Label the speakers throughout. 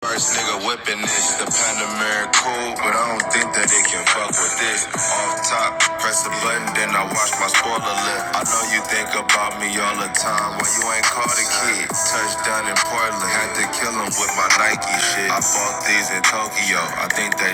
Speaker 1: First nigga whipping this, the Panamera cool, but I don't think that it can fuck with this. Off top, press the button, then I watch my spoiler lip. I know you think about me all the time when you ain't called a kid. Touchdown in Portland, had to kill him with my Nike shit. I bought these in Tokyo, I think they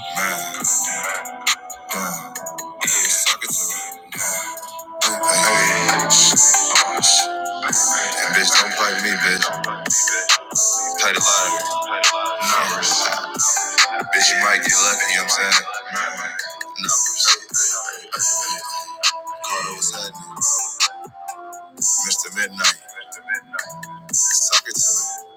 Speaker 1: man. Yeah, suck it to me. Hey, bitch, don't play me, bitch. Play the lottery. No. Bitch, you might get lucky, you know what I'm saying? Numbers. Carter was happening. Mr. Midnight. Suck it to me.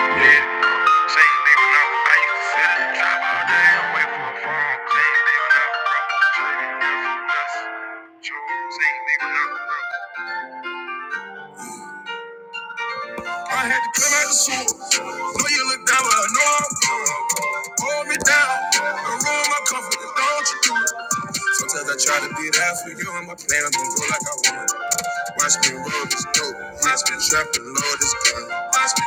Speaker 1: Yeah. Same nigga know I used to sit and drive all day and wait for a phone. Same nigga know, bro. Same nigga know, bro. I had to come out the sewer. Know you look down, but I know I'm good. Hold me down. Don't ruin my confidence. Don't you do it. Sometimes I try to be there for you, and my plans don't go like I want. Watch me roll this dope. Watch me trap and load this gun. Watch me.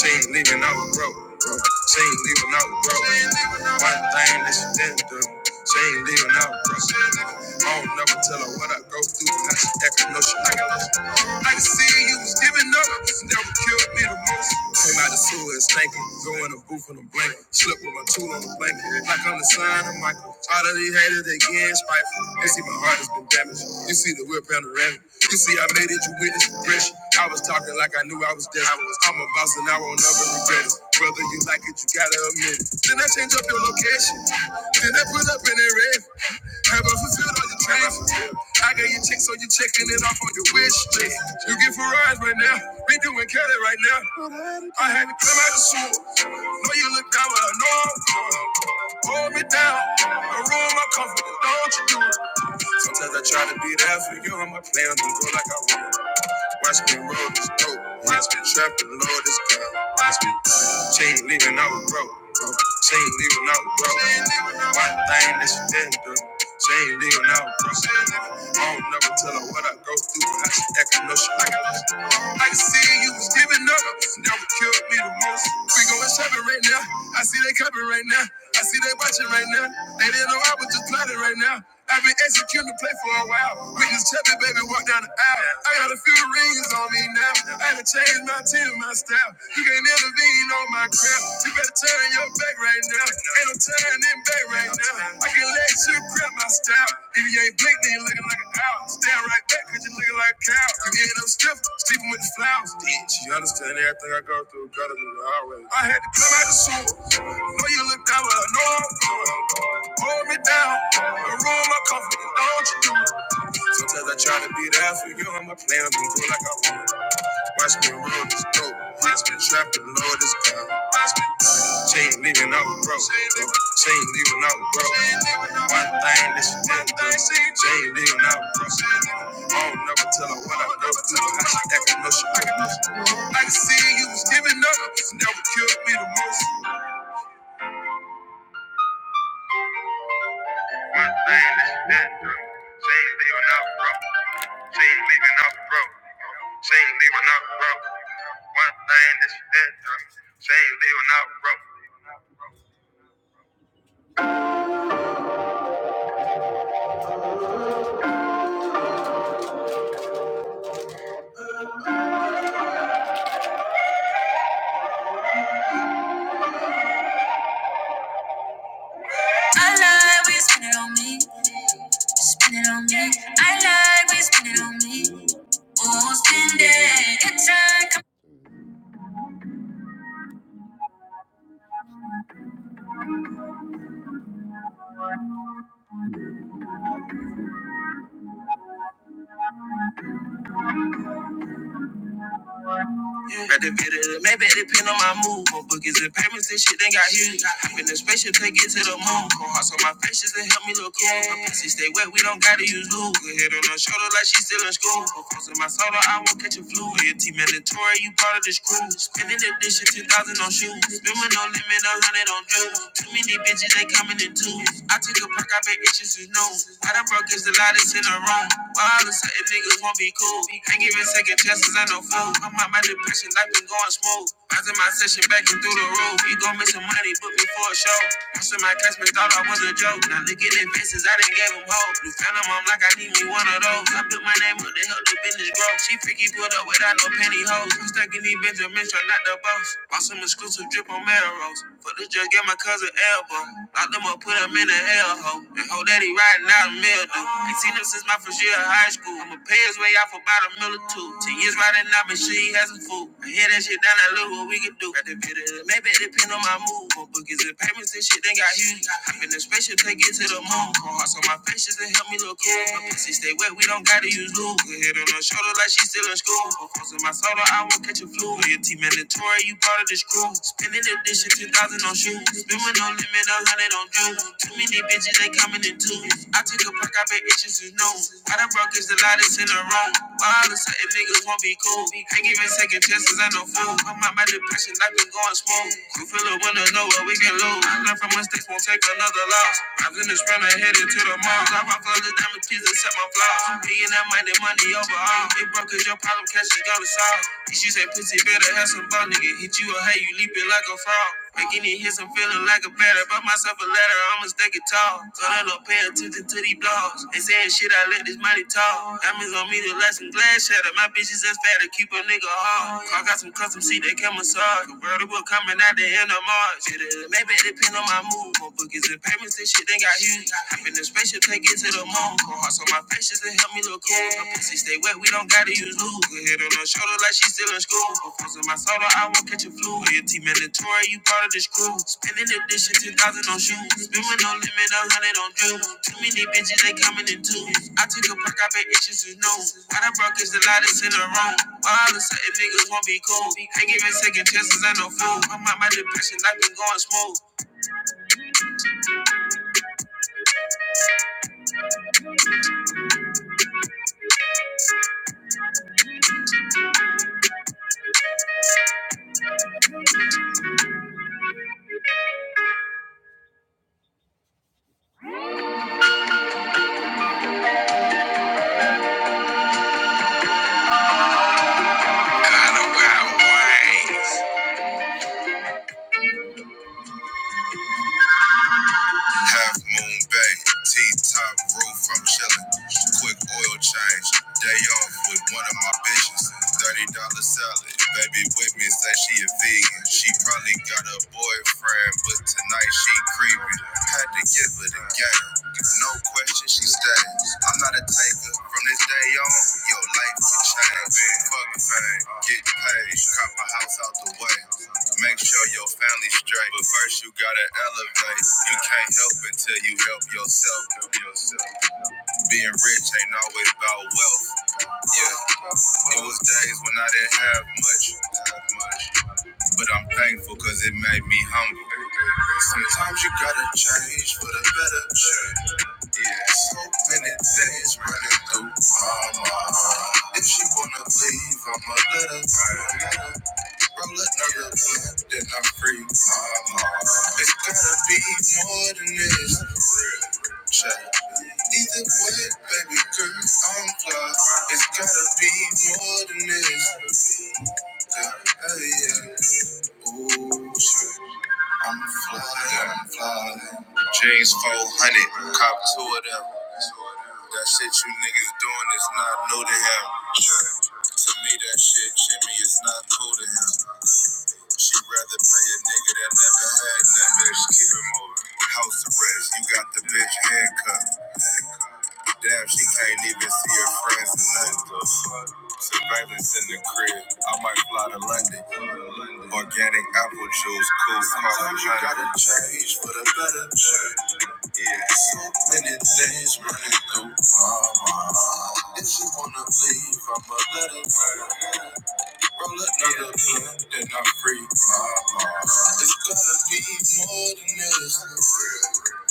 Speaker 1: She ain't leaving out broke. She ain't leaving out broke. One thing that she didn't do. She ain't leaving out broke. I don't never tell her what I go through. Now she acting no she I can see you was giving up. That what killed me the most. Came out the sewer and stankin'. Go in the booth in a blanket. Slip with my tool on the blanket. Like I'm the son of Michael. All of these haters, they getting spiteful. They see my heart has been damaged. You see the whip panoramic. You see see, I made it, you witness progression. I was talking like I knew I was destined. I'm a boss and I won't ever regret it. Whether you like it, you gotta admit it. Then I change up your location. Then I put up in the red. Have I fulfilled all your dreams? I got your check, so you're checking it off on your wish list. You get Ferraris right now. We doing Cali right now. I had to come out the sewer. Know you look down, but I know I'm going. Hold me down. I ruin my comfort. Don't you do it. Sometimes I try to be there for you. I'm a player. Don't go like I want. Watch me roll this dope. Watch me trapping, Lord, this gun. Watch me. She ain't leaving, I was broke. She ain't leaving, I was broke. One thing that she didn't do. She ain't leaving, I was broke. I don't never tell her what I go through, but I should act no shit. I can see you was giving up. Now what killed me the most. We going shopping right now. I see they coming right now. I see they watching right now. They didn't know I was just plotting right now. I've been executing the play for a while. Witness check me, baby, walk down the aisle. I got a few rings on me now. I had to change my team, my style. You can't intervene on my crap. You better turn your back right now. Ain't no turning back right now. I can let you grab my style. If you ain't blink, then you looking like an owl. Stand right back, cause you looking like a cow. You end up stripping, sleeping with the flowers. Did she understand everything I go through? Gotta do the hard way. I had to come out the sewer. Know you look down, but I know I'm going. Pull me down. The room I'm comfortable, don't you do it. Sometimes I try to be there for you, and my plans don't go like I want. Watch me roll this dope. Watch me trap and load this gun. Watch me. she ain't leaving i out broke. She ain't leaving i out broke. One thing that this is do. She ain't leaving i out broke. I don't never tell her what I go through. I should act no shit. I can see you was giving up. It's never killed me the most. One thing that's natural. She ain't leaving out broke. She ain't leaving out broke. She ain't leaving out broke. One thing that's natural. She ain't leaving out broke. I like we you spin it on me. Spin it on me. I like we you spin it on me. Oh, spin it. Good time. Got the bit of the maybe it depend on my move. More bookies and payments and shit, they got huge. I'm in the spaceship, take it to the moon. Cold hearts on my face just to help me look cool. My pussy stay wet, we don't gotta use lube. Good head on her shoulder like she still in school. Focus in my soda, I won't catch a flu. Your team mandatory, you part of this crew. Spending the dish at 2,000 on shoes. Spending no limit, a hundred on jewels. Too many bitches, they coming in twos. I took a pack, I bet bitches is new. I done broke it's the loudest in the room. Why? father, certain niggas won't be cool. Ain't giving second chances, I no fool. I'm out my depression, life been going smooth. After my session, backing through the roof. You gon' miss some money, book me for a show. Most of my customers thought I was a joke. Now look at their faces, I done gave them hope. You found them, I'm like, I need me one of those. I put my name up to help the business grow. She freaky pulled up without no pantyhose. I'm stuck in these Benjamins, try not the boss. Bought some exclusive drip on Melrose. For this just get my cousin elbow. Locked them up, put 'em I'm in a hellhole. And hope that he riding out a mill. dude. Ain't seen him since my first year of high school. I'ma pay his way out for about a mill or two. Ten years riding out, but she ain't had some food. I hear that shit down that look what we can do. Got the bit maybe it depend on my mood. More bookies and payments and shit, they got huge. Hop in the spaceship, take it to the moon. Cold hearts on my face just to help me look cool. My pussy stay wet, we don't gotta use lube. Put head on her shoulder like she's still in school. Focus on my soda, I won't catch a flu. Your team, mandatory, you part of this crew shoes. Spending that this shit, 2000 on shoes. Spending no limit, a hundred on dues. Too many bitches, they coming in twos. I took a pack, I bet itches is new. I done broke is the lightest in the room. But all of a sudden, niggas won't be cool. Ain't giving second chances, I no fool. I'm out my depression, I've been going smooth. You feel it when know what we can lose. I learned from mistakes, won't take another loss. I'm gonna sprint ahead into the mall. I rock all the diamond keys and set my flaws. Being that minded, money overall. It broke is your is your problem, catch it, go to solve. And she said, pussy better have some ball, nigga. Hit you a hate, you leaping like a frog. Making it hits, I'm feeling like a batter. Bought myself a ladder, I'ma stack it tall. So I don't pay attention to these blogs. They saying shit, I let this money talk. Diamonds on me, the last and glass shatter. My bitches as fat to keep a nigga hard. I got some custom seat, they can massage. Convertible coming out the end of March. uh, Maybe it depend on my mood. More bookings and payments, and shit they got huge. Hop in the spaceship, take it to the moon. Cold hearts on my face just to help me look cool. My pussy stay wet, we don't gotta use lube. Good head on her shoulder like she's still in school. Her friends my soda, I won't catch a flu. your Loyalty mandatory, you part of this crew. Spending the dish and 10,000 on shoes. Spend with no limit, a hundred on dues. Too many bitches, they coming in twos. I took a perk, I bet itches is new. Why the broke is the lightest in the room. Why all of a sudden niggas won't be cool. Ain't giving second chances, I no fool. I'm out my depression, life been going smooth. Kinda wild ways. Half moon bay, T-top roof, I'm chillin'. Quick oil change, day off with one of my bitches. $30 dollar salad, baby with me say she a vegan. She probably got a boyfriend, but tonight she creepy. Had to give her the game. No question, she stays. I'm not a taker. From this day on, your life will change. Fuck fame, get paid. Cop a house out the way. Make sure your family's straight. But first, you gotta elevate. You can't help until you help yourself. Being rich ain't always about wealth. Yeah, it was days when I didn't have much, much, but I'm thankful because it made me humble. Sometimes you gotta change for the better. Yeah, so many things running through my mind. If she wanna leave, I'ma let her. I'm another plant that I'm free. It's gotta be more than this. Either way, baby girl, I'm plus. It's gotta be more than this. Yeah, hey, yeah. Ooh, shit. I'm fly, I'm fly. James 400, cop two of them. That shit you niggas doing is not new to him. Sure. To me, that shit Jimmy, is not cool to him. She would rather pay a nigga that never had nothing. Bitch, keep him over. House arrest, you got the bitch handcuffed. Damn, she can't even see her friends or nothing. Surveillance in the crib. I might fly to London. Organic apple juice, cool Sometimes you gotta change for the better. Yeah, so many things running through my mind. If she wanna leave, I'ma let her. Roll another blunt, then I'm free. It's gonna be more than this.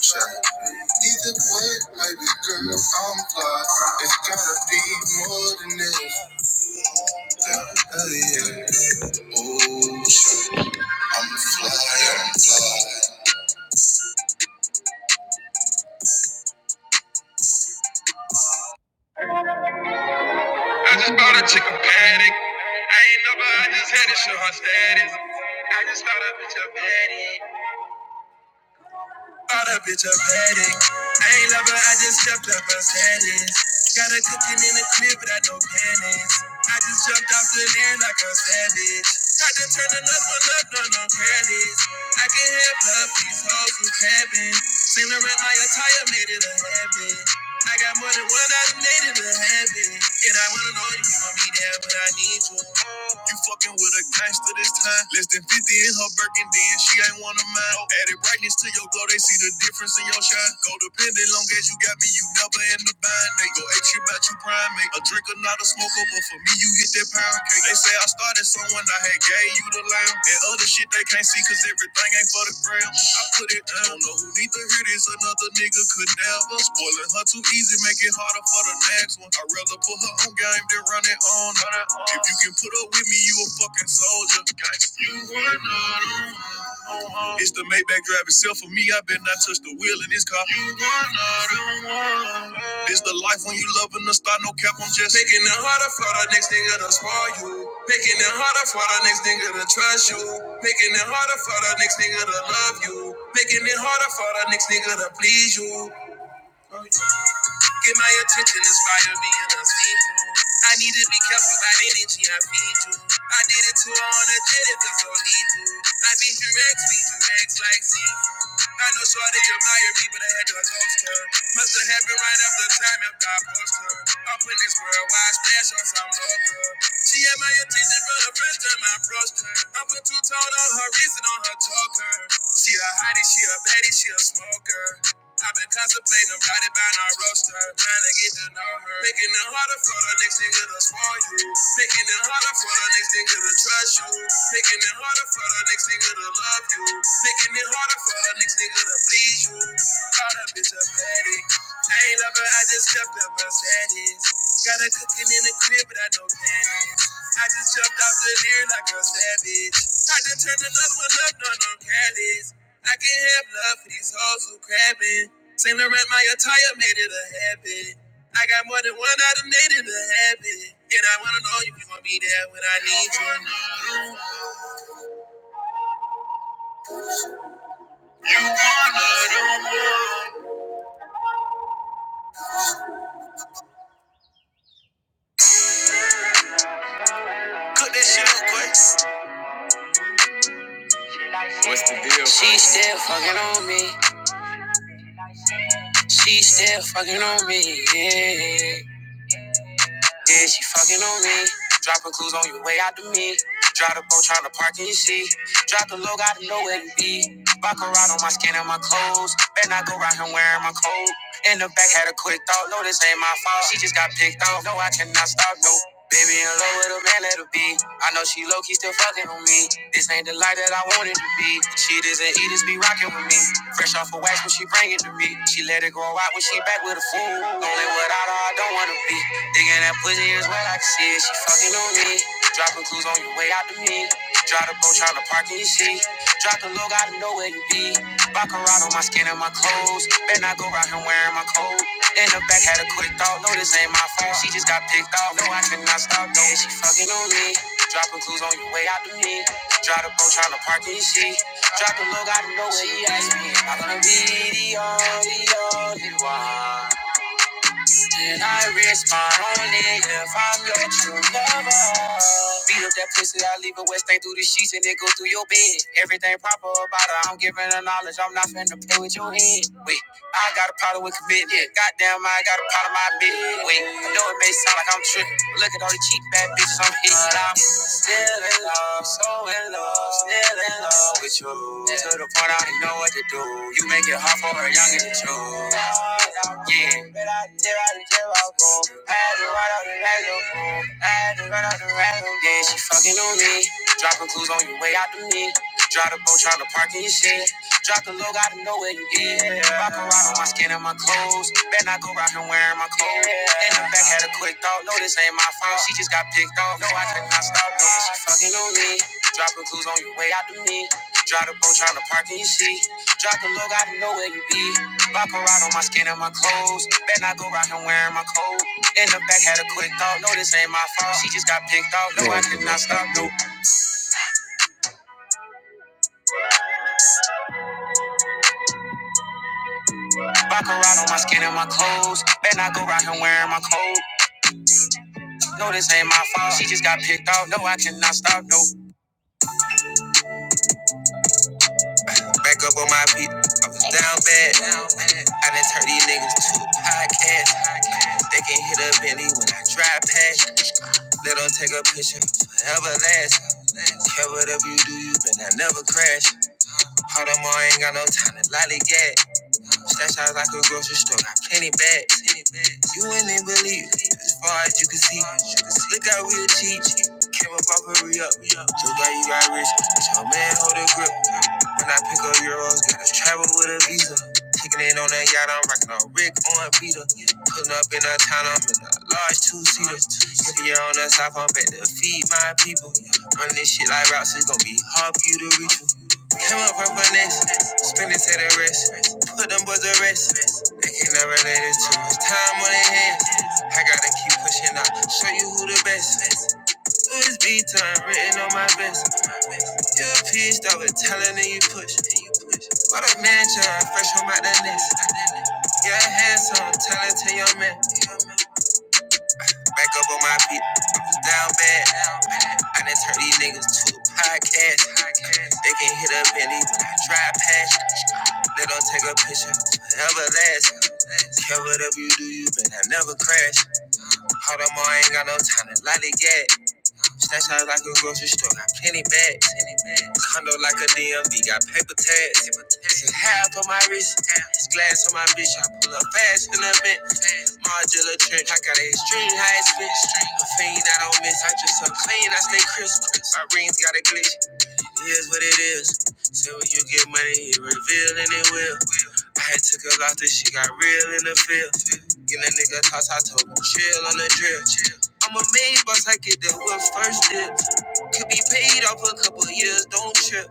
Speaker 1: Check. Either way, baby girl, I'm fly. It's gotta be more than this. Yeah, hell yeah. Oh, shit. I'm fly, I'm fly. I just bought a chicken paddock. I ain't never, I just had to show her status. I just thought a bitch a baddie. All that bitch up had it. I ain't love her, I just jumped up her status. Got her cooking in the crib, but I no panties. I just jumped off the land like a savage. Had to turn another one up, no, no careless. I can have love, these hoes who cabin. Seen her in my attire, made it a habit. I got more than one, I done made it a habit. And I wanna know if you want me there, but I need you. You fucking with a gangster this time. Less than 50 in her Birkin, then she ain't one of mine. Added brightness to your glow, they see the difference in your shine. Go dependent, long as you got me, you never in the bind. They go ape shit about you prime, make a drinker, not a smoker, but for me, you hit that pound cake. They say I started someone, I had gay, and other shit they can't see cause everything ain't for the gram. I put it down. Don't know who need to hear this. Another nigga could never. Spoiling her too easy, make it harder for the next one. I'd rather put her on game than run it on. If you can put up with me, you a fucking soldier. You were not alone. It's the Maybach drive itself for me. I bet not touch the wheel in this car. You were not alone. This the life when you loving and the star, no cap, I'm just making it harder for the next nigga to spoil you. Making it harder for the next nigga to trust you. Making it harder for the next nigga to love you. Making it harder for the next nigga to please you. Get my attention, inspire me and unspeakable. I need to be careful about energy I feed you. I did it too on a jet, it and so lethal. I beat your ex, beat your ex like seafood. I know shorty admire me, but I had to ghost her. Must have happened right after time after I post her. Up in this world, why splash on some local? She had my attention for the first time I approached her. I put two tone on her wrist and on her choker. She a hottie, she a baddie, she a smoker. I've been contemplating writing about our roaster, trying to get to know her. Making it harder for the next nigga to spoil you. Making it harder for the next nigga to trust you. Making it harder for the next nigga to love you. Making it harder for the next nigga to please you. Caught that bitch a petty. I ain't love her, I just kept up her status. Got her cooking in the crib, but I don't panties. I just jumped off the deer like a savage. I just turned another one up, no, no careless. I can not have love for these hoes who crabbing. Saint Laurent, my attire made it a habit. I got more than one item made it a habit. And I wanna know if you gonna be there when I need you. Cook that shit up quick. She still fucking on me. She still fucking on me. Yeah. Yeah, she fucking on me. Dropping clues on your way out to me. Drive the boat trying to park in your seat. Drop the low, gotta know where to be. Buckle right on my skin and my clothes. Better not go right here wearing my coat. In the back had a quick thought, no, this ain't my fault. She just got picked off. No, I cannot stop, no. Baby in love with a man Let her be. I know she low key still fucking on me. This ain't the life that I wanted to be. She doesn't eat, just be rocking with me. Fresh off a wax when she bring it to me. She let it grow out when she back with a fool. Only without her, I don't wanna be. Digging that pussy is wet, I can see it. She fucking on me. Dropping clues on your way out to me. Drive the boat, tryna park in your seat. Drop the low, gotta know where you be. Baccarat on my skin and my clothes. Better not go around here wearing my coat. In the back, had a quick thought. No, this ain't my fault. She just got picked off. No, I cannot stop. No, Yeah, she fucking on me. Dropping clues on your way out to me. Drive the boat, tryna park in your seat. Drop the low, gotta know where you at. I'm gonna be the only, only one. Then I risk my only if I'm your true lover. Beat up that pussy, I leave a wet, stain through the sheets, and it go through your bed. Everything proper about her, I'm giving her knowledge, I'm not finna play with your head. Wait, I got a problem with commitment. Goddamn, I got a problem I admit. Wait, I know it may sound like I'm tripping. Look at all the cheap bad bitches I'm hitting. But I'm still in love, so in love. Still in love with you. To the point I didn't know what to do. You make it hard for a youngin' to choose. Yeah. But I did out the jail, I grew. I had to run out the random. I had to run out the random. Yeah, she fucking on me. Dropping clues on your way out to me. Drive the boat, try to park in your shit. Drop the low, gotta know where you get. Rock a rod on my skin and my clothes. Bet not go round here wearing my clothes. In the back, had a quick thought. No, this ain't my fault. She just got picked off. No, I could not stop. No, she fucking on me. Dropping clues on your way out to me. Drive the boat, trying to park in your seat. Drop the low, gotta know where you be. Rock a rod on my skin and my clothes. Bet not go round here wearing my clothes. In the back, had a quick thought. No, this ain't my fault. She just got picked off. No, I could not stop. No. Rock her on my skin and my clothes. Bet not go round here wearing my coat. No, this ain't my fault. She just got picked out. No, I cannot stop. No. Back up on my feet. I was down bad. I done turned these niggas to a podcast. They can hit a Bentley when I drive past. Let 'em take a picture forever last. Care whatever you do, you better never crash. Hold on, I ain't got no time to lollygag. Stash out like a grocery store. Got plenty bags. You ain't in believe. As far as you can see. Look out real cheap. Came up off hurry up. Look like you got rich. But your man hold a grip. When I pick up euros, gotta travel with a visa. Kicking in on that yacht, I'm rocking a Rick on Peter. Pulling up in a town, I'm in a large two seater. If you're on the south, I'm back to feed my people. Run this shit like routes, it's gonna be hard for you to reach. you. Came up purple next, spin it to the wrist. Put them boys to rest. They can't never let it too much time on their hands. I gotta keep pushing out, show you who the best. Louis beat time written on my vest. You a piece that was telling and you push. What a man, child, fresh home out the nest. Yeah, handsome, talented young man. Back up on my feet, down bad. I done turn these niggas to a podcast. They can hit a Bentley when I drive past. They don't take a picture, forever last. Care what up you do, you better never crash. Hold on, I ain't got no time to lollygag. Stash out like a grocery store. Got plenty bags. Condo like a DMV. Got paper tags. Paper tags. This is half of my wrist. It's glass on my bitch. I pull up fast in the vent. modular trench. I got an extreme high spin. A fiend I don't miss. I just so clean. I stay crisp. My rings got a glitch. It is what it is. Say when you get money, it reveal and it will. I had took a lot that she got real in the field. Get a nigga toss, I told him chill on the drill. I'm a main boss, I get the whip first dip. Could be paid off a couple years, don't trip.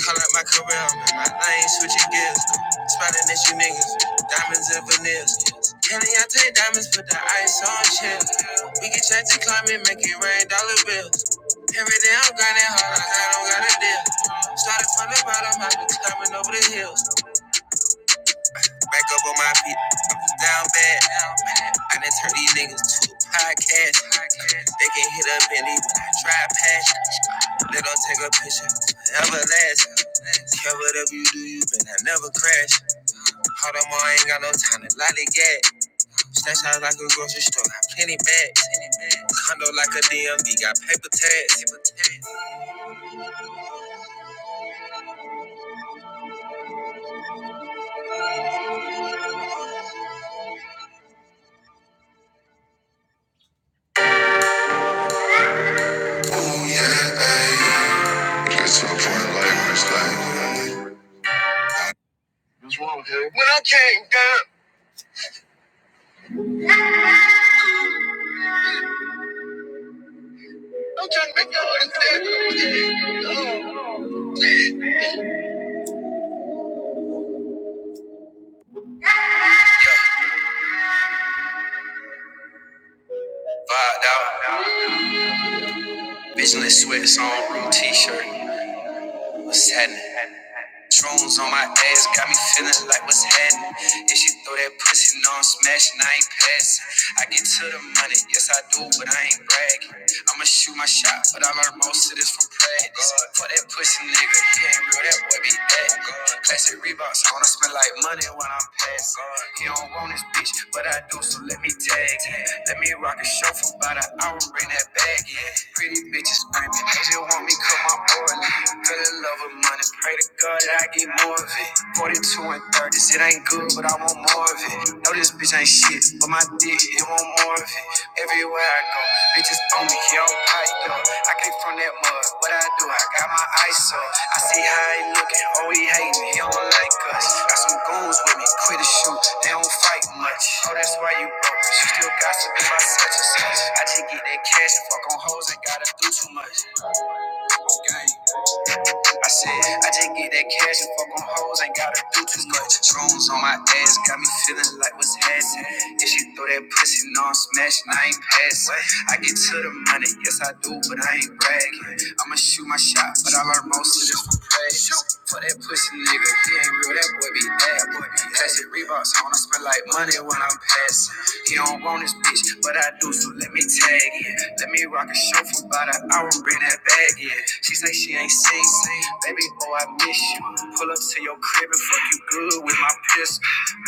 Speaker 1: Call out my career, I'm in my lane, switching gears. Smiling at you niggas, diamonds and veneers. Kelly, I take diamonds, put the ice on chill. We get chance to climb and make it rain dollar bills. Every day I'm grinding hard, I don't got a deal. Started from the bottom, I've been climbing over the hills. Back up on my feet, down bad. I done turned these niggas to a podcast. They can hit up Bentley when I drive past. Let them take a picture, ever last. Care whatever you do, you better never crash. Hold on, I ain't got no time to lollygag. Stash out like a grocery store, got plenty bags. Condo like a DMV, got paper tags. Yeah, Get to the point like this Vibed out. Business sweats on, room t shirt. What's happening? Drones on my ass, got me feeling like what's happening. If she throw that pussy, no, I'm smashing, I ain't passing. I get to the money, yes I do, but I ain't bragging. I'ma shoot my shot, but I learned most of this from practice. For that pussy nigga, he ain't real, that boy be acting. Classic Reeboks, I wanna spend like money when I'm passing. He don't want this bitch, but I do, so let me tag. him. Let me rock a show for about an hour, bring that bag in. Pretty bitches screaming, they just want me 'cause my boy leave. Fell in love with money, pray to God that I get more of it. 42 and 30s, it ain't good, but I want more of it. Know this bitch ain't shit, but my dick, it want more of it. Everywhere I go, bitches on me, yeah, I'm piped up. I came from that mud, what I do, I got my eyes up. I see how he looking, oh, he hating, he don't like us. Got some goons with me, quit to shoot, they don't fight much. Oh, that's why you broke, but you still gossiping about such and such. I just get that cash and fuck on hoes, ain't gotta do too much. Okay. I said, I just get that cash and fuck on hoes, ain't gotta do too much. Shrooms on my ass, got me feeling like what's happening. If she throw that pussy, no, I'm smashing, I ain't passing. I get to the money, yes I do, but I ain't bragging. I'ma shoot my shot, but I learned most of this from practice. For that pussy nigga, he ain't real, that boy be bad, boy. Classic Reeboks on, I spend like money when I'm passing. He don't want this bitch, but I do, so let me tag in. Let me rock I can show for about an hour, bring that bag in. She say she ain't seen me. Baby boy, I miss you. Pull up to your crib and fuck you good with my pistol.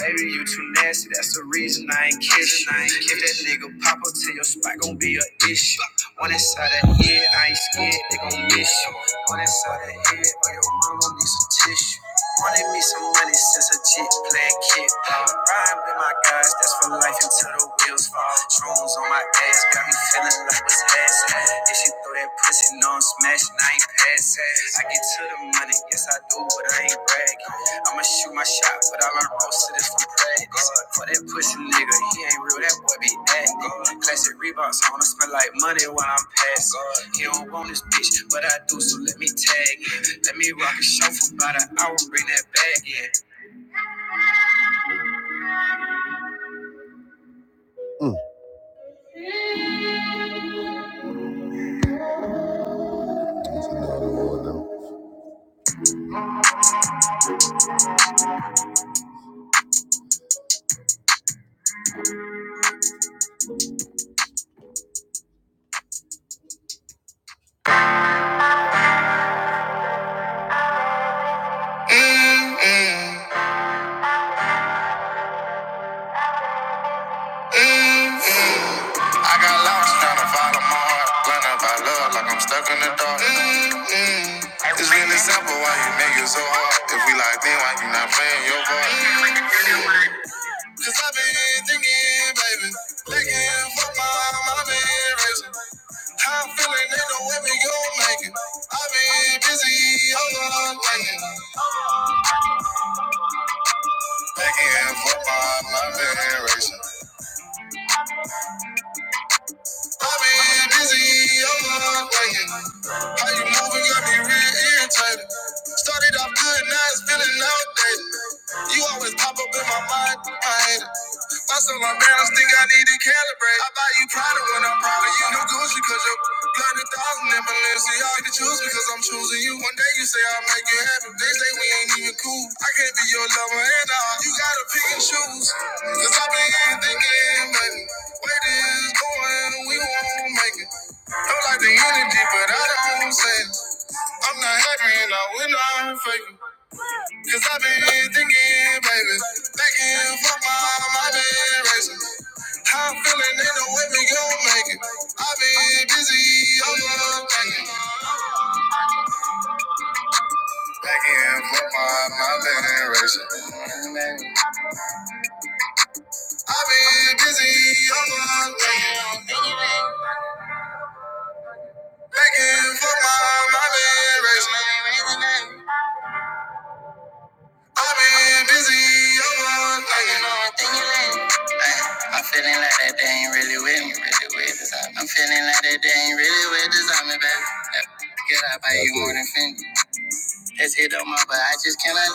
Speaker 1: Baby, you too nasty. That's the reason I ain't kissing. I ain't If that nigga pop up to your spot, gon' be an issue. One inside that head, I ain't scared, they gon' miss you. One inside that head, or your mama needs to some tissue. Wanted me some money since a jit playing kid. Ride with my guys, that's for life until the wheels fall. Shrooms on my ass, got me feeling like what's ass. If she throw that pussy, no, I'm smashing, I ain't passing. I get to the money, yes, I do, but I ain't brag. I'ma shoot my shot, but I learned most of this from practice. For that pussy nigga, he ain't real, that boy be acting. Classic Reeboks, on, I wanna smell like money when I'm passing. He don't want this bitch, but I do, so let me tag in. Let me rock a show for about an hour, bring that bag in. I got lost trying to follow my heart. Blind out by love, like I'm stuck in the dark. Mm, It's really simple, why you niggas so hard? If we like then, why you not playing your part? Cause I been thinking, baby. Thinking for my mind, I been racing. How I'm feeling, ain't no way we gon' make it. I been busy, overthinking. Thinking thinking for my mind, I been racing. I been busy, overthinking. How you moving got me real irritated. Started off good, now it's feeling outdated. You always pop up in my mind, I hate it. Bust on my balance, think I need to calibrate. I buy you Prada when I'm proud of you. no Gucci cause you're blinded thousand in Balenciaga. You choose because I'm choosing you. One day you say I'll make you happy. They say we ain't even cool. I can't be your lover and all. You gotta pick and choose. Cause I been thinking, baby. Where this is going, we won't make it. Don't like the energy, but I don't say it. I'm not happy and I will not fake it. Cause I've been thinking, baby. Thinking for my, my been racing. I'm feeling ain't no way we gon' make it. I been busy, I'm not thinking. Back in for my, my generation. I been busy, I'm not thinking. Back in for my, my generation. I been busy, I'm not thinking.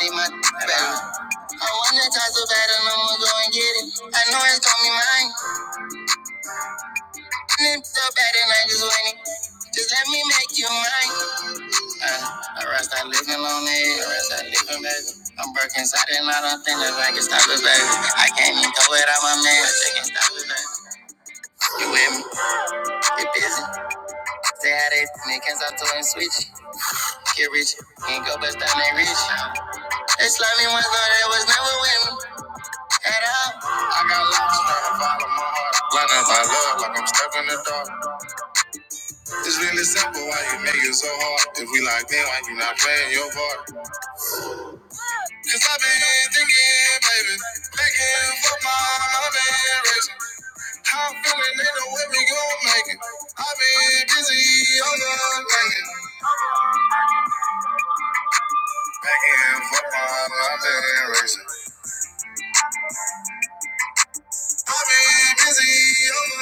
Speaker 1: Take my sanitizer so bad and I'ma go and get it. I know it's gonna be mine. And it's so bad and I just want it. Just let me make you mine. I rest that lick and lonely, I rest that lick and baby. I'm broken inside and I don't think that I can stop it, baby. I can't even go without my man, I just can't stop it, baby. You with me? You busy? Say how they think cause I told him switch. Get rich, can't go bust down that rich. They slap me once, though they was never with me at all. I got lost trying to follow my heart. Blind as I love, like I'm stuck in the dark. It's really simple, why you niggas so hard? If we like me, why you not playing your part? Cause I've been thinking, baby, thinking for my mind been racing. How I'm feeling ain't no way we gon' make it. I've been busy on the thinking, thinking what my mind racing. I've been busy on the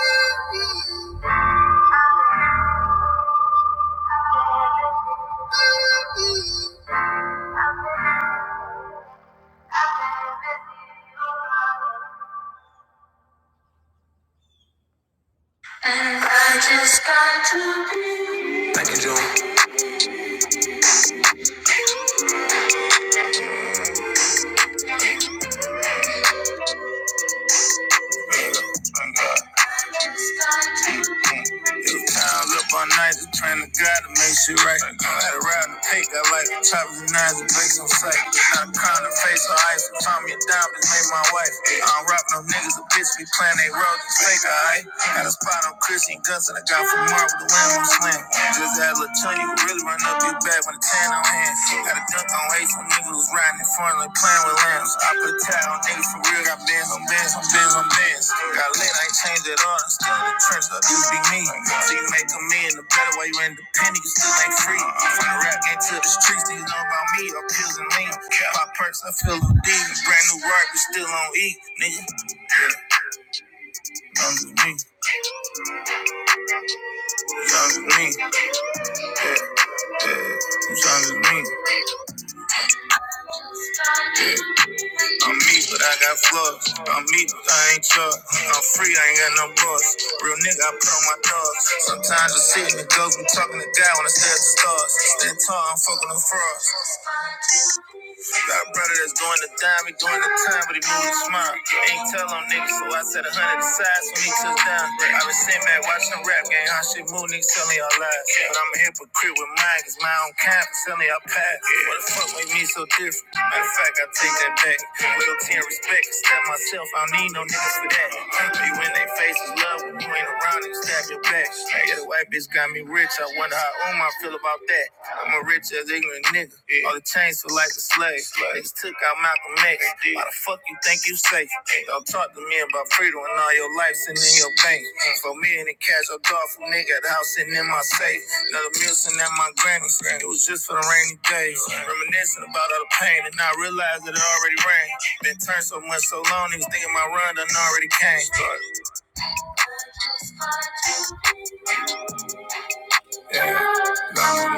Speaker 1: thinking. I just Times up all night, just praying to God to make shit right. I had a ride and cake, I like the choppers and knives and bakes on sight. Not a crown and face on ice, and find me a dime, made my wife. I don't rock no niggas, a bitch be playing they roles, it's fake, alright? Got a spot on Christian guns that I got from Mark with the wind on slam. Just had a little chun, you can really run up your back when the tan on hand. Got a don't hate some niggas was riding in front of playing with lambs. I put towel on niggas for real. Got bands on bands on bands on bands. Got lit, I ain't changed it on. Still in the trench, up you be me. So you make a million the better way you independent, you still ain't free. From the rap game to the streets, niggas know about me. I'm pills and lean. My perks, I feel a D. Brand new rock, we still on E. Nigga, young as me, young as me, yeah, yeah. You young as me. I'm me, but I got flaws. I'm me, but I ain't Chuck. I'm free, I ain't got no boss. Real nigga, I put on my dogs. Sometimes you see me go from talking to God when I stare at the stars. Stand tall, I'm fucking the frogs. Got a brother that's doing the time, he doing the time, but he moving with a smile. Ain't tell on niggas, so I said a hundred aside when he took down. I been sitting back watching rap game, how shit move, niggas tell me all lies. But I'm a hypocrite with mine, cause my own kind, for selling y'all pass. What the fuck make me so different? Matter of fact, I take that back. Loyalty and respect, step myself, I don't need no niggas for that. You in they faces, love, when you ain't around, niggas stab your back. Yeah, the white bitch got me rich, I wonder how how old I own my feel about that? I'm a rich as ignorant nigga. Yeah. All the chains feel like a slave. Slave. Niggas took out Malcolm X. Why the fuck you think you safe? Yeah. Y'all talk to me about freedom and all your life sitting in your bank. Mm. For me and the cash, I thought for nigga at the house sitting in my safe. Another meal sitting at my granny's. It was just for the rainy days. Right. Reminiscing about all the pain and I realized that it already rained. Been turned so much so long, niggas thinking my run done already came. It's on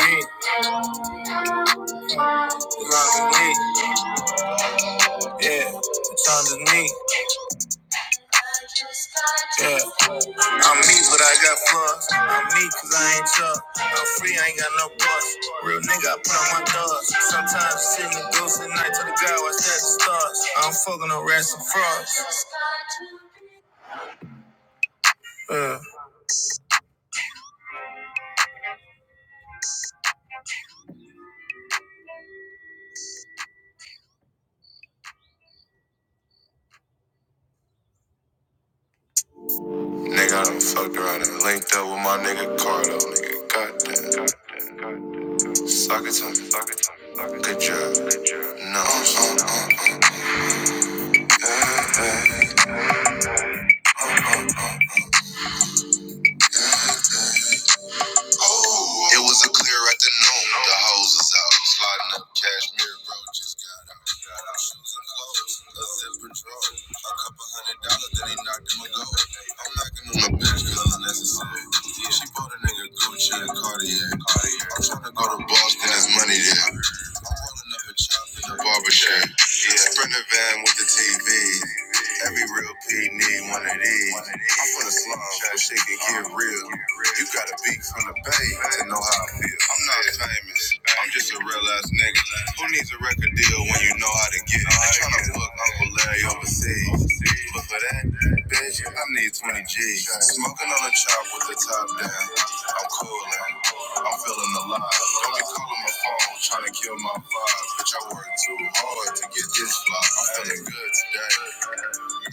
Speaker 1: me, It's on me, yeah. It's on the knee, yeah. I'm me, but I got flaws. I'm me, cause I ain't tough. I'm free, I ain't got no boss. Real nigga, I put on my thugs. Sometimes sitting in ghosts at night to the guy watch that the stars. I'm fucking no rats and frogs. Uh. Nigga, I done fucked around and linked up with my nigga Cardo. Nigga, got sockets on. me. Good job. No, uh, uh, uh. uh. Oh, It was a clear afternoon. The hose was out. Sliding up cashmere, bro. Just got out. Got out. Shoes and clothes. A zipper drawer. A couple hundred dollars that he knocked him a go. I'm knocking on my bitch 'cause it's necessary. She bought a nigga Gucci and Cartier. Cardi. I'm tryna go to Boston, there's money there. I'm rolling up a chop in the barber shop. Yeah. Sprint the van with the TV. Every real P need one of these. I'm from the slum, so shit can get real. You gotta be from the bay to know how I feel. I'm not famous, I'm just a real ass nigga. Who needs a record deal when you know how to? hard to get. I'm trying to fuck Uncle Larry overseas. But for that, bitch, I need 20 G's. Smoking on a chop with the top down. I'm cooling. I'm feeling alive. Don't be calling my phone, trying to kill my vibe. Bitch, I work too hard to get this fly. I'm feeling good today i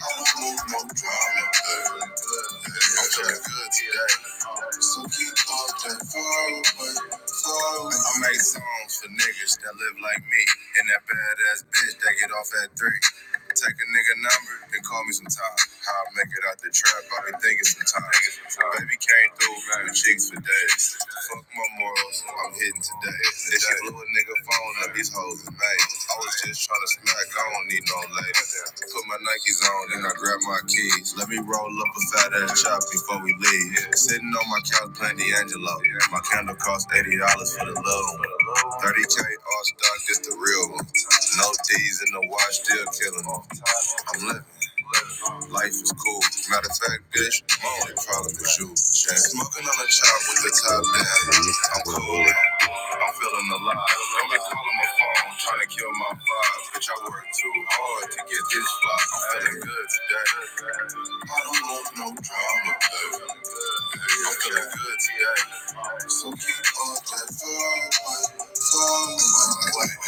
Speaker 1: make songs for niggas that live like me and that badass bitch that get off at three. Take a nigga number, then call me sometime. How I make it out the trap, I be thinking sometimes. Baby came through, man, with chicks for days. Fuck my morals, I'm hitting today. If she blew a nigga phone up, these hoes is made. I was just trying to smack, I don't need no lady. Put my Nikes on, and I grab my keys. Let me roll up a fat ass chop before we leave. Sitting on my couch playing D'Angelo. My candle cost $80 dollars for the low. 30K all stock, just the real one. No D's in the wash, still killing them. I'm living. Life is cool. Matter of fact, bitch, my only problem is you. Smoking on a chop with the top down. I'm cool. I'm feeling alive. Don't be calling my phone, trying to kill my vibe. Bitch, I work too hard to get this fly. I'm feeling good today. I don't want no drama, baby. I'm feeling good today. So keep on that vibe, vibe, vibe.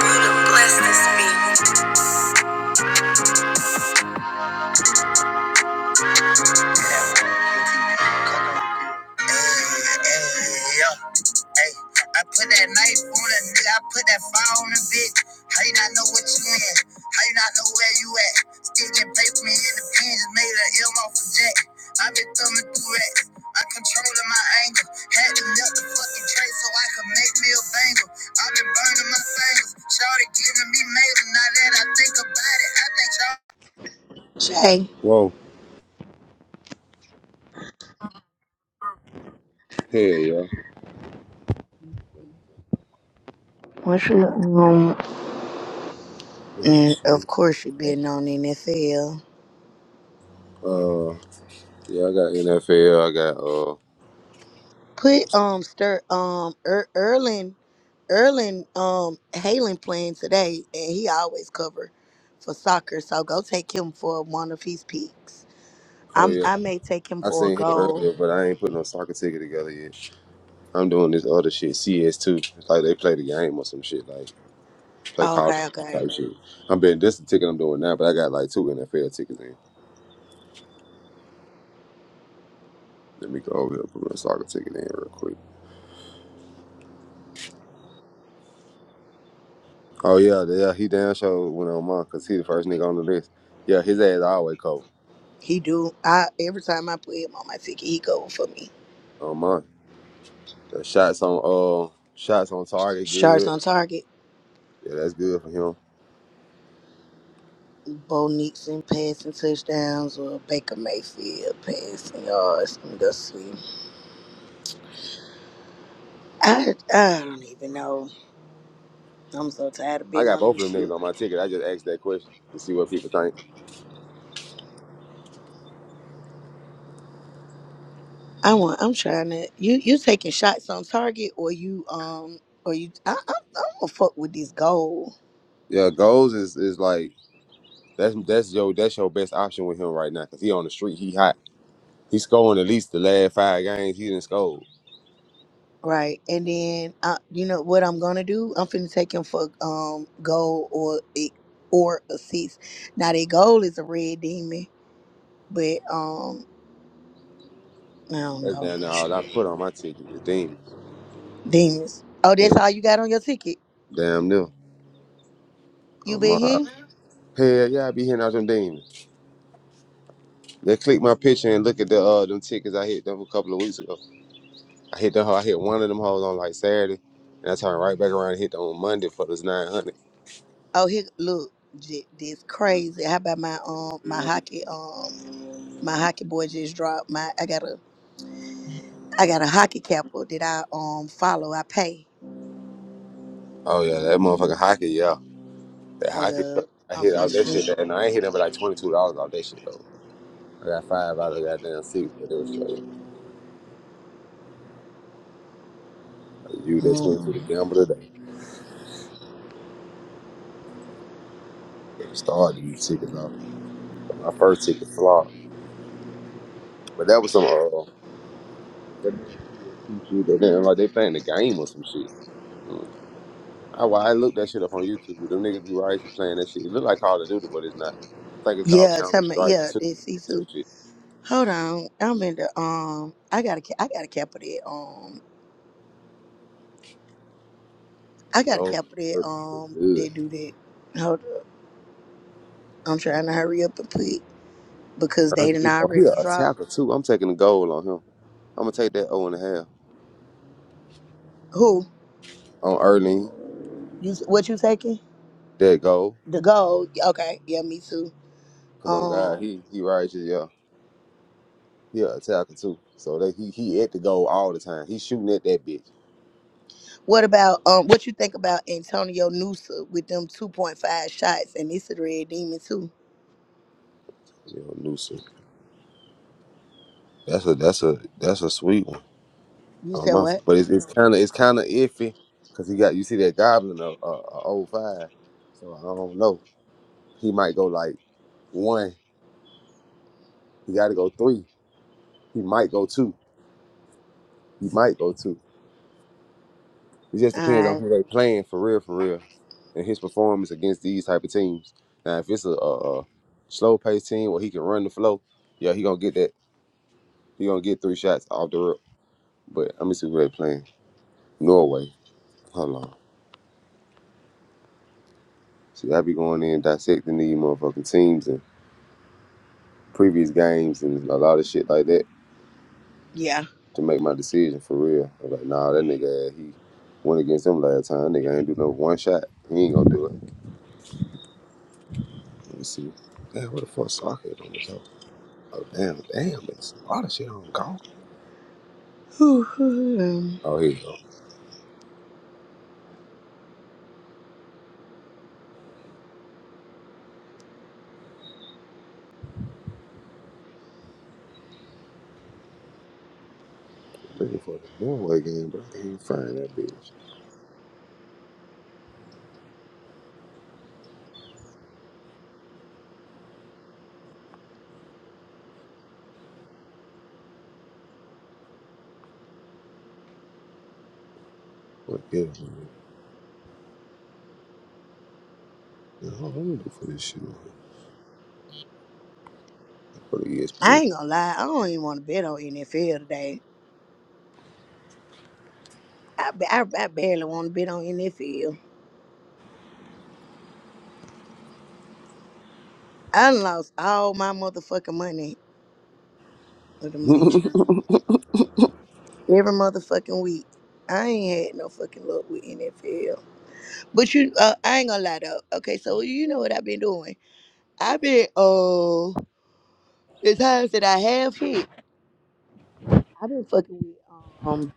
Speaker 1: Bless this bitch. Hey, yo. Hey, I put that knife on a nigga. I put that fire on a bitch. How you not know what you in? How you not know where you at? Still get paid for me in the pen. Just made an M off a jack. I been thumbing through racks. I controlling my anger. Had to melt the fucking tray so I could make me a banger. i been burning my fingers. Shawty giving me mail. Now that I think about it, I think y'all.
Speaker 2: Shay,
Speaker 1: Whoa. Hey, yo.
Speaker 2: what's your um?
Speaker 1: Oh,
Speaker 2: And of course you've been on NFL.
Speaker 1: Yeah, I got NFL. I got uh.
Speaker 2: Put um stir um er, Erlin Erlin um Halen playing today, and he always cover for soccer. So go take him for one of his picks.
Speaker 1: Oh
Speaker 2: I'm
Speaker 1: yeah,
Speaker 2: I may take him
Speaker 1: I
Speaker 2: for a
Speaker 1: seen him
Speaker 2: goal.
Speaker 1: earlier, but I ain't put no soccer ticket together yet. I'm doing this other shit, CS2. It's like they play the game or some shit, like play Call of
Speaker 2: Okay,
Speaker 1: Duty
Speaker 2: okay.
Speaker 1: type shit. I'm betting this the ticket I'm doing now, but I got like two NFL tickets in. Let me go over here and put my soccer ticket in real quick. Oh yeah, yeah, he damn sure went on mine because he the first nigga on the list. Yeah, his ass always cold
Speaker 2: He do. I every time I play him on my ticket, he go for me.
Speaker 1: on mine. The shots on uh shots on target
Speaker 2: Sharks on
Speaker 1: good.
Speaker 2: target.
Speaker 1: Yeah, that's good for him.
Speaker 2: Bo Nixon passing touchdowns or Baker Mayfield passing yards. Let me go see. I I don't even know. I'm so tired of being on this shit.
Speaker 1: Like,
Speaker 2: I want. I'm trying to. You you taking shots on target or you um or you. I, I, I'm gonna fuck with this goal
Speaker 1: yeah, goals is is like That's that's your that's your best option with him right now because he on the street. He hot. He scoring at least the last five games. He didn't score.
Speaker 2: right, and then I, you know what I'm gonna do. I'm finna take him for um goal or a- or assist. Now their goal is a red demon, but um I don't
Speaker 1: That's
Speaker 2: know.
Speaker 1: damn near all I put
Speaker 2: Shit.
Speaker 1: on my ticket is demons.
Speaker 2: Demons. Oh,
Speaker 1: Yeah,
Speaker 2: that's all you got on your ticket.
Speaker 1: damn near.
Speaker 2: You
Speaker 1: Um,
Speaker 2: been
Speaker 1: my,
Speaker 2: here?
Speaker 1: hell yeah, I be hitting out them demons. They click my picture and look at the uh them tickets I hit them a couple of weeks ago. I hit them. I hit one of them hoes on like Saturday, and I turned right back around and hit them on Monday for this nine hundred.
Speaker 2: Oh, here, look, j- this crazy. How about my um my hockey um my hockey boy just dropped my I got a I got a hockey capper that I um follow. I pay.
Speaker 1: Oh yeah, that motherfucking hockey, yeah, that
Speaker 2: Hold
Speaker 1: hockey. yeah.
Speaker 2: up,
Speaker 1: I
Speaker 2: I'm
Speaker 1: hit all
Speaker 2: finna
Speaker 1: that
Speaker 2: see.
Speaker 1: shit, and I ain't hit them but like twenty two dollars off that shit though. I got five out of the goddamn six, but it was straight. Like You that twenty two
Speaker 2: Mm.
Speaker 1: to gamble today. To start these tickets off. My first ticket flopped, but that was some uh, that damn PSP shit. That damn, like they playing the game or some shit. Mm. I, well, I looked that shit up on YouTube. Them niggas be right here playing that shit. It look like Call of Duty, but it's not. I think it's called
Speaker 2: Yeah,
Speaker 1: Counter
Speaker 2: tell me.
Speaker 1: Strike
Speaker 2: Yeah,
Speaker 1: Two.
Speaker 2: this
Speaker 1: Some
Speaker 2: Sisu.
Speaker 1: shit.
Speaker 2: Hold on, I'm in the um. I got a ca- I got a capper that um. I
Speaker 1: Like
Speaker 2: got a
Speaker 1: gold,
Speaker 2: capper that
Speaker 1: purple, look
Speaker 2: um. They
Speaker 1: good.
Speaker 2: do that. Hold up, I'm trying to hurry up and put because they
Speaker 1: Erling,
Speaker 2: done
Speaker 1: oh, he
Speaker 2: already
Speaker 1: a
Speaker 2: dropped.
Speaker 1: attacker too. I'm taking the goal on him. I'm gonna take that O and a half
Speaker 2: Who
Speaker 1: on Erling.
Speaker 2: you? s- What you taking?
Speaker 1: That goal,
Speaker 2: The gold. Okay. Yeah, me too.
Speaker 1: cause on God,
Speaker 2: Um,
Speaker 1: he he righteous. Yeah. He a attacker too. So that he he at the goal all the time. He's shooting at that bitch.
Speaker 2: what about um, what you think about Antonio Noosa with them two point five shots, and it's a red demon too.
Speaker 1: You know, Newsom. That's a that's a that's a sweet one.
Speaker 2: You
Speaker 1: Um,
Speaker 2: said what?
Speaker 1: but it's it's kind of it's kind of iffy because he got you see that goblin of uh, uh, old five. So I don't know. He might go like one. He got to go three. He might go two. He might go two. It just
Speaker 2: All
Speaker 1: depends on
Speaker 2: right,
Speaker 1: who they playing for real, for real, and his performance against these type of teams. Now, if it's a, a, a slow paced team where he can run the flow, yeah, he gonna get that. He gonna get three shots off the rip. But let me see who they playing. Norway. Hold on. See, I be going in dissecting these motherfucking teams and previous games and a lot of shit like that
Speaker 2: yeah.
Speaker 1: to make my decision for real. I'm like, nah, that nigga, he went against them last time. That nigga ain't do no one shot. He ain't gonna do it. Let me see. Damn, where the fuck soccer is on this hoe? Oh, damn, damn, it's a lot of shit on golf.
Speaker 2: Whew.
Speaker 1: Oh, here you go. Looking for the Norway. Yeah, yeah, hold on, let me for this shit on here. For the
Speaker 2: I
Speaker 1: ESPN.
Speaker 2: ain't gonna lie, I don't even want to bet on NFL today. I, ba- I, I barely want to bet on NFL. I done lost all my motherfucking money with them bitches every motherfucking week. I ain't had no fucking luck with NFL. But you, uh, I ain't gonna lie though. Okay, so you know what I've been doing? I've been, uh. the times that I have hit, I've been fucking with um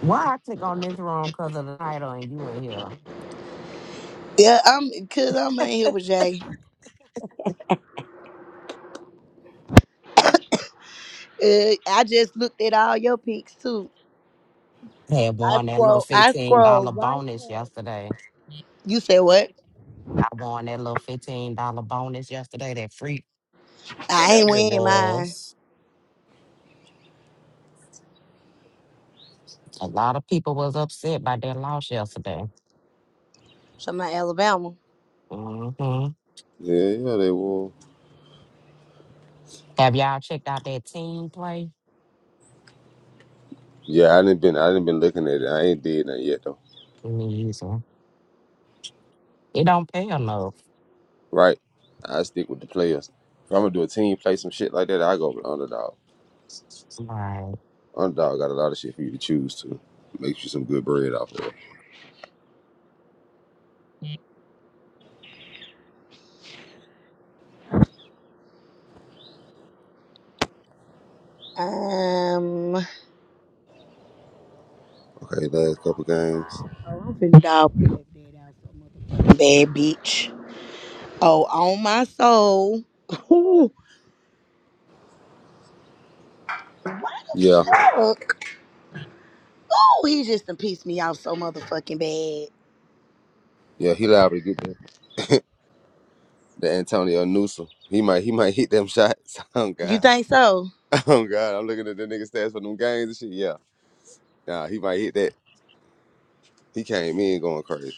Speaker 3: Why I took on this room because of the title and you in here?
Speaker 2: yeah, I'm cause I'm in here with Jay. Uh, I just looked at all your pics too.
Speaker 3: Had
Speaker 2: I
Speaker 3: won that little
Speaker 2: scroll I
Speaker 3: fifteen
Speaker 2: scroll
Speaker 3: dollar
Speaker 2: right
Speaker 3: bonus
Speaker 2: past.
Speaker 3: yesterday.
Speaker 2: You said what?
Speaker 3: I won that little fifteen dollar bonus yesterday. That free,
Speaker 2: I ain't
Speaker 3: whatever it
Speaker 2: wearing mine.
Speaker 3: was. A lot of people was upset by that loss yesterday.
Speaker 2: So my Alabama.
Speaker 3: hmm
Speaker 1: Yeah, yeah, they will.
Speaker 3: Have y'all checked out that team play?
Speaker 1: Yeah, I didn't been I didn't been looking at it. I ain't did nothing yet though.
Speaker 3: Me either. It don't pay enough.
Speaker 1: Right. I stick with the players. If I'm gonna do a team play some shit like that, I go with underdog.
Speaker 3: Right.
Speaker 1: Underdog got a lot of shit for you to choose to. Makes you some good bread off of.
Speaker 2: Um oh,
Speaker 1: Okay, last couple games.
Speaker 2: I'm finna dog put that bed out so motherfucking bad bitch. Oh, on my soul. Ooh, why the
Speaker 1: Yeah,
Speaker 2: fuck? Oh, he just done pissed me off so motherfucking bad.
Speaker 1: yeah, he liable to get the, the Antonio Newsom. He might he might hit them shots. Oh
Speaker 2: You
Speaker 1: God.
Speaker 2: think so?
Speaker 1: Oh God, I'm looking at the nigga stats for them games and shit. Yeah. Nah, he might hit that. He came in going crazy.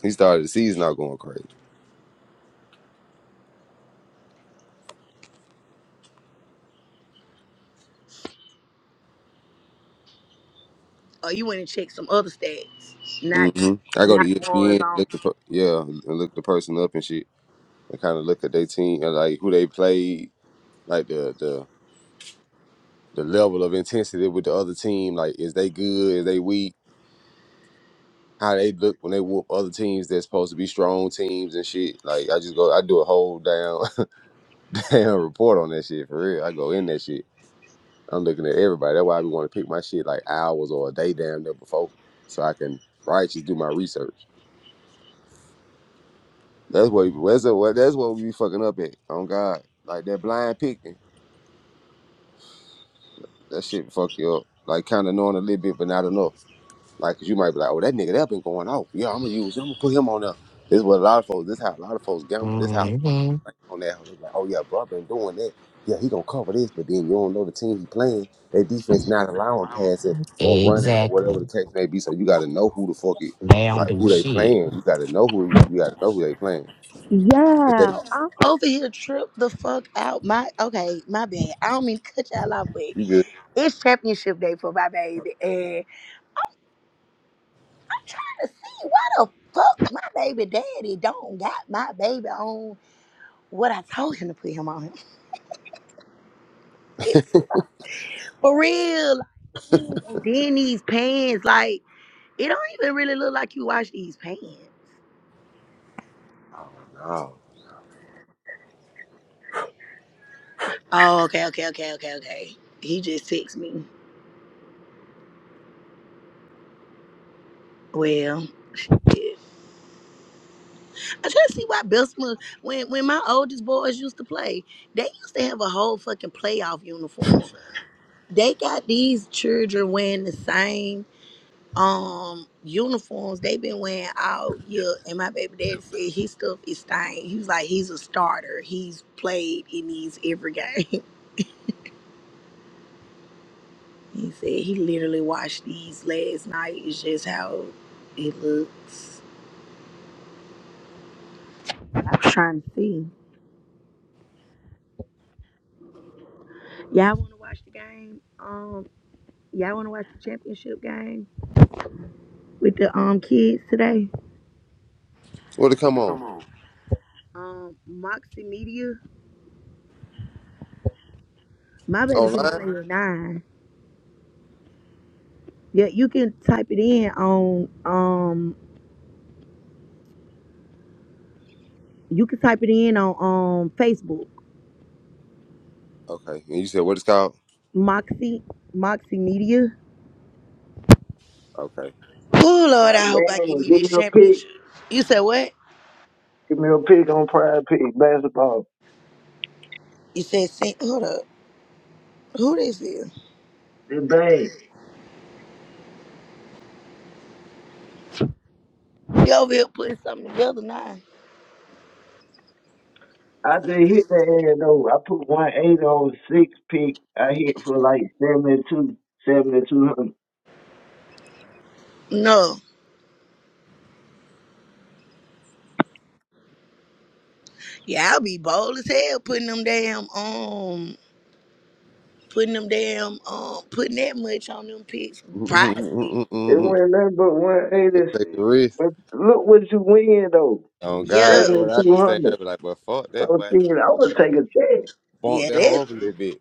Speaker 1: He started the season out going crazy.
Speaker 2: or you went and checked some other stats, not
Speaker 1: hmm I go to
Speaker 2: not the ones
Speaker 1: ESPN,
Speaker 2: on.
Speaker 1: look the per- yeah, and look the person up and shit, and kind of look at their team and like who they played, like the the the level of intensity with the other team. Like, is they good? Is they weak? How they look when they whoop other teams that's supposed to be strong teams and shit. Like, I just go, I do a whole damn damn report on that shit for real. I go in that shit. I'm looking at everybody. That's why I be want to pick my shit like hours or a day damn there before, so I can righteous do my research. That's what that's what that's what we be fucking up at on God. Like that blind picking, that shit fuck you up. Like kind of knowing a little bit, but not enough. Like 'cause you might be like, oh, that nigga that been going off. Yeah, I'm gonna use. I'm gonna put him on there. This is what a lot of folks. This how a lot of folks gamble. This how
Speaker 3: hmm
Speaker 1: on that. Like, oh yeah, bro, I been doing that. Yeah, he gonna cover this, but then you don't know the team he playing. Their defense not allowing passing or running or
Speaker 3: Exactly.
Speaker 1: whatever the case may be. So you got to know who the fuck it.
Speaker 3: They don't
Speaker 1: Like
Speaker 3: do
Speaker 1: who they
Speaker 3: shit.
Speaker 1: playing. You got to know who you, you got to know who they playing. If they
Speaker 2: Yeah, I am Over here, trip the fuck out. My okay, my bad. I don't mean to cut y'all off, but
Speaker 1: you good.
Speaker 2: it's championship day for my baby, and I'm trying to see why the fuck my baby daddy don't got my baby on what I told him to put him on. It, for real, like, ooh, and then these pants, like it don't even really look like you wash these pants. Oh, okay, okay, okay, okay, okay. He just texted me. Well, shit. I try to see why Bessemer, when when my oldest boys used to play, they used to have a whole fucking playoff uniform. They got these children wearing the same um uniforms they been wearing all year. And my baby daddy said his stuff is stained. He was like, he's a starter. He's played in these every game. he said he literally watched these last night. It's just how it looks. I'm trying to see. Y'all want to watch the game? Um, Y'all want to watch the championship game with the um kids today?
Speaker 1: Well, to come on
Speaker 2: Um, Moxie Media. My baby's in the
Speaker 1: online.
Speaker 2: play at nine. Yeah, you can type it in on um. You can type it in on um Facebook.
Speaker 1: Okay. And you said what it's called?
Speaker 2: Moxie Moxie Media.
Speaker 1: Okay.
Speaker 2: Oh
Speaker 4: Man,
Speaker 2: Lord, I hope I give me
Speaker 4: give me
Speaker 2: this
Speaker 4: a pick.
Speaker 2: championship. You said what?
Speaker 4: Give me a pick on Pride Pick basketball.
Speaker 2: You said sing. Hold up. Who this is?
Speaker 4: This bang.
Speaker 2: They over here putting something together now.
Speaker 4: I just hit that air though. I put 180 on six pick. I hit for like seventy two, seventy two hundred.
Speaker 2: No. Yeah, I'll be bold as hell putting them damn um. putting them damn um putting that much on them pics pricey
Speaker 4: 7200. It went nothing but
Speaker 1: Just take a
Speaker 4: 186.
Speaker 1: risk.
Speaker 4: But look what you win though.
Speaker 1: Oh God,
Speaker 2: Yup.
Speaker 1: that's what I be saying.
Speaker 4: 7200.
Speaker 1: I be like, but fuck that
Speaker 4: So
Speaker 1: way.
Speaker 4: shit, I would take a chance.
Speaker 1: Bump
Speaker 2: Yeah,
Speaker 1: that hoe
Speaker 2: that's
Speaker 1: up a little bit.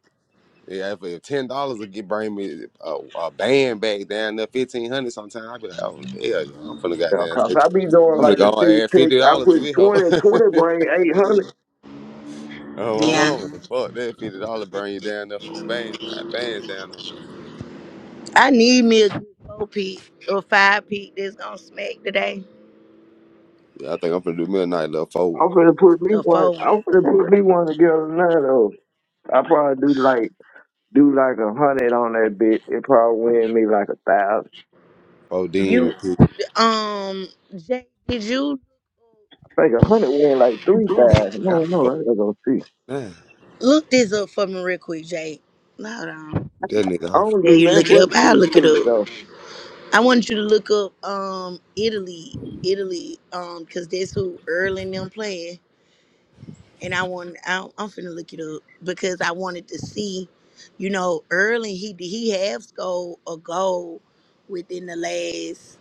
Speaker 1: Yeah, if, if ten dollars will get bring me a, a band back down there fifteen hundred sometime, I be like, oh hell yeah, I'm finna
Speaker 4: Yeah,
Speaker 1: goddamn
Speaker 4: Cause
Speaker 1: take.
Speaker 4: I be doing
Speaker 1: I'm gonna
Speaker 4: like
Speaker 1: go
Speaker 4: the
Speaker 1: and
Speaker 4: six
Speaker 1: add
Speaker 4: pick.
Speaker 1: fifty
Speaker 4: I
Speaker 1: dollars to
Speaker 4: put
Speaker 1: this hoe.
Speaker 4: twenty twenty 20 bring 800.
Speaker 1: oh my
Speaker 2: Yeah.
Speaker 1: mama, fuck that fifty dollars bring you down there for a band, five bands down there.
Speaker 2: I need me a good four peak or five peak that's gonna smack today.
Speaker 1: Yeah, I think I'm finna do me a night little four, one.
Speaker 4: I'm finna put me
Speaker 2: Or
Speaker 4: one.
Speaker 2: four one.
Speaker 4: I'm finna put me one together now though. I probably do like do like a hundred on that bitch, it probably win me like a thousand.
Speaker 1: four demon. pig.
Speaker 2: Um Jay, did you
Speaker 4: I think a hundred win like three
Speaker 1: That
Speaker 4: thousand.
Speaker 1: nigga got a
Speaker 4: No, no,
Speaker 1: four
Speaker 4: I gotta go see.
Speaker 1: nine.
Speaker 2: look this up for me real quick, Jay? Hold on.
Speaker 1: That nigga
Speaker 4: I don't
Speaker 2: Yeah,
Speaker 4: do
Speaker 2: you
Speaker 4: nothing
Speaker 2: look it
Speaker 4: but
Speaker 2: up. I'll
Speaker 4: see
Speaker 2: look it
Speaker 4: too
Speaker 2: up.
Speaker 4: though.
Speaker 2: I want you to look up um Italy, Italy, um, cause that's who Earl and them playing. and I want I, I'm finna look it up because I wanted to see, you know, early he he have scored a goal within the last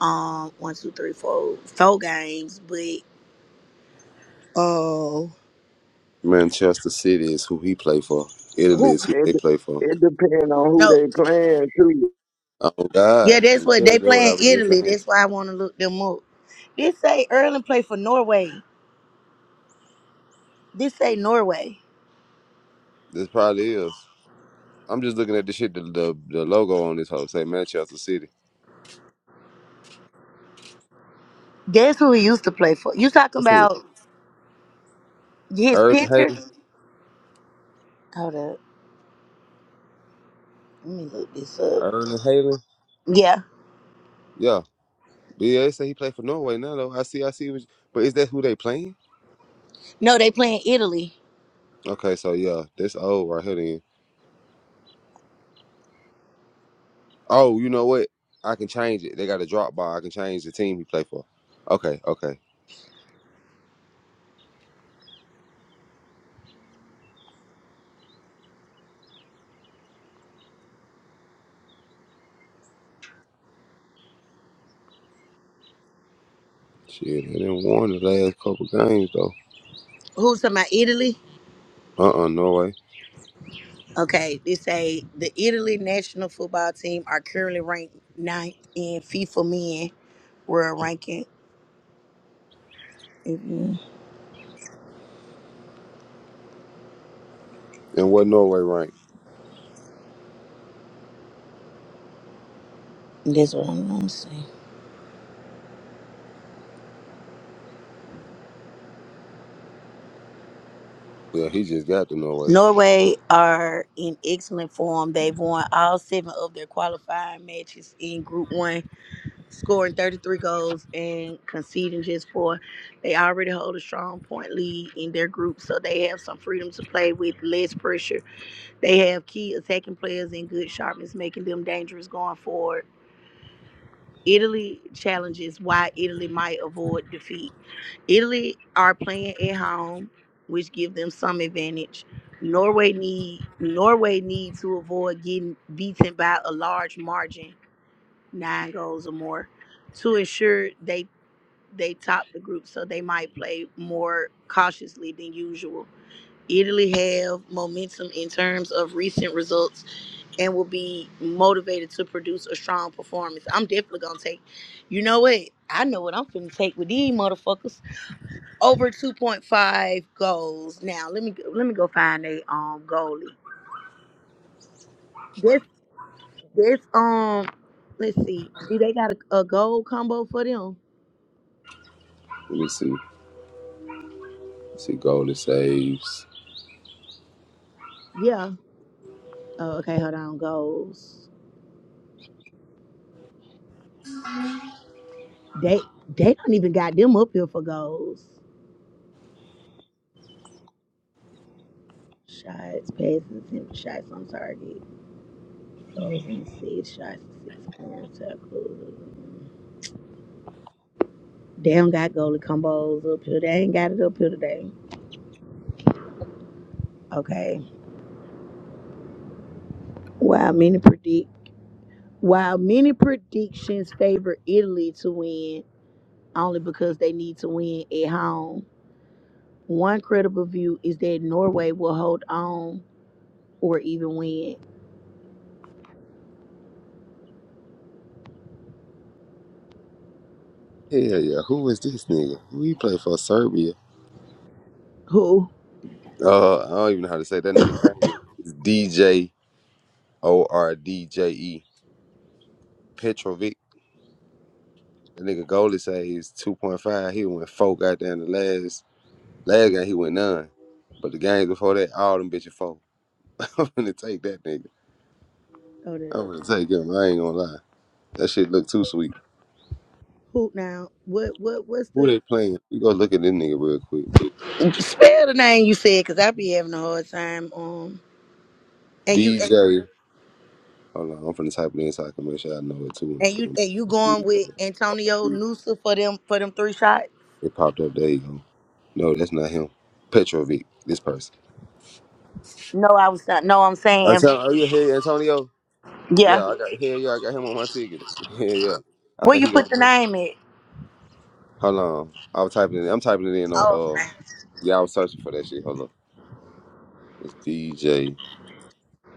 Speaker 2: um one two three four four games, but oh,
Speaker 1: Manchester City is who he play for. Italy
Speaker 2: who
Speaker 1: is who
Speaker 4: It
Speaker 1: they play for.
Speaker 4: it depends on who
Speaker 2: no
Speaker 4: they playing too.
Speaker 1: Oh
Speaker 2: yeah
Speaker 1: God,
Speaker 2: that's
Speaker 1: I'm
Speaker 2: what
Speaker 1: clear.
Speaker 2: they
Speaker 1: That's what I
Speaker 2: playing
Speaker 1: was just
Speaker 2: Italy.
Speaker 1: saying.
Speaker 2: That's why I want to look them up. This say Erling play for Norway. This say Norway.
Speaker 1: This probably is. I'm just looking at the shit. The the, the logo on this whole say Manchester City.
Speaker 2: That's who he used to play for. You talking
Speaker 1: That's who.
Speaker 2: about his
Speaker 1: Erling
Speaker 2: picture?
Speaker 1: Haaland.
Speaker 2: Hold up, let me look this up.
Speaker 1: Erling Haaland.
Speaker 2: Yeah,
Speaker 1: Yeah. BA say he play for Norway now though. I see. I see. What you- but is that who they playing?
Speaker 2: no, they playing Italy.
Speaker 1: Okay, so yeah, this old right here then. Oh, you know what? I can change it. They got a drop bar. I can change the team he play for. Okay, okay. Shit, they didn't won the last couple games though.
Speaker 2: Who's talking about Italy?
Speaker 1: Uh uh Norway.
Speaker 2: Okay, they say the Italy national football team are currently ranked ninth in FIFA men world ranking. Mhm.
Speaker 1: And what Norway rank?
Speaker 2: That's what I'm gonna say.
Speaker 1: Yeah, he just got to Norway.
Speaker 2: Norway are in excellent form. They've won all seven of their qualifying matches in Group One, scoring 33 goals and conceding just four. They already hold a strong point lead in their group, so they have some freedom to play with less pressure They have key attacking players in good sharpness, making them dangerous going forward. Italy challenges why Italy might avoid defeat. Italy are playing at home, which give them some advantage. Norway need Norway need to avoid getting beaten by a large margin, nine goals or more, to ensure they they top the group. So they might play more cautiously than usual. Italy have momentum in terms of recent results and will be motivated to produce a strong performance. I'm definitely gonna take, you know what? I know what I'm finna take with these motherfuckers. Over 2.5 goals. Now let me let me go find a um goalie. This this um let's see. Do they got a, a goal combo for them?
Speaker 1: Let me see. Let's see golden saves.
Speaker 2: Yeah. Oh, okay, hold on. Goals. They they don't even got them up here for goals. Shots, passes, and shots on target. Goals and assists, shots, assists, and tackles. They don't got goalie combos up here. They ain't got it up here today. Okay. While many predict while many predictions favor Italy to win only because they need to win at home, one credible view is that Norway will hold on or even win.
Speaker 1: Hell yeah, who is this nigga? Who he play for Serbia?
Speaker 2: Who?
Speaker 1: Uh, I don't even know how to say that nigga name. It's DJ O R D J E Petrovic. That nigga goalie saves two point five. He went four goddamn the last last game he went none. But the games before that, all them bitches four. I'm gonna take that nigga.
Speaker 2: Oh
Speaker 1: I'm
Speaker 2: the
Speaker 1: gonna take him. I ain't gonna lie. That shit look too sweet.
Speaker 2: who now? What what what's
Speaker 1: Who
Speaker 2: the
Speaker 1: they playing? You go look at this nigga real quick.
Speaker 2: spell the name you said, cause I be having a hard time. Um and you and, and you and you going with Antonio Noosa for them for them three shots? No, I was not. No, I'm saying, yeah.
Speaker 1: Yeah, I got hell yeah, I got him on my ticket. Hell yeah. I
Speaker 2: Where
Speaker 1: think
Speaker 2: you
Speaker 1: he gonna
Speaker 2: put the
Speaker 1: do it.
Speaker 2: name at?
Speaker 1: Hold on. I was typing it I'm typing it in
Speaker 2: Oh,
Speaker 1: on uh
Speaker 2: okay.
Speaker 1: yeah, I was searching for that shit. Hold up. It's D J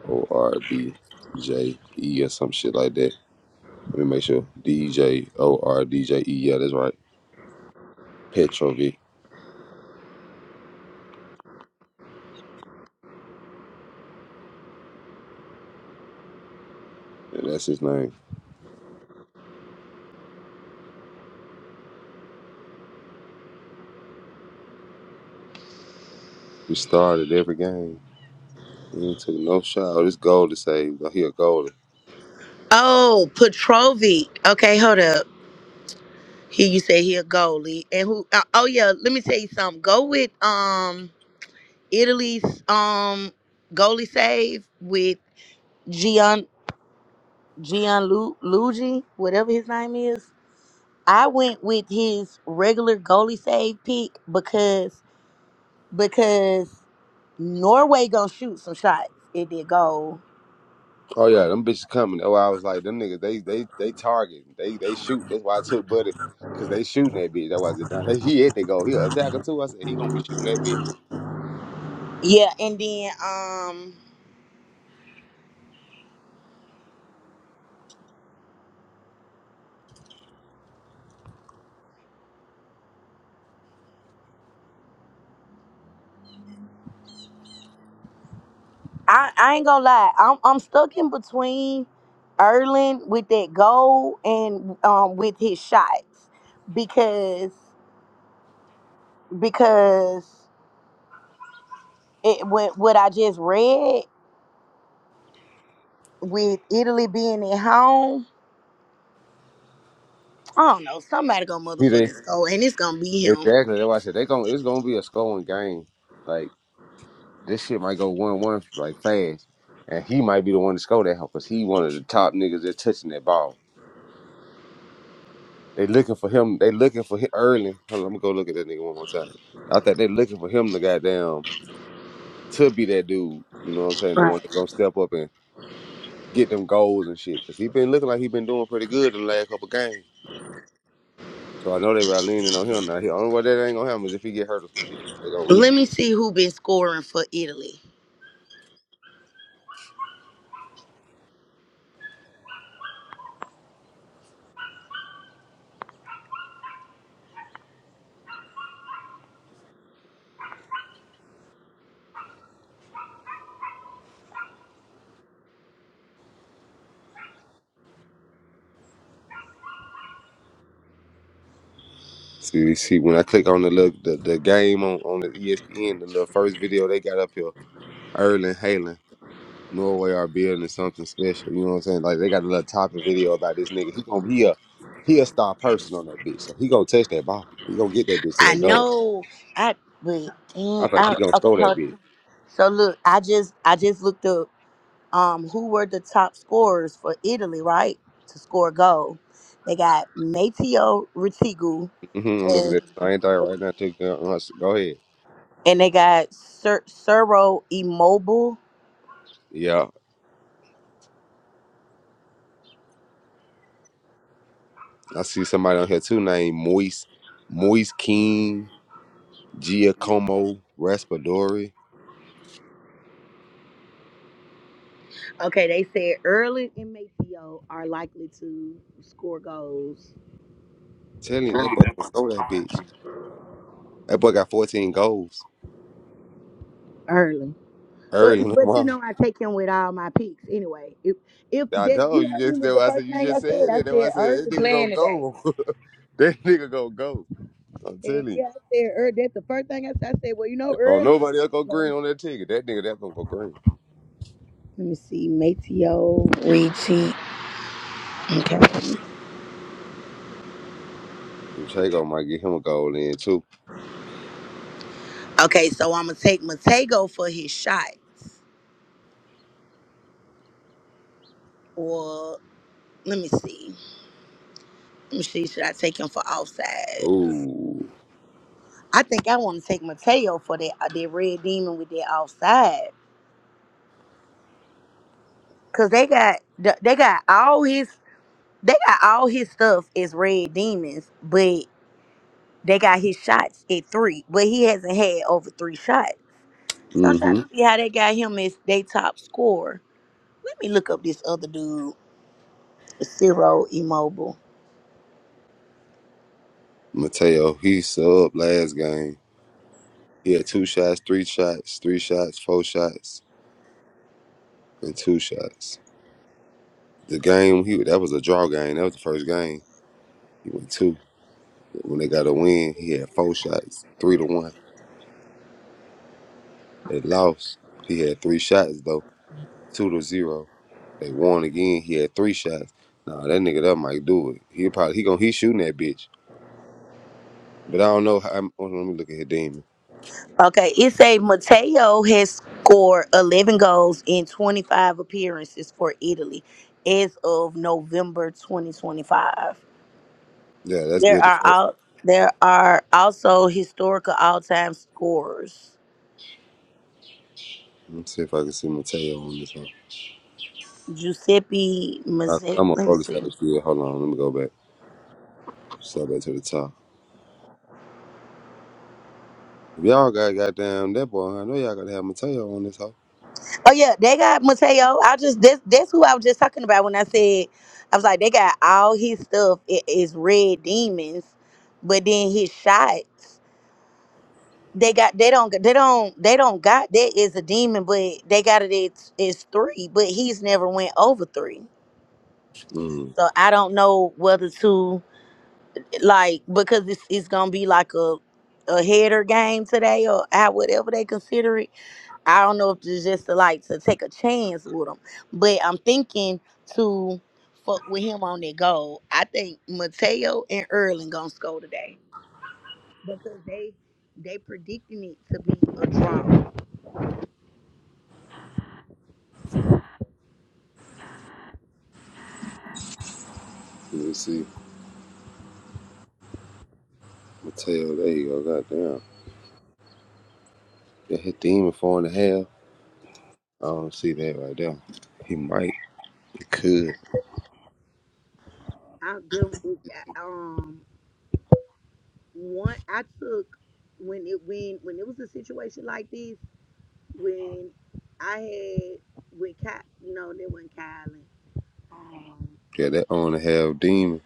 Speaker 1: O R D J E or some shit like that. Let me make sure. D J O R D J E, yeah, that's right. Petrovic. Yeah, that's his name. He started every game. He didn't took no shot. Oh, this goal to save. He a goalie.
Speaker 2: Oh, Petrovic. Okay, hold up. Here you say he a goalie, and who? Uh, oh yeah, let me tell you something. Go with um Italy's um goalie save with Gian Gianluigi, whatever his name is. I went with his regular goalie save pick because because Norway gonna shoot some shots at their goal
Speaker 1: Oh yeah, them bitches coming. Oh, I was like, them niggas, they they they target, they they shoot. That's why I took Buddy, cause they shooting that bitch. That was it. Done. He hit, they go. He attack her too. I said he gonna be shooting that bitch.
Speaker 2: Yeah, and then um, I I ain't gonna lie, I'm I'm stuck in between Erlin with that goal and um with his shots because because it what what I just read with Italy being at home. I don't know. Somebody gonna
Speaker 1: He did
Speaker 2: motherfucking score, and it's gonna be him.
Speaker 1: exactly. That's why I said they gonna. It's gonna be a scoring game. Like this shit might go one one like fast, and he might be the one to score that cause he one of the top niggas that touching that ball. They looking for him. They looking for him early. Hold on, let me go look at that nigga one more time. I thought they looking for him to goddamn to be that dude. You know what I'm saying? The one
Speaker 2: Right.
Speaker 1: that's gonna step up and get them goals and shit. Cause he been looking like he been doing pretty good the last couple games. So I know they about leaning on him now. The only way that ain't gonna happen is if he get hurt or some shit. They gonna
Speaker 2: Let
Speaker 1: reboot.
Speaker 2: me see who been scoring for Italy.
Speaker 1: See, see, when I click on the look, the, the game on, on the ESPN, the little first video they got up here, Erling Haaland, Norway are building something special. You know what I'm saying? Like they got a little topic video about this nigga. He gonna be a he a star person on that bitch. So he gonna touch that ball. He gonna get that bitch to
Speaker 2: I
Speaker 1: that goal.
Speaker 2: know I but damn
Speaker 1: I think
Speaker 2: I,
Speaker 1: he gonna
Speaker 2: okay,
Speaker 1: throw that
Speaker 2: hold
Speaker 1: bitch.
Speaker 2: on. So look, I just I just looked up um, who were the top scorers for Italy, right? To score a goal. They got Matteo Retigu
Speaker 1: hmm I'm looking
Speaker 2: and
Speaker 1: at the same thing right now. Too. Go go ahead.
Speaker 2: and they got Sir Suro Immobile.
Speaker 1: Yeah. I see somebody on here too named Moise, Moise King, Giacomo Raspadori.
Speaker 2: Okay, they said Erling and Matteo are likely to score goals
Speaker 1: Telling you, that boy can score that bitch. That boy got 14 goals
Speaker 2: early. But
Speaker 1: early in the
Speaker 2: but you
Speaker 1: month.
Speaker 2: know I take him with all my picks anyway. If if
Speaker 1: I
Speaker 2: that
Speaker 1: know
Speaker 2: you
Speaker 1: you
Speaker 2: heard me
Speaker 1: just
Speaker 2: with
Speaker 1: that
Speaker 2: the
Speaker 1: why I said
Speaker 2: first
Speaker 1: you
Speaker 2: thing
Speaker 1: just
Speaker 2: I said,
Speaker 1: said
Speaker 2: I
Speaker 1: it. That's why
Speaker 2: said
Speaker 1: I
Speaker 2: Erling
Speaker 1: said that nigga gonna
Speaker 2: playing today.
Speaker 1: go. that nigga gonna go. I'm
Speaker 2: And
Speaker 1: telling you.
Speaker 2: yeah, I said Erling. That's the first thing I said. I said, well, you know
Speaker 1: If don't
Speaker 2: Erling.
Speaker 1: nobody else go green on that ticket, that nigga that's gonna go green.
Speaker 2: Let me see, Mateo Ricci. Okay.
Speaker 1: Mateo might get him a goal in too.
Speaker 2: Okay, so I'm gonna take Matego for his shots. Or let me see. Let me see. Should I take him for offside?
Speaker 1: Ooh.
Speaker 2: I think I want to take Mateo for that uh, that red demon with that offside. Cause they got th- they got all his they got all his stuff is red demons, but they got his shots at three, but he hasn't had over three shots. So I'm trying
Speaker 1: Mm-hmm.
Speaker 2: to see how they got him as they top scorer. Let me look up this other dude zero immobile.
Speaker 1: Mateo, he subbed last game. Yeah, two shots, three shots, three shots, four shots, and two shots. The game he that was a draw game. That was the first game. He went two. When they got a win, he had four shots, three to one. They lost. He had three shots though, two to zero. They won again. He had three shots. Nah, that nigga that might do it. He probably he gonna he shooting that bitch. But I don't know. How, I'm, hold on, let me look at his demon.
Speaker 2: Okay, it say Matteo has scored 11 goals in 25 appearances for Italy as of November 2025.
Speaker 1: Yeah, that's
Speaker 2: There
Speaker 1: good as
Speaker 2: are
Speaker 1: fuck.
Speaker 2: out there are also historical all-time scorers.
Speaker 1: Let me see if I can see Mateo on this one.
Speaker 2: Giuseppe
Speaker 1: I,
Speaker 2: Mazzetta.
Speaker 1: I'm on
Speaker 2: Let me
Speaker 1: roller
Speaker 2: see.
Speaker 1: skates. Yeah, hold on. Let me go back. Step back to the top. If y'all got goddamn that boy, I know y'all gotta have Mateo on this hoe.
Speaker 2: Oh yeah, they got Mateo. I just that's that's who I was just talking about when I said I was like they got all his stuff. It is Red Demons, but then his shots. they got they don't they don't they don't got that is a demon but they got it it's, it's three but he's never went over three
Speaker 1: Mm,
Speaker 2: so i don't know whether to like because it's, it's gonna be like a a header game today or how whatever they consider it i don't know if it's just to like to take a chance with him but i'm thinking to fuck with him on that goal i think mateo and erling gonna score today because they they predicting it to be a draw
Speaker 1: let me see. Mateo, there you go, goddamn. That hit demon four and a half. I don't see that right there. He might, he could.
Speaker 2: I them um one I took when it when when it was a situation like this when I had when Ky, no they wasn't Kylan um
Speaker 1: Yeah, that on and a half demon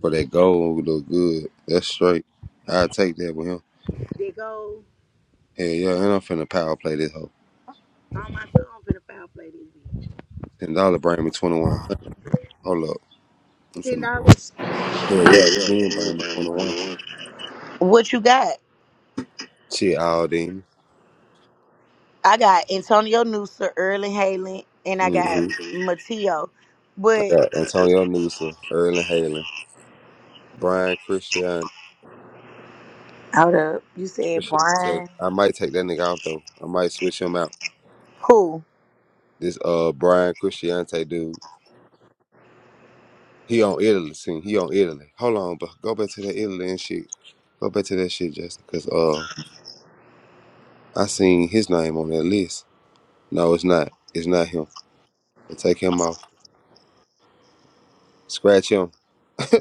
Speaker 1: for
Speaker 2: yeah,
Speaker 1: that gold look good. That's straight. i take that with him.
Speaker 2: they go
Speaker 1: Hell yeah, and I'm finna power play this hoe.
Speaker 2: on my son finna foul play this bitch
Speaker 1: Ten dollar bring me twenty one hundred. Hold up. I'm
Speaker 2: ten
Speaker 1: finna
Speaker 2: dollars
Speaker 1: Hell yeah, ten bring me twenty one.
Speaker 2: What you got?
Speaker 1: Shit, all demon.
Speaker 2: I got Antonio Noosa, Early Halen, and I
Speaker 1: hmm
Speaker 2: got Mateo.
Speaker 1: I
Speaker 2: But
Speaker 1: got Antonio Newsom, Erlen Halen. Brian Christian
Speaker 2: hold up, you said
Speaker 1: Christiante.
Speaker 2: Brian.
Speaker 1: I might take that nigga off though. I might switch him out.
Speaker 2: Who?
Speaker 1: This uh Brian Christiante dude. He on Italy scene. He on Italy. Hold on, but go back to that Italy and shit. Go back to that shit, Justin. Cause uh I seen his name on that list. No, it's not. It's not him. So take him off. Scratch him.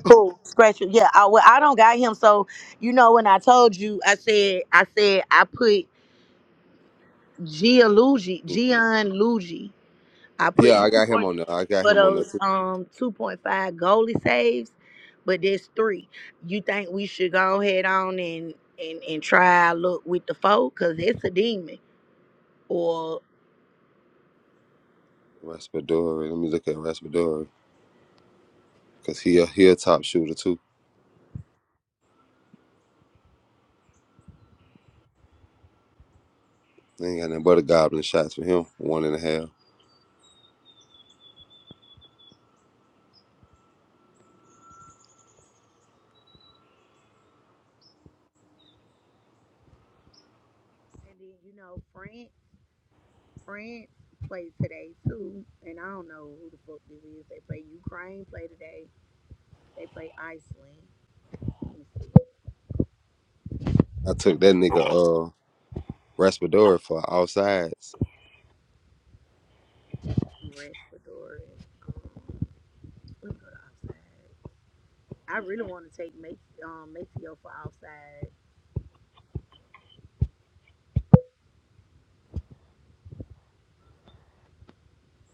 Speaker 2: Who Scratch it. Yeah. I, well, I don't got him. So you know when I told you, I said I said I put Gia Luigi,
Speaker 1: Mm-mm.
Speaker 2: Gian Luigi. I put
Speaker 1: Yeah, I
Speaker 2: him
Speaker 1: got him
Speaker 2: for
Speaker 1: on there. I got
Speaker 2: for
Speaker 1: him on there
Speaker 2: those
Speaker 1: too.
Speaker 2: um 2.5 goalie saves, but there's three. You think we should go ahead on and and and try our look with the four? because it's a demon. Or
Speaker 1: Raspadori. Let me look at Raspadori. Cause he a he a top shooter too. They ain't got nothing but a goblin shots for him. One and a half.
Speaker 2: and then you know France France played today too, and I don't know who the fuck this is. They play Ukraine play today. They play Iceland.
Speaker 1: I took that nigga. uh, Raspadori for all sides.
Speaker 2: Ranch Fedora. Let me go to outside. I really want to take Mace, um, Maceo for outside.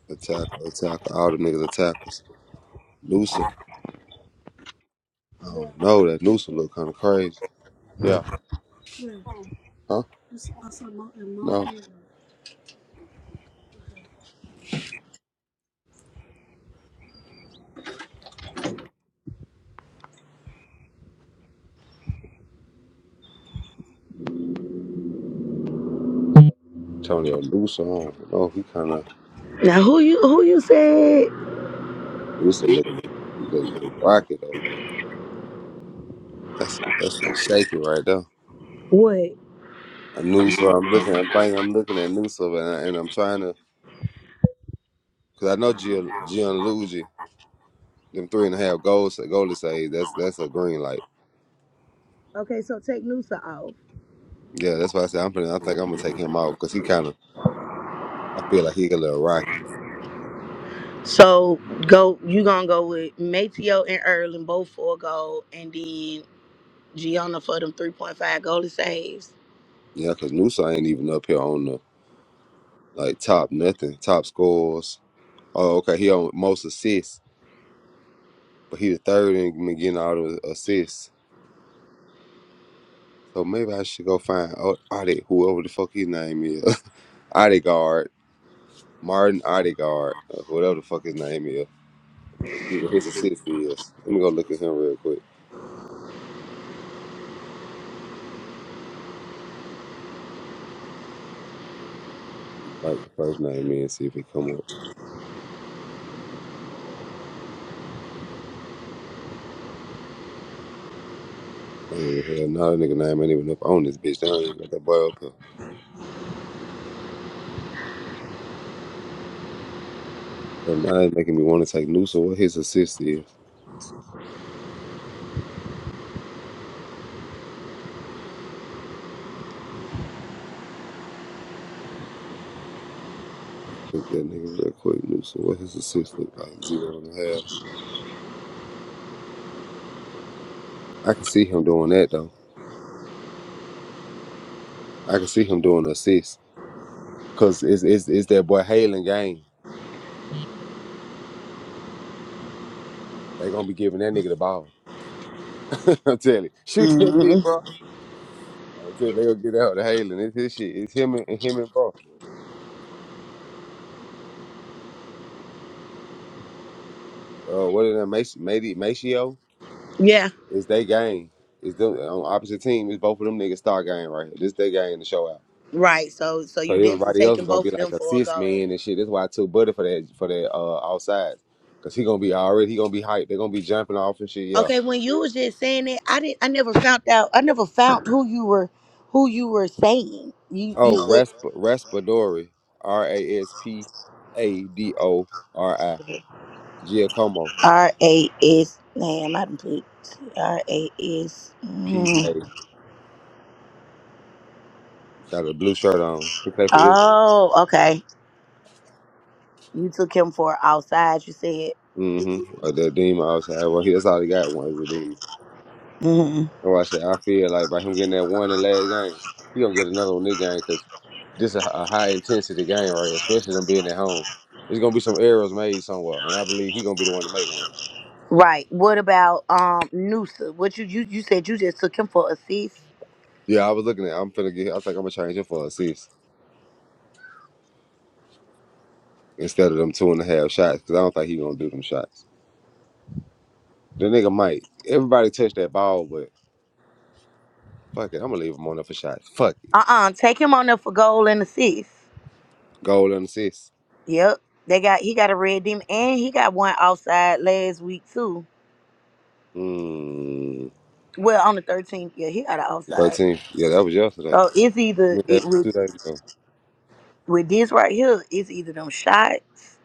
Speaker 1: Attack, attack, all the niggas attackers. Noosa. I don't know. That Noosa look kind of crazy. Yeah. Huh? No. Antonio Noosa. I don't know. He kind of,
Speaker 2: Now who you who you said
Speaker 1: Noosa look, he look kind of rocky though. That's, that's some shaky right there.
Speaker 2: what?
Speaker 1: A Noosa, I'm looking, I'm thinking I'm looking at Nusa, and, I, and I'm trying to, because I know Gian, Gianluigi, them three and a half goals, goalie say that's that's a green light.
Speaker 2: Okay, so take Noosa off.
Speaker 1: Yeah, that's why I said I'm. finna- I think I'm gonna take him out because he kind of. I feel like he a little rocky.
Speaker 2: So go you gonna go with Mateo and Erlin both for a goal and then Gianna for them three point five goalie saves.
Speaker 1: Yeah, because Nusa ain't even up here on the like top nothing, top scores. Oh, okay, he on most assists, but he the third in me getting all the assists. So maybe I should go find O- Ade, whoever the fuck his name is, Odegaard, Martin Odegaard, or whatever the fuck his name is, and see what his assist is. Let me go look at him real quick. Like the first name in, see if he come up. Hey, hell, now that nigga name ain't even up on this bitch. They don't even got that boy up here. So now that's making me want to take Nusa what his assist is. Click that nigga real quick, Newsom. What his assist look like? Zero and a half. I can see him doing that though. I can see him doing assist. Cause it's it's, it's that boy Halen game. They gonna be giving that nigga the ball. I'm telling you. Shoot that
Speaker 2: hmm
Speaker 1: bitch, bro. I'm telling you, they gonna get out to Halen. It's his shit. It's him and and him and bro. Uh what is that Macy Maceo?
Speaker 2: Yeah,
Speaker 1: It's their game. It's them on opposite team, it's both of them niggas star game right here. This their game to show out.
Speaker 2: right. So so
Speaker 1: So
Speaker 2: you definitely
Speaker 1: everybody else is
Speaker 2: taking
Speaker 1: gonna be
Speaker 2: both of them
Speaker 1: like
Speaker 2: for a
Speaker 1: assist
Speaker 2: goal.
Speaker 1: man and shit. That's why I took Buddy for that for that uh outside. Cause he gonna be already he gonna be hyped. They're gonna be jumping off and shit, yeah.
Speaker 2: Okay, when you was just saying it, I didn't. I never found out. I never found who you were, who you were saying. You you
Speaker 1: Oh, Rasp Raspadori. R A S P A D O R I.
Speaker 2: said
Speaker 1: Giacomo.
Speaker 2: R A S. Damn, I didn't put R A S.
Speaker 1: P A.
Speaker 2: Mm.
Speaker 1: Got a blue shirt on. He played for it.
Speaker 2: Oh, okay. You took him for outside. You said.
Speaker 1: Mm-hmm. A the demon outside. Well he, that's all he got one is a demon.
Speaker 2: hmm
Speaker 1: That's I said I feel like by him getting that one in the last game, he gonna get another one this game because this is a a high intensity game right here, especially them being at home. There's gonna be some errors made somewhere, and I believe he gonna be the one to make one.
Speaker 2: Right. What about um Noosa? What you you you said you just took him for assist?
Speaker 1: Yeah, I was looking at. I'm finna get. I think I'm gonna change it for assists instead of them two and a half shots because I don't think he gonna do them shots. The nigga might. Everybody touch that ball, but fuck it, I'm gonna leave him on there for shots. Fuck it,
Speaker 2: Uh uh Take him on there for goal and assist.
Speaker 1: goal and assist.
Speaker 2: Yep. They got he got a red demon and he got one outside last week too.
Speaker 1: Mm,
Speaker 2: Well, on the thirteenth, yeah, he got an outside.
Speaker 1: Thirteen. Yeah, that was yesterday.
Speaker 2: So it's
Speaker 1: I
Speaker 2: either
Speaker 1: mean,
Speaker 2: it
Speaker 1: that was two
Speaker 2: with
Speaker 1: days ago.
Speaker 2: with this right here, it's either them shots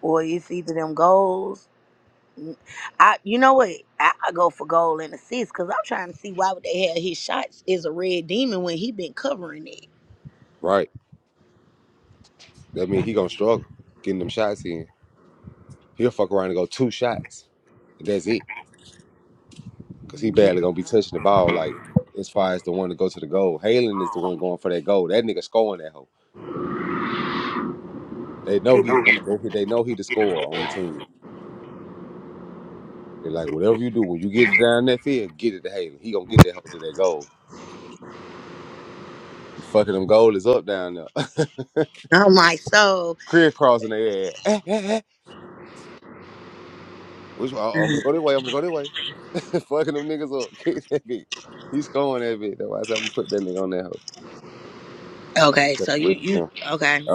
Speaker 2: or it's either them goals. Mm, I, you know what? I, I go for goal and assist because I'm trying to see why would they have his shots as a red demon when he been covering it.
Speaker 1: Right. That mean he gonna struggle getting them shots in. He'll fuck around and go two shots. And that's it. Cause he
Speaker 2: Mhm.
Speaker 1: badly gonna be touching the ball like as far as the one to go to the goal. Halen is the one going for that goal. That nigga scoring that hoe. They know he the one. They, they know he the scorer on the team. They like whatever you do when you get it down that field, get it to Halen. He gonna get that hoe to that goal. You fucking them goal is up down there.
Speaker 2: I'm like, so
Speaker 1: Career crossing their ass. Which one? Oh, I'm
Speaker 2: Mhm.
Speaker 1: gonna go that way. I'm gonna go that way. Fucking them niggas up.
Speaker 2: okay, so you you okay?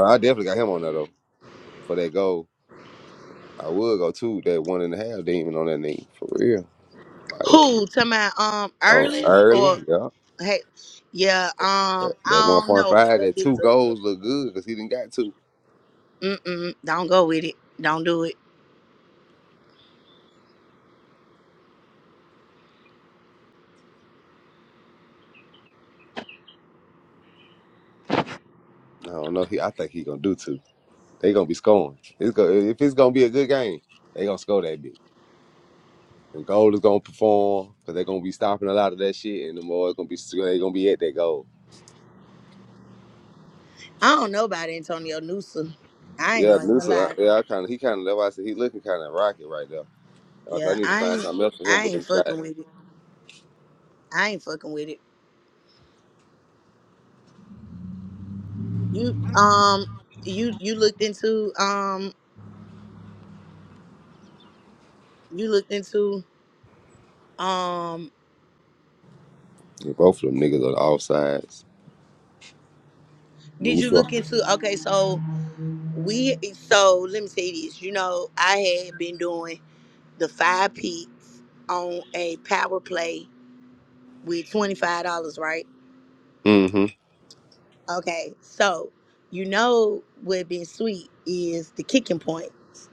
Speaker 2: Who? To my um early or hey, yeah um
Speaker 1: That
Speaker 2: I don't know
Speaker 1: 1.5,
Speaker 2: because
Speaker 1: that two
Speaker 2: it's a
Speaker 1: goals look good because he didn't got two.
Speaker 2: Mm-mm, don't go with it. Don't do it.
Speaker 1: I don't know. He, I think he gonna do two. They gonna be scoring. It's go, if it's gonna be a good game, they gonna score that bitch. And goal is gonna perform because they gonna be stop that shit. And the more they go,
Speaker 2: I don't know about Antonio Newsom. I ain't gonna even lie. Yeah, I ain't. I ain't fucking with it. I ain't fucking with it. You um, you you looked into um, you looked into um.
Speaker 1: Yeah, both of them niggas on all sides.
Speaker 2: Did
Speaker 1: Loose
Speaker 2: you look into? Okay, so we so let me say this. You know, I had been doing the five peaks on a power play with twenty five dollars, right?
Speaker 1: Mm-hmm.
Speaker 2: Okay, so you know what been sweet is the kicking points.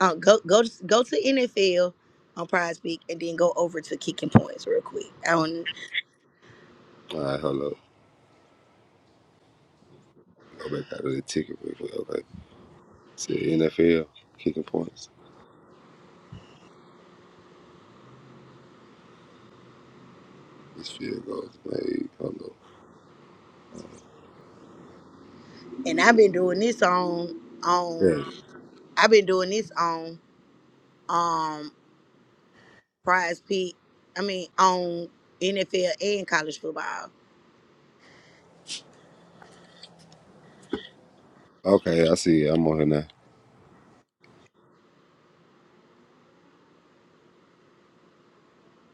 Speaker 2: Um, go go to, go to NFL on Prize Peak and then go over to kicking points real quick. Um,
Speaker 1: All right, hold up. Go back out of the ticket real quick. Okay. See NFL kicking points. This field goes made. Hold up.
Speaker 2: and I've been doing this on
Speaker 1: There it
Speaker 2: on
Speaker 1: is.
Speaker 2: I've been doing this on um Prize Peak. I mean on NFL and college football.
Speaker 1: Okay, I see. it. I'm on here now.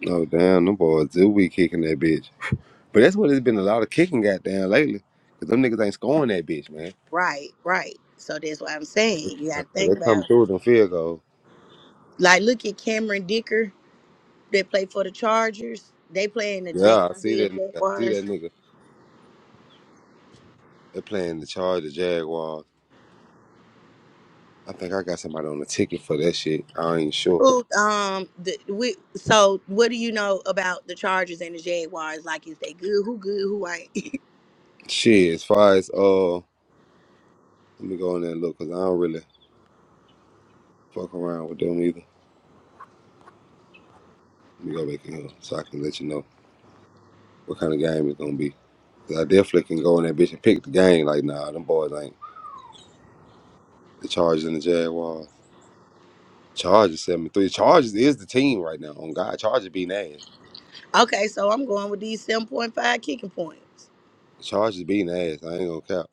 Speaker 1: Oh damn, them boys do be kicking that bitch. But that's what it's been a lot of kicking goddamn lately. Cause them niggas ain't scoring that bitch, man.
Speaker 2: Right, right. So that's what I'm saying. You got
Speaker 1: So
Speaker 2: to think
Speaker 1: they come
Speaker 2: about
Speaker 1: through with them field goals.
Speaker 2: like look at Cameron Dicker that played for the Chargers. They play in the
Speaker 1: Yeah, I see
Speaker 2: Jacksonville
Speaker 1: that nigga. I see
Speaker 2: Jaguars
Speaker 1: that nigga. They playing the Charger Jaguars. I think I got somebody on the ticket for that shit. I ain't sure.
Speaker 2: Who um the we so what do you know about the Chargers and the Jaguars? Like is they good? Who good? Who ain't?
Speaker 1: Shit, as far as uh, let me go in there and look because I don't really fuck around with them either. Let me go back in here so I can let you know what kind of game it's gonna be. be. Cause I definitely can go in that bitch and pick the game. Like, nah, them boys ain't the Chargers and the Jaguars. Chargers seventy three. Chargers is the team right now. On God, Chargers beating ass.
Speaker 2: okay, so I'm going with these seven point five kicking points.
Speaker 1: The Chargers beating ass. I ain't gonna cap.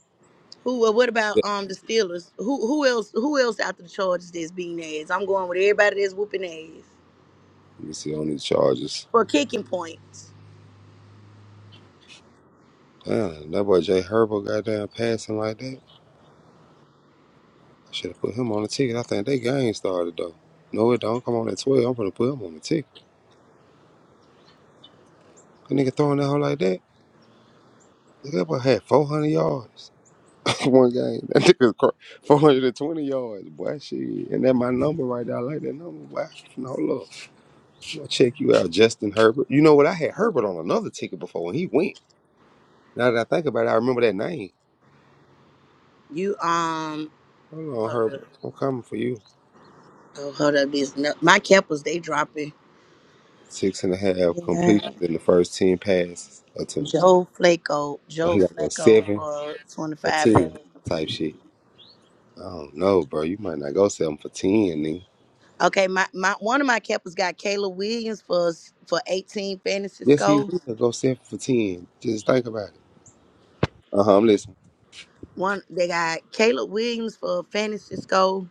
Speaker 2: Who uh, what about um the Steelers? Who who else who else after the Chargers that's beating ass? I'm going with everybody that's whooping ass
Speaker 1: Let me see on these Chargers.
Speaker 2: for kicking points.
Speaker 1: Damn, that boy Jay Herbo goddamn passing like that. I should have put him on the ticket. I think they game started though. No, it don't. Come on at 12. I'm gonna put him on the ticket. That nigga throwing that hole like that. Nigga, That boy had 400 yards in one game. That nigga 420 yards. Boy, shit. And that my number right there. I like that number. Boy, no, look. I'm gonna check you out, Justin Herbert. You know what? I had Herbert on another ticket before when he went. Now that I think about it,
Speaker 2: You um
Speaker 1: I, hold on,
Speaker 2: hold up,
Speaker 1: Herbert. I'm coming for you.
Speaker 2: oh, hold up this no, my Keppers they dropping.
Speaker 1: Six and a half
Speaker 2: Yeah.
Speaker 1: completions in the first 10 pass attempts.
Speaker 2: Joe Flacco
Speaker 1: Oh,
Speaker 2: Joe
Speaker 1: he got those
Speaker 2: Flacco
Speaker 1: seven.
Speaker 2: for twenty
Speaker 1: for
Speaker 2: five passes,
Speaker 1: ten type
Speaker 2: please.
Speaker 1: shit. I don't know, bro. You might not go sell them for ten, nigga.
Speaker 2: Okay, my, my one of my keppers got Kayla Williams for s- for 18 fantasy
Speaker 1: Yes, he
Speaker 2: score.
Speaker 1: will go sell 'em for ten. Just think about it. Uh huh. I'm listening.
Speaker 2: One they got Caleb Williams for fantasy score.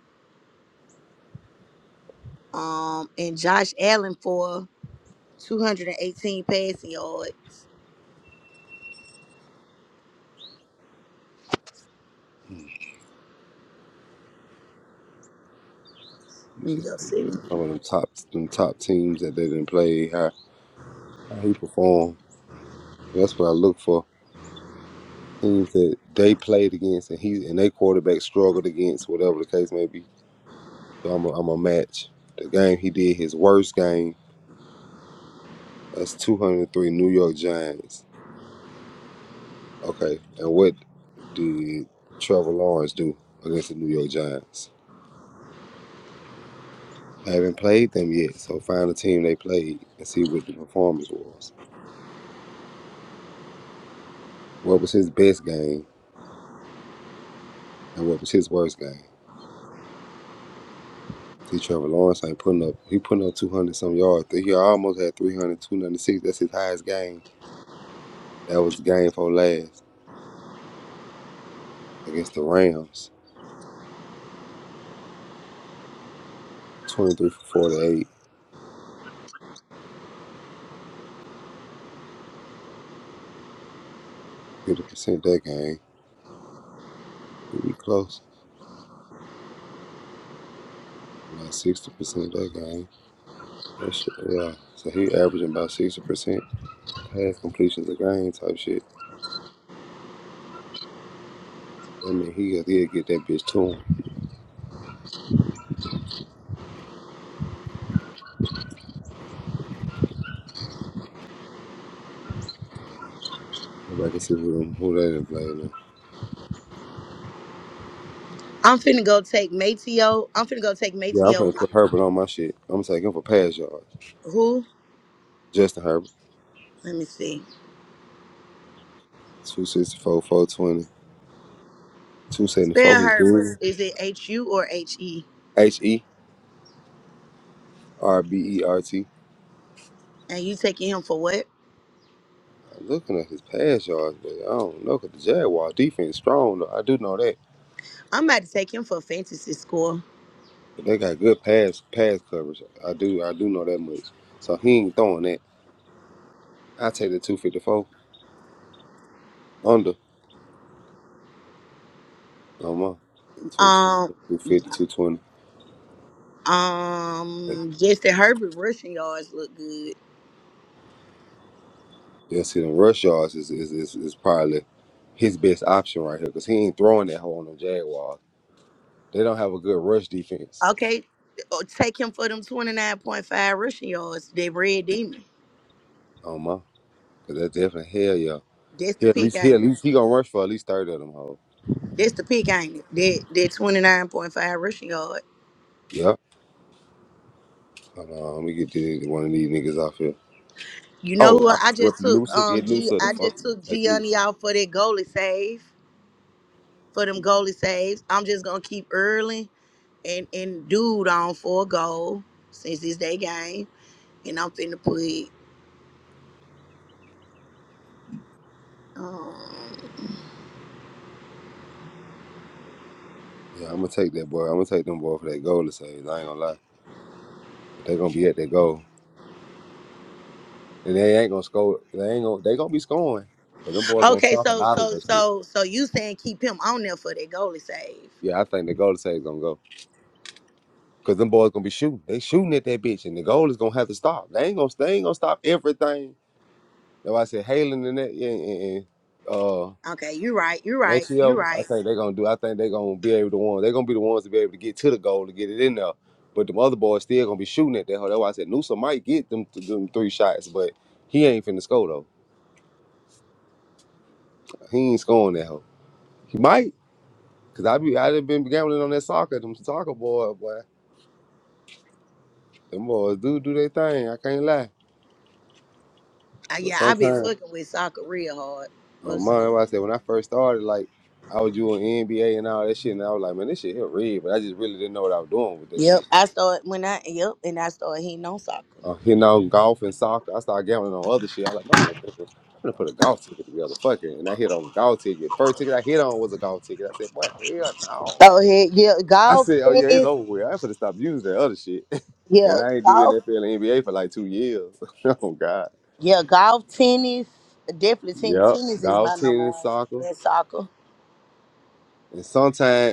Speaker 2: Um and Josh Allen for 218 passing yards.
Speaker 1: It's
Speaker 2: Let me
Speaker 1: just
Speaker 2: go see.
Speaker 1: some of them top, them top teams that they didn't play. How how he performed. That's what I look for. Teams that they played against and he and they quarterback struggled against, whatever the case may be. So I'm a, I'm a match. The game he did his worst game. That's 203 New York Giants. Okay, and what did Trevor Lawrence do against the New York Giants? Haven't played them yet, so find the team they played and see what the performance was. What was his best game and what was his worst game? See, Trevor Lawrence ain't putting up. He putting up 200 some yards. He almost had three hundred two ninety-six. That's his highest game. That was the game for last against the Rams. 23 for 48, 50% that game. He be close, like 60% that game. That's true, yeah. So he averaging about sixty percent pass completions a game type shit. I mean, he he'll get that bitch to him. Go back and see who, them, who they done playing. now.
Speaker 2: I'm finna go take Mateo. I'm finna go take
Speaker 1: Yeah, I'm
Speaker 2: Mateo.
Speaker 1: gonna
Speaker 2: uh,
Speaker 1: put Herbert on my shit. I'm taking him for pass yards.
Speaker 2: Who?
Speaker 1: Justin Herbert,
Speaker 2: Let me see.
Speaker 1: 264, 420, 274.
Speaker 2: Spell
Speaker 1: His
Speaker 2: Herbert.
Speaker 1: dude,
Speaker 2: Is it H U or H E?
Speaker 1: H E R B E R T.
Speaker 2: And you taking him for what?
Speaker 1: I'm looking at his pass yards, but I don't know because the Jaguar defense strong though. I do know that,
Speaker 2: I'm about to take him for a fantasy score.
Speaker 1: but they got good pass pass coverage. I do I do know that much. So he ain't throwing that. I take the 254. Under. I'm on.
Speaker 2: Um.
Speaker 1: 250,
Speaker 2: Um, Justin Herbert rushing yards look good.
Speaker 1: Yeah, see, them rush yards is, is, is, is probably his best option right here because he ain't throwing that hole on the Jaguars. They don't have a good rush defense.
Speaker 2: Okay, oh, take him for them twenty nine point five rushing yards. That red demon.
Speaker 1: Oh, my. Because that's definitely hell, yeah.
Speaker 2: That's
Speaker 1: He
Speaker 2: the
Speaker 1: at
Speaker 2: pick,
Speaker 1: least, he at
Speaker 2: ain't it?
Speaker 1: least, he going to rush for at least 30 of them hoes.
Speaker 2: That's the pick, ain't it? That that twenty nine point five rushing yard.
Speaker 1: Yep. Hold on, let me get the, one of these niggas off here.
Speaker 2: You know
Speaker 1: Oh,
Speaker 2: who
Speaker 1: I
Speaker 2: I I
Speaker 1: just rip
Speaker 2: just took?
Speaker 1: Noosa,
Speaker 2: Um,
Speaker 1: get
Speaker 2: G.
Speaker 1: Noosa
Speaker 2: I
Speaker 1: the fuck.
Speaker 2: just took
Speaker 1: Take
Speaker 2: Gianni
Speaker 1: Noosa.
Speaker 2: out for that goalie save. For them goalie saves, I'm just gonna keep early and and dude on for a goal since it's their game, and I'm finna put. um,
Speaker 1: Yeah, I'm going to take that boy. I'm going to take them boy for that goal to save. I ain't going to lie. But they going to be at that goal. And they ain't gonna score. They ain't gonna. They gonna be scoring, but them boys gonna
Speaker 2: Okay,
Speaker 1: stop a
Speaker 2: so
Speaker 1: lot of
Speaker 2: so
Speaker 1: that shit.
Speaker 2: so so you saying keep him on there for that goalie save?
Speaker 1: Yeah, I think the goal to is gonna go because them boys gonna be shooting. They shooting at that bitch, and the goal is gonna have to stop. They ain't gonna. They ain't gonna stop everything. That's why I said Halen and that yeah, and, and uh
Speaker 2: Okay, you're right. You're right. You're
Speaker 1: Maceo. I
Speaker 2: right.
Speaker 1: think they gonna do. I think they gonna be able to one. They gonna be the ones to be able to get to the goal to get it in there. But them other boys still gonna be shooting at that. hoe. That's why I said Noosa might get them, them three shots, but he ain't finna score though. He ain't scoring that hoe. He might. I done been. I can't lie.
Speaker 2: Uh, yeah, I've been fucking with soccer real hard. What's it? Yep, I started when I yep, and I started hitting on soccer.
Speaker 1: golf ticket. first ticket I hit on was a golf ticket. I said, boy, hell no.
Speaker 2: So he- yeah,
Speaker 1: I
Speaker 2: golf,
Speaker 1: said, oh yeah, it's
Speaker 2: tennis,
Speaker 1: over with. I ain't finna stop using that other shit.
Speaker 2: yeah, golf, yeah, golf, tennis, definitely tennis. Tennis is my number one. And soccer.
Speaker 1: Time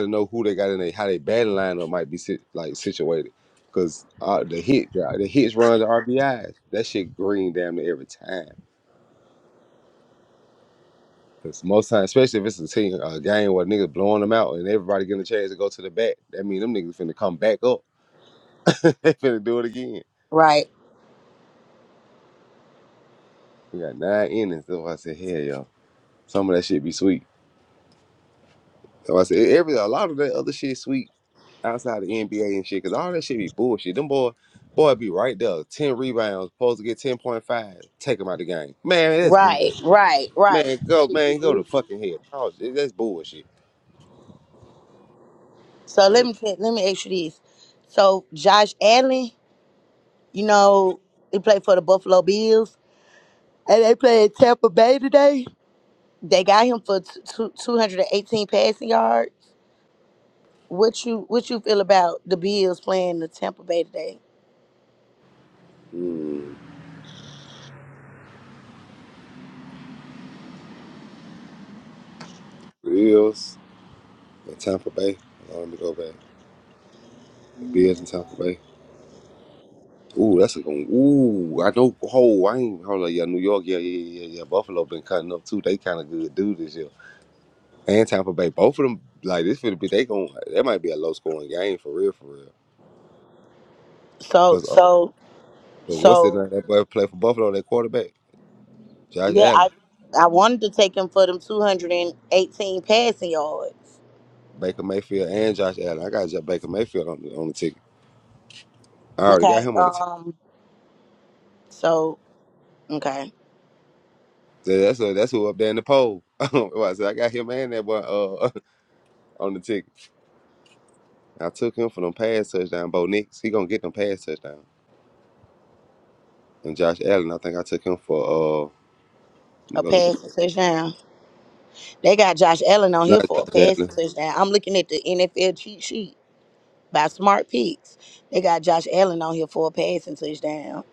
Speaker 1: to know who they got in there, how they batting lineup might be sit, like situated. Cause uh, the hit yeah, the hits runs RBIs. That shit green damn near every time. Cause most times, especially if it's a team a game where niggas blowing them out and everybody getting a chance to go to the bat, that mean them niggas finna come back up. they finna do it again.
Speaker 2: Right,
Speaker 1: We got nine innings. That's why I said, hell yeah. Some of that shit be sweet. So I said e, every a lot of that other shit sweet outside the NBA and shit, because all that shit be bullshit. Them boy, boy be right there, ten rebounds, supposed to get ten point five. Take him out the game, man. That's
Speaker 2: right,
Speaker 1: bullshit,
Speaker 2: right, right.
Speaker 1: man.
Speaker 2: That
Speaker 1: Go,
Speaker 2: should be
Speaker 1: man, go to
Speaker 2: really.
Speaker 1: fucking hell. Oh, shit, that's bullshit.
Speaker 2: So let
Speaker 1: Like
Speaker 2: me tell, let me ask you this. So Josh Allen. You know, he played for the Buffalo Bills, and they played Tampa Bay today. They got him for t- two- 218 passing yards. What you what you feel about the Bills playing the Tampa Bay today?
Speaker 1: mm, Bills and Tampa Bay. Hold on, Let me go back. The Bills and Tampa Bay. Ooh, that's a going. Ooh, I know. Oh, I ain't hold on. Yeah, New York. Yeah, yeah, yeah, yeah. yeah, Buffalo been cutting up too. They kind of good dude this year. And Tampa Bay, both of them. Like this, for the be they going. That might be a low scoring game for real, for real.
Speaker 2: So
Speaker 1: Cause uh,
Speaker 2: so
Speaker 1: Cause what's his name?
Speaker 2: so
Speaker 1: That boy played for Buffalo. That quarterback, Josh
Speaker 2: yeah,
Speaker 1: Allen,
Speaker 2: I I wanted to take him for them 218 passing yards.
Speaker 1: Baker Mayfield, and Josh Allen. I got Josh Baker Mayfield on the, on the ticket. I already got
Speaker 2: Okay.
Speaker 1: him on the ticket.
Speaker 2: Um. So okay,
Speaker 1: So that's who- that's who up there in the poll. I said I got him and that boy uh, on the ticket. I took him for them pass touchdown. Bo Nix, he gonna get them pass touchdown. And Josh Allen, I think I took him for uh, let me
Speaker 2: a
Speaker 1: go look up.
Speaker 2: passing touchdown. They got Josh Allen on here
Speaker 1: Not
Speaker 2: for a
Speaker 1: Josh
Speaker 2: passing
Speaker 1: Allen.
Speaker 2: touchdown. I'm looking at the NFL cheat sheet by Smart Peaks. They got Josh Allen on here for a passing touchdown.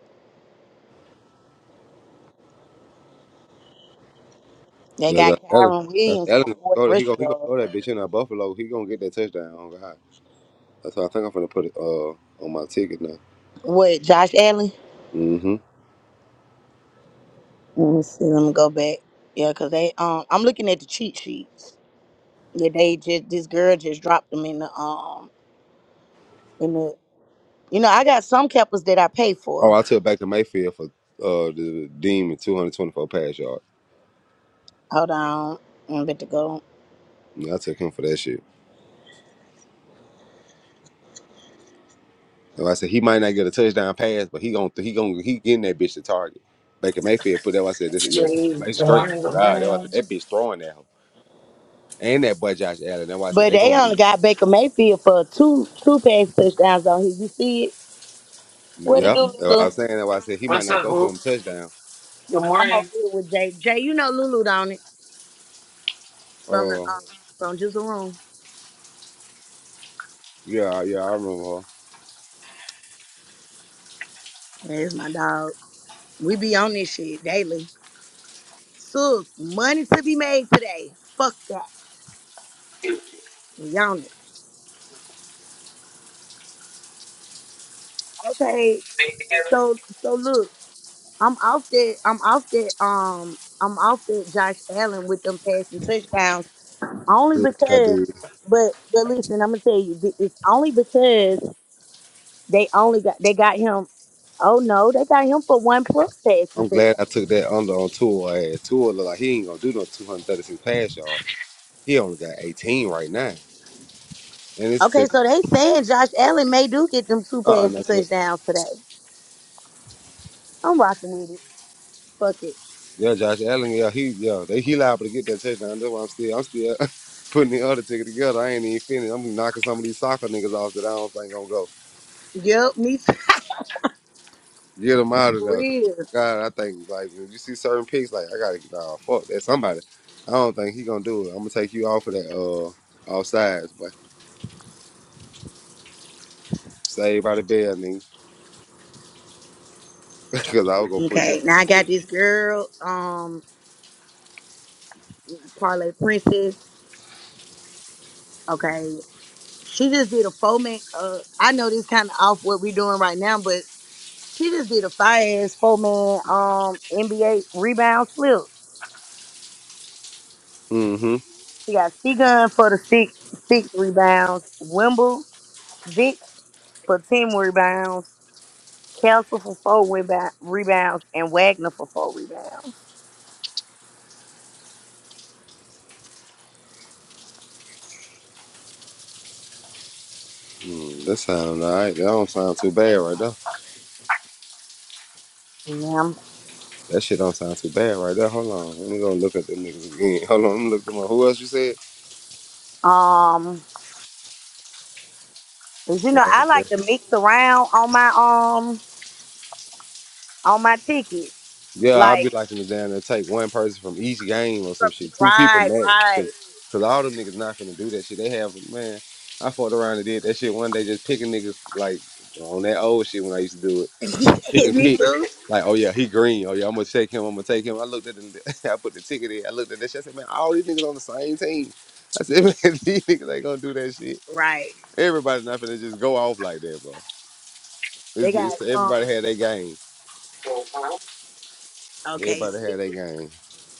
Speaker 2: They
Speaker 1: Yeah, Josh
Speaker 2: got
Speaker 1: Allen.
Speaker 2: Kyron
Speaker 1: Josh
Speaker 2: Williams
Speaker 1: Allen
Speaker 2: for
Speaker 1: gonna
Speaker 2: 40
Speaker 1: go. to- He gonna
Speaker 2: rushing
Speaker 1: he gonna
Speaker 2: yards.
Speaker 1: throw that bitch in that Buffalo. He gonna get that touchdown on God. That's why I think I'm gonna put it uh on my ticket now.
Speaker 2: What, Josh Allen?
Speaker 1: Mm-hmm.
Speaker 2: Let me see. Let me go back. Yeah, because they um I'm looking at the cheat sheets that they just this girl just dropped them in the um in the you know, I got some cappers that I pay
Speaker 1: Oh,
Speaker 2: for.
Speaker 1: I took back to Mayfield for uh the Demon 224 pass yard.
Speaker 2: Hold on. I'm about to go.
Speaker 1: Yeah, I took him for that shit. And I said he might not get a touchdown pass, but he gon' he gon' he getting that bitch to target. Baker Mayfield put that. why I said this is your
Speaker 5: Good
Speaker 1: base great.
Speaker 5: morning, good
Speaker 1: God, that, why I said,
Speaker 5: morning.
Speaker 1: that bitch throwing at him. And that boy Josh Allen. That's why I said
Speaker 2: But
Speaker 1: they gonna
Speaker 2: they
Speaker 1: be
Speaker 2: only got Baker Mayfield for two two pass touchdowns on here. You see it? What it
Speaker 1: yeah.
Speaker 2: do,
Speaker 1: That's what I
Speaker 2: Lulu?
Speaker 1: was saying that why I said he might
Speaker 5: What's
Speaker 1: not
Speaker 5: up,
Speaker 1: go for
Speaker 5: Hoop?
Speaker 1: them touchdown.
Speaker 5: Good
Speaker 2: I'm over
Speaker 5: morning.
Speaker 2: here with Jay. Jay, you know Lulu, don't it? from the
Speaker 1: Oh
Speaker 2: um, from just room.
Speaker 1: yeah, yeah, I remember.
Speaker 2: That's my dog. We be on this shit daily. Sus, money to be made today. Fuck that. We on it. Okay. So so look, I'm off that I'm off that um I'm off that Josh Allen with them passing touchdowns only
Speaker 1: Yeah, I
Speaker 2: because
Speaker 1: did.
Speaker 2: but but listen, I'm gonna tell you th- it's only because they only got they got him. Oh no, they got him for one plus passing
Speaker 1: I'm
Speaker 2: touchdown.
Speaker 1: glad I took that under on tour. Tour look like he ain't gonna do no 236 pass yard. He only got 18 right now. And it's
Speaker 2: Okay,
Speaker 1: second.
Speaker 2: so they saying Josh Allen may do get them two
Speaker 1: Uh uh
Speaker 2: passing
Speaker 1: that's it.
Speaker 2: touchdowns today. I'm rocking with it. Fuck it.
Speaker 1: Yeah, Josh Allen, yeah, he yeah, they he liable to get that touchdown. That's why I'm still I'm still putting the other ticket together. I ain't even finished. I'm knocking some of these soccer niggas off that I don't think gonna go.
Speaker 2: Yup, me too.
Speaker 1: Get them out of
Speaker 2: for
Speaker 1: there. 'Cause,
Speaker 2: real.
Speaker 1: God, I think like when you see certain picks, like I gotta nah, fuck that somebody. I don't think he gonna do it. I'm gonna take you off of that uh off sides, but save by the bell, nigga, because I was gonna put you. on
Speaker 2: Okay, now I
Speaker 1: the
Speaker 2: got
Speaker 1: ticket.
Speaker 2: this girl, um, Parlay Princess. Okay, she just did a four man. Uh, I know this kind of off what we doing right now, but she just did a fire ass four man um NBA rebound slip.
Speaker 1: Mm-hmm.
Speaker 2: She got C Gun for the six six rebounds, Wimble Vic for ten rebounds, Kelsey for four rebound, rebounds and Wagner for four rebounds.
Speaker 1: Mm, that sound all right. That don't sound too bad right there.
Speaker 2: Yeah.
Speaker 1: That shit don't sound too bad right there. Hold on. Let me go look at them niggas again. Hold on. Let me look them up. Who else you said?
Speaker 2: Um, 'cause, you know, I
Speaker 1: Wagner.
Speaker 2: like to mix around on my um on my ticket,
Speaker 1: Yeah, I'll be
Speaker 2: like
Speaker 1: liking to down there take one person from each game or some
Speaker 2: from
Speaker 1: shit. Two people
Speaker 2: right,
Speaker 1: max. Cause,
Speaker 2: right.
Speaker 1: 'cause all them niggas not finna do that shit. They have, man, I fought around and did that shit one day just picking niggas like on that old shit when I used to do it. Pick
Speaker 2: Hit
Speaker 1: and
Speaker 2: Me
Speaker 1: pick.
Speaker 2: too.
Speaker 1: Like, oh yeah, he green. Oh yeah, I'm gonna take him. I'm gonna take him. I looked at the, I put the ticket in. I looked at that shit. I said, man, all these niggas on the same team. I said, man, these niggas ain't gonna do that shit.
Speaker 2: Right.
Speaker 1: Everybody not finna just go off like that,
Speaker 2: They
Speaker 1: It's
Speaker 2: got
Speaker 1: to
Speaker 2: um.
Speaker 1: everybody.
Speaker 2: Okay.
Speaker 1: Everybody had
Speaker 2: See.
Speaker 1: that game.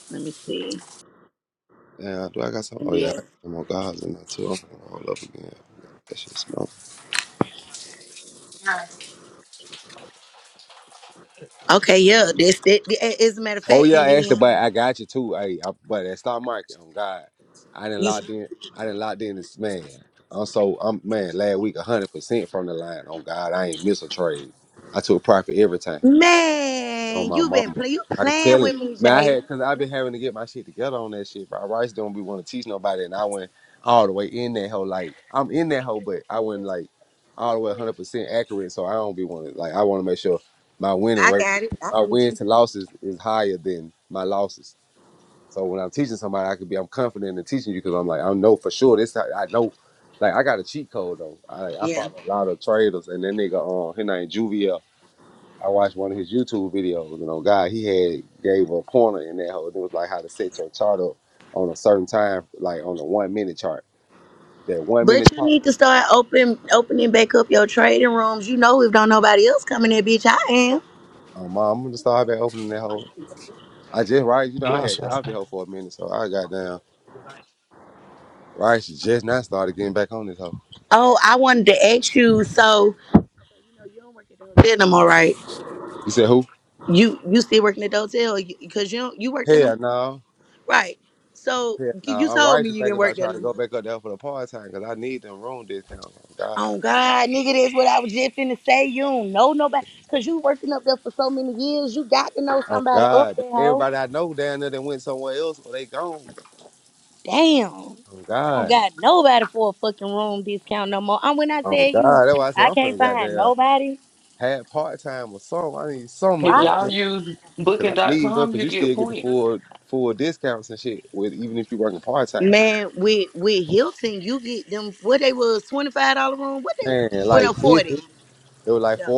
Speaker 2: Let me see.
Speaker 1: Yeah, do I got some? Oh yeah, I got
Speaker 2: NBA.
Speaker 1: some more gobs in there too. I'm gonna roll up again. That shit smoke.
Speaker 2: Okay. Yeah. This. That, that- as a matter of
Speaker 1: Oh
Speaker 2: fact,
Speaker 1: yeah,
Speaker 2: and
Speaker 1: Ashley,
Speaker 2: then
Speaker 1: but I got you too. Hey, I, but that stock market, on God, I didn't
Speaker 2: you.
Speaker 1: locked in. I didn't locked in this man. I'm so I'm man. Last week, hundred percent from the line. On God, I ain't miss a trade. I took profit every time. On
Speaker 2: Man,
Speaker 1: my
Speaker 2: you been
Speaker 1: mama,
Speaker 2: play, you
Speaker 1: I'm
Speaker 2: playing
Speaker 1: telling.
Speaker 2: with
Speaker 1: you,
Speaker 2: me,
Speaker 1: Man, I
Speaker 2: Jay.
Speaker 1: had because I've been having to get my shit together on that shit, bro. Rice don't be want to teach nobody, and I went all the way in that hole. Like I'm in that hole, but I went like. all the way 100 percent accurate. So I don't be wanting like I want to make sure my winning
Speaker 2: I
Speaker 1: rate,
Speaker 2: got it. I
Speaker 1: my
Speaker 2: get
Speaker 1: wins
Speaker 2: you.
Speaker 1: to losses is higher than my losses. So when I'm teaching somebody, I could be I'm confident in teaching you because I'm like I know for sure this how- I know like I got a cheat code though. I like, I
Speaker 2: Yeah.
Speaker 1: follow a lot of traders and that nigga on uh, his name Juvia. I watched one of his YouTube videos and oh God he had gave a pointer in that whole it was like how to set your chart up on a certain time like on a one minute chart. That one minute
Speaker 2: But you
Speaker 1: chart.
Speaker 2: need to start open opening back up your trading rooms. You know, if don't nobody else coming in, bitch, I am.
Speaker 1: Um, I'm gonna start back opening that hole. I just right, you know,
Speaker 5: Yeah,
Speaker 1: I
Speaker 5: what's
Speaker 1: had got out
Speaker 5: up?
Speaker 1: the hoe for a minute, so I got down. Rice just now started getting back on this hoe.
Speaker 2: Oh, I wanted to ask you. So you, know, you don't work at the hotel no more, right?
Speaker 1: You said who?
Speaker 2: You you still working at the hotel because you don't, you worked in them,
Speaker 1: Hell no.
Speaker 2: right? So
Speaker 1: Hell
Speaker 2: you
Speaker 1: no.
Speaker 2: you
Speaker 1: I'm
Speaker 2: told
Speaker 1: Rice
Speaker 2: me
Speaker 1: is
Speaker 2: you
Speaker 1: thinking
Speaker 2: didn't work
Speaker 1: about
Speaker 2: there
Speaker 1: trying
Speaker 2: no
Speaker 1: to go
Speaker 2: more.
Speaker 1: back up there for the part time because I need them room discounts. Oh God.
Speaker 2: Oh God, nigga, that's what I was just finna say. You don't know nobody because you working up there for so many years. You got to know
Speaker 1: Oh
Speaker 2: somebody up
Speaker 1: God.
Speaker 2: there, hoe.
Speaker 1: Everybody I know down there that went somewhere else or they gone.
Speaker 2: Damn.
Speaker 1: Oh
Speaker 2: I don't
Speaker 1: God.
Speaker 2: got nobody for a fucking room discount no more. And when I
Speaker 1: Oh
Speaker 2: tell
Speaker 1: God.
Speaker 2: you,
Speaker 1: That's why I said
Speaker 2: I
Speaker 1: I'm
Speaker 2: can't
Speaker 1: finna
Speaker 2: find
Speaker 1: goddamn
Speaker 2: nobody.
Speaker 1: have part time or something. I need something
Speaker 5: If
Speaker 2: Right.
Speaker 1: because
Speaker 5: y'all use
Speaker 1: I
Speaker 5: Booking dot
Speaker 1: need them
Speaker 5: com,
Speaker 1: because
Speaker 5: you
Speaker 1: you still
Speaker 5: get
Speaker 1: get the full
Speaker 5: points.
Speaker 2: Man, with with Hilton, you get them what they was twenty five dollar room. What they went up forty. No,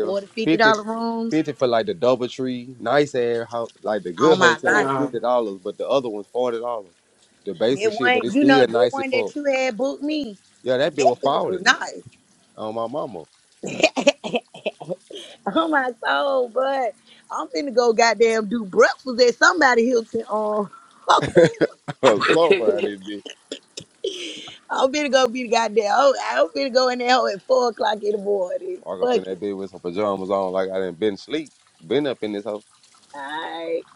Speaker 2: forty fifty dollar rooms.
Speaker 1: like the DoubleTree, nice air, ho- like the
Speaker 2: Oh
Speaker 1: good
Speaker 2: my life.
Speaker 1: hotel,
Speaker 5: Yeah.
Speaker 1: fifty dollars, but the other one's forty dollars. The
Speaker 2: That
Speaker 1: basic shit, but
Speaker 2: one,
Speaker 1: it's
Speaker 2: you know,
Speaker 1: still
Speaker 2: that
Speaker 1: nice as
Speaker 2: one
Speaker 1: fuck.
Speaker 2: that you had booked me.
Speaker 1: Yeah, that bitch
Speaker 2: That
Speaker 1: was
Speaker 2: bitch was
Speaker 1: forty on my mama.
Speaker 2: nice. oh my soul, but I'm finna go goddamn do breakfast at somebody Hilton on.
Speaker 1: I'm
Speaker 5: they
Speaker 1: so around this bitch.
Speaker 2: I'm finna go be the goddamn. Oh, I'm finna go in there hoe at four o'clock in the morning.
Speaker 1: Walk up in
Speaker 2: Fuck
Speaker 1: that
Speaker 2: it.
Speaker 1: bitch with some pajamas on, like I didn't been sleep, been up in this hoe.
Speaker 2: Alright.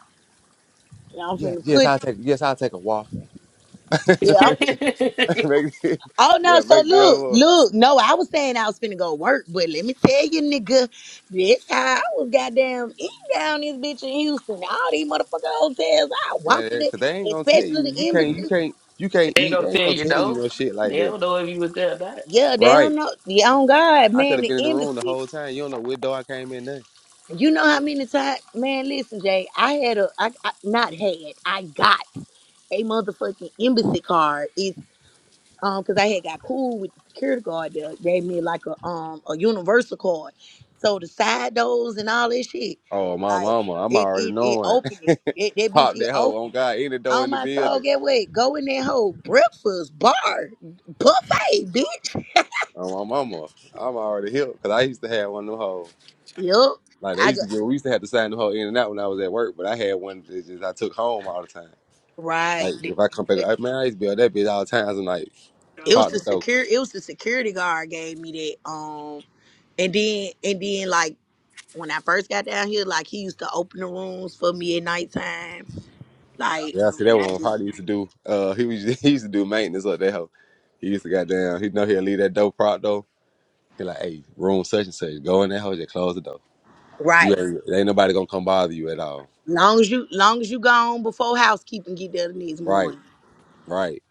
Speaker 2: I'm
Speaker 1: Yeah,
Speaker 2: finna
Speaker 1: yes,
Speaker 2: put
Speaker 1: I'll take, yes, I'll take a waffle. make,
Speaker 2: yeah, I'm finna
Speaker 1: it-
Speaker 2: Oh no,
Speaker 1: yeah,
Speaker 2: so
Speaker 1: make that
Speaker 2: look,
Speaker 1: hoe up,
Speaker 2: look, no, I was saying I was finna go work, but let me tell you, nigga, this how I was goddamn eating down this bitch in Houston. All these motherfucking hotels, I walk in
Speaker 1: man.
Speaker 2: it,
Speaker 1: Cause they ain't gonna tell
Speaker 2: especially
Speaker 1: you, you
Speaker 2: the
Speaker 1: can't, you
Speaker 2: embassy.
Speaker 1: can't, you can't
Speaker 5: ain't
Speaker 1: eat. They
Speaker 5: gonna
Speaker 1: ain't
Speaker 5: tell
Speaker 1: gonna
Speaker 5: you
Speaker 1: tell you
Speaker 5: no.
Speaker 1: no shit like
Speaker 5: They
Speaker 1: that,
Speaker 5: don't know if you was there or not.
Speaker 2: Yeah, they
Speaker 1: right?
Speaker 2: don't know. Yeah, on God,
Speaker 1: I could
Speaker 2: man,
Speaker 1: have
Speaker 2: the
Speaker 1: been in the room the
Speaker 2: embassy.
Speaker 1: whole time. You don't know what door I came in. Nothing.
Speaker 2: You know how many times, man? Listen, Jay, I had a, I, I not had, I got a motherfucking embassy card. It's um, cause I had got cool with the security guard. They gave me like a um a universal card. So the side doors and all that shit,
Speaker 1: Oh, my
Speaker 2: like
Speaker 1: mama, I'm
Speaker 2: it
Speaker 1: already
Speaker 2: it it
Speaker 1: knowing.
Speaker 2: opened it. That, that bitch
Speaker 1: Pop
Speaker 2: it
Speaker 1: that hoe on
Speaker 2: opened.
Speaker 1: God, any door
Speaker 2: On
Speaker 1: in the
Speaker 2: my soul,
Speaker 1: building.
Speaker 2: get what? Go in that whole breakfast bar buffet, bitch.
Speaker 1: Oh, my mama, I'm already here because I used to have one of them hoes.
Speaker 2: Yup,
Speaker 1: Like they
Speaker 2: I
Speaker 1: used
Speaker 2: go
Speaker 1: to get, we used to have to sign the hoe in and out when I was at work, but I had one that just I took home all the time.
Speaker 2: right,
Speaker 1: Like if I come back,
Speaker 2: but.
Speaker 1: I, man, I used to be on that bitch all the time. I'm like,
Speaker 2: It was
Speaker 1: pop the
Speaker 2: the
Speaker 1: door.
Speaker 2: secure. It was the security guard gave me that. Um, and then and then like when I first got down here, like he used to open the rooms for me at nighttime. Like,
Speaker 1: Yeah, I see that
Speaker 2: and I
Speaker 1: one.
Speaker 2: just
Speaker 1: Probably used to do. Uh, he was he used to do maintenance up that hoe. He used to goddamn. He know he'll leave that door prop though. He like, hey, room such and such. Go in that hoe, just close the door. You
Speaker 2: right.
Speaker 1: ain't, ain't nobody gonna come bother you at all.
Speaker 2: Long as you long as you gone before housekeeping get there the next
Speaker 1: Right,
Speaker 2: morning.
Speaker 1: right.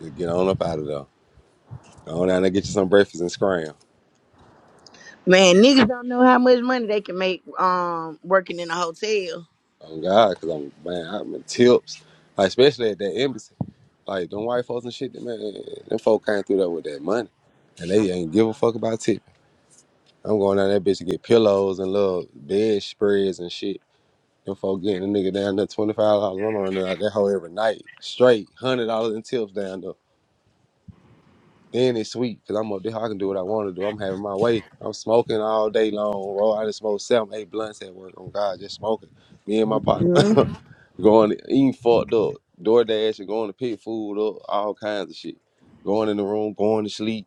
Speaker 1: Just get on up out of there. Go on down there, get you some breakfast and scram.
Speaker 2: Man, niggas don't know how much money they can make um working in a hotel.
Speaker 1: Oh God, cause I'm man, I'm in tips. Like especially at that embassy. Like them white folks and shit, them- man, them folk came through there with that money. And they ain't give a fuck about tipping. I'm going down that bitch to get pillows and little bed spreads and shit. Them folk getting a nigga down there twenty five dollars. I'm running out that hoe every night. Straight hundred dollars in tips down there. Then it's sweet because I'm up there. I can do what I want to do. I'm having my way. I'm smoking all day long, bro. I just smoked seven, eight blunts at work. On God, just smoking. Me and my partner
Speaker 2: hmm
Speaker 1: going eating fucked up. DoorDash and going to pick food up, all kinds of shit. Going in the room, going to sleep.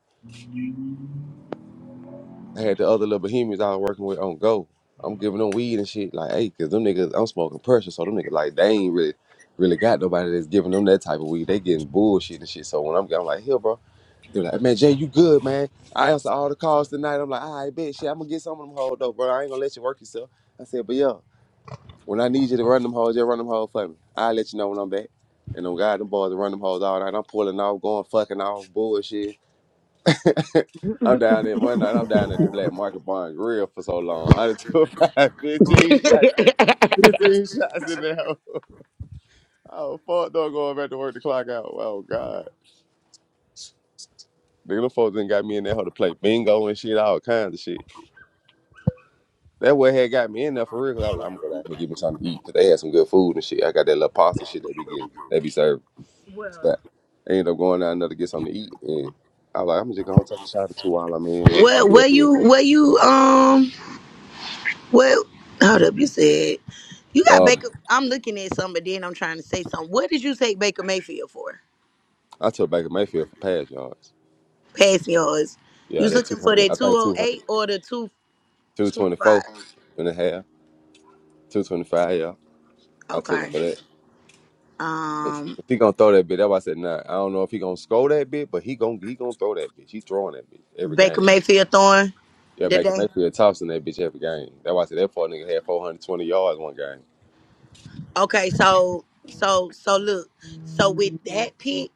Speaker 1: I had the other little bohemians I was working with on go. I'm giving them weed and shit like, hey, cause them niggas, I'm smoking pressure, so them niggas like they ain't really, really got nobody that's giving them that type of weed. They getting bullshit and shit. So when I'm, I'm like, here, bro. They were like, man, Jay, you good, man. I answer all the calls tonight. I'm like, all right, bet. Shit, I'm going to get some of them hoes, though, bro. I ain't going to let you work yourself. I said, but yeah, when I need you to run them hoes, just run them hoes for me. I'll let you know when I'm back. And them guys, them boys, run them hoes all night. I'm pulling off, going fucking off, bullshit. I'm down there one night. I'm down at the Black Market Bar and Grill for so long. I done took five, fifteen shots. in- 15 shots in there. Oh, fuck, dog, going back to work the clock out. Oh, God. Nigga, them folks done got me in there hoe to play bingo and shit, all kinds of shit. That what had got me in there for real. Cause I was like, I'm gonna go down here and get me something to eat. Cause they had some good food and shit. I got that little pasta shit they be getting, they be served.
Speaker 2: well,
Speaker 1: But I ended up going down there to get something to eat. And I was like, I'm just gonna take a shot or two while I'm in. Hold-
Speaker 2: where where you where you um well hold up you said You got Baker. I'm looking at something, but then I'm trying to say something. What did you take Baker Mayfield for?
Speaker 1: I took back to Mayfield for pass yards.
Speaker 2: Passing yards. You
Speaker 1: Yeah,
Speaker 2: was
Speaker 1: that
Speaker 2: looking for
Speaker 1: 200,
Speaker 2: that
Speaker 1: I think 200,
Speaker 2: 208 or the 225?
Speaker 1: 224 and a half, 225, yeah. I took him
Speaker 2: Okay.
Speaker 1: for that. If
Speaker 2: Um,
Speaker 1: if he gonna throw that bitch. that's why I said nah. I don't know if he gonna score that bitch, but he gonna he gonna throw that bitch. He throwing that bitch every game.
Speaker 2: Baker Mayfield throwing
Speaker 1: Yeah, back in
Speaker 2: today.
Speaker 1: Mayfield tossing that bitch every game. That's why I said that poor nigga had 420 yards one game.
Speaker 2: Okay, so so so look. So with that pick,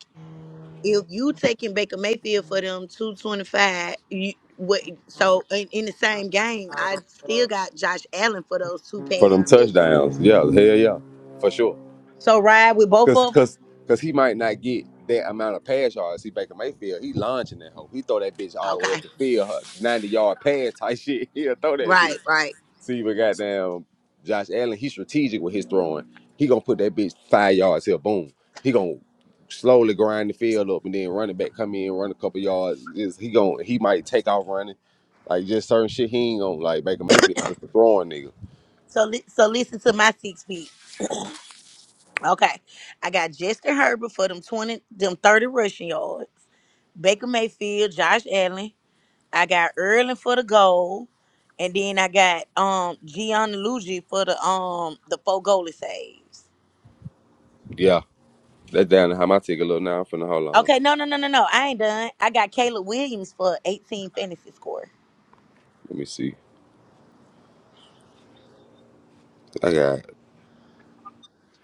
Speaker 2: if you taking Baker Mayfield for them 225, you what? So in, in the same game, I still got Josh Allen for those two
Speaker 1: for them
Speaker 2: passing touchdowns.
Speaker 1: touchdowns. Yeah, hell yeah, for sure.
Speaker 2: So ride with both
Speaker 1: Cause
Speaker 2: of them.
Speaker 1: cause cause he might not get that amount of pass yards. See Baker Mayfield, he launching that hoe. He throw that bitch all the way up
Speaker 2: Okay.
Speaker 1: the field, huh, ninety yard pass type shit. He'll throw that bitch.
Speaker 2: Right, right.
Speaker 1: See, but goddamn, Josh Allen, he's strategic with his throwing. He gonna put that bitch five yards here, boom. He gonna slowly grind the field up, and then running back come in, run a couple yards. Is he gonna? He might take off running, like just certain shit. He ain't gonna like Baker Mayfield, just a throwing nigga.
Speaker 2: So li- so listen to my six feet. Okay. I got Justin Herbert for them 20 them 30 rushing yards. Baker Mayfield, Josh Allen. I got Erlin for the goal. And then I got um Gianluigi for the um the four goalie saves.
Speaker 1: That down to how I take a little now. I'm finna hold on.
Speaker 2: Okay, no, no, no, no, no. I ain't done. I got Caleb Williams for 18 fantasy score.
Speaker 1: Let me see. I got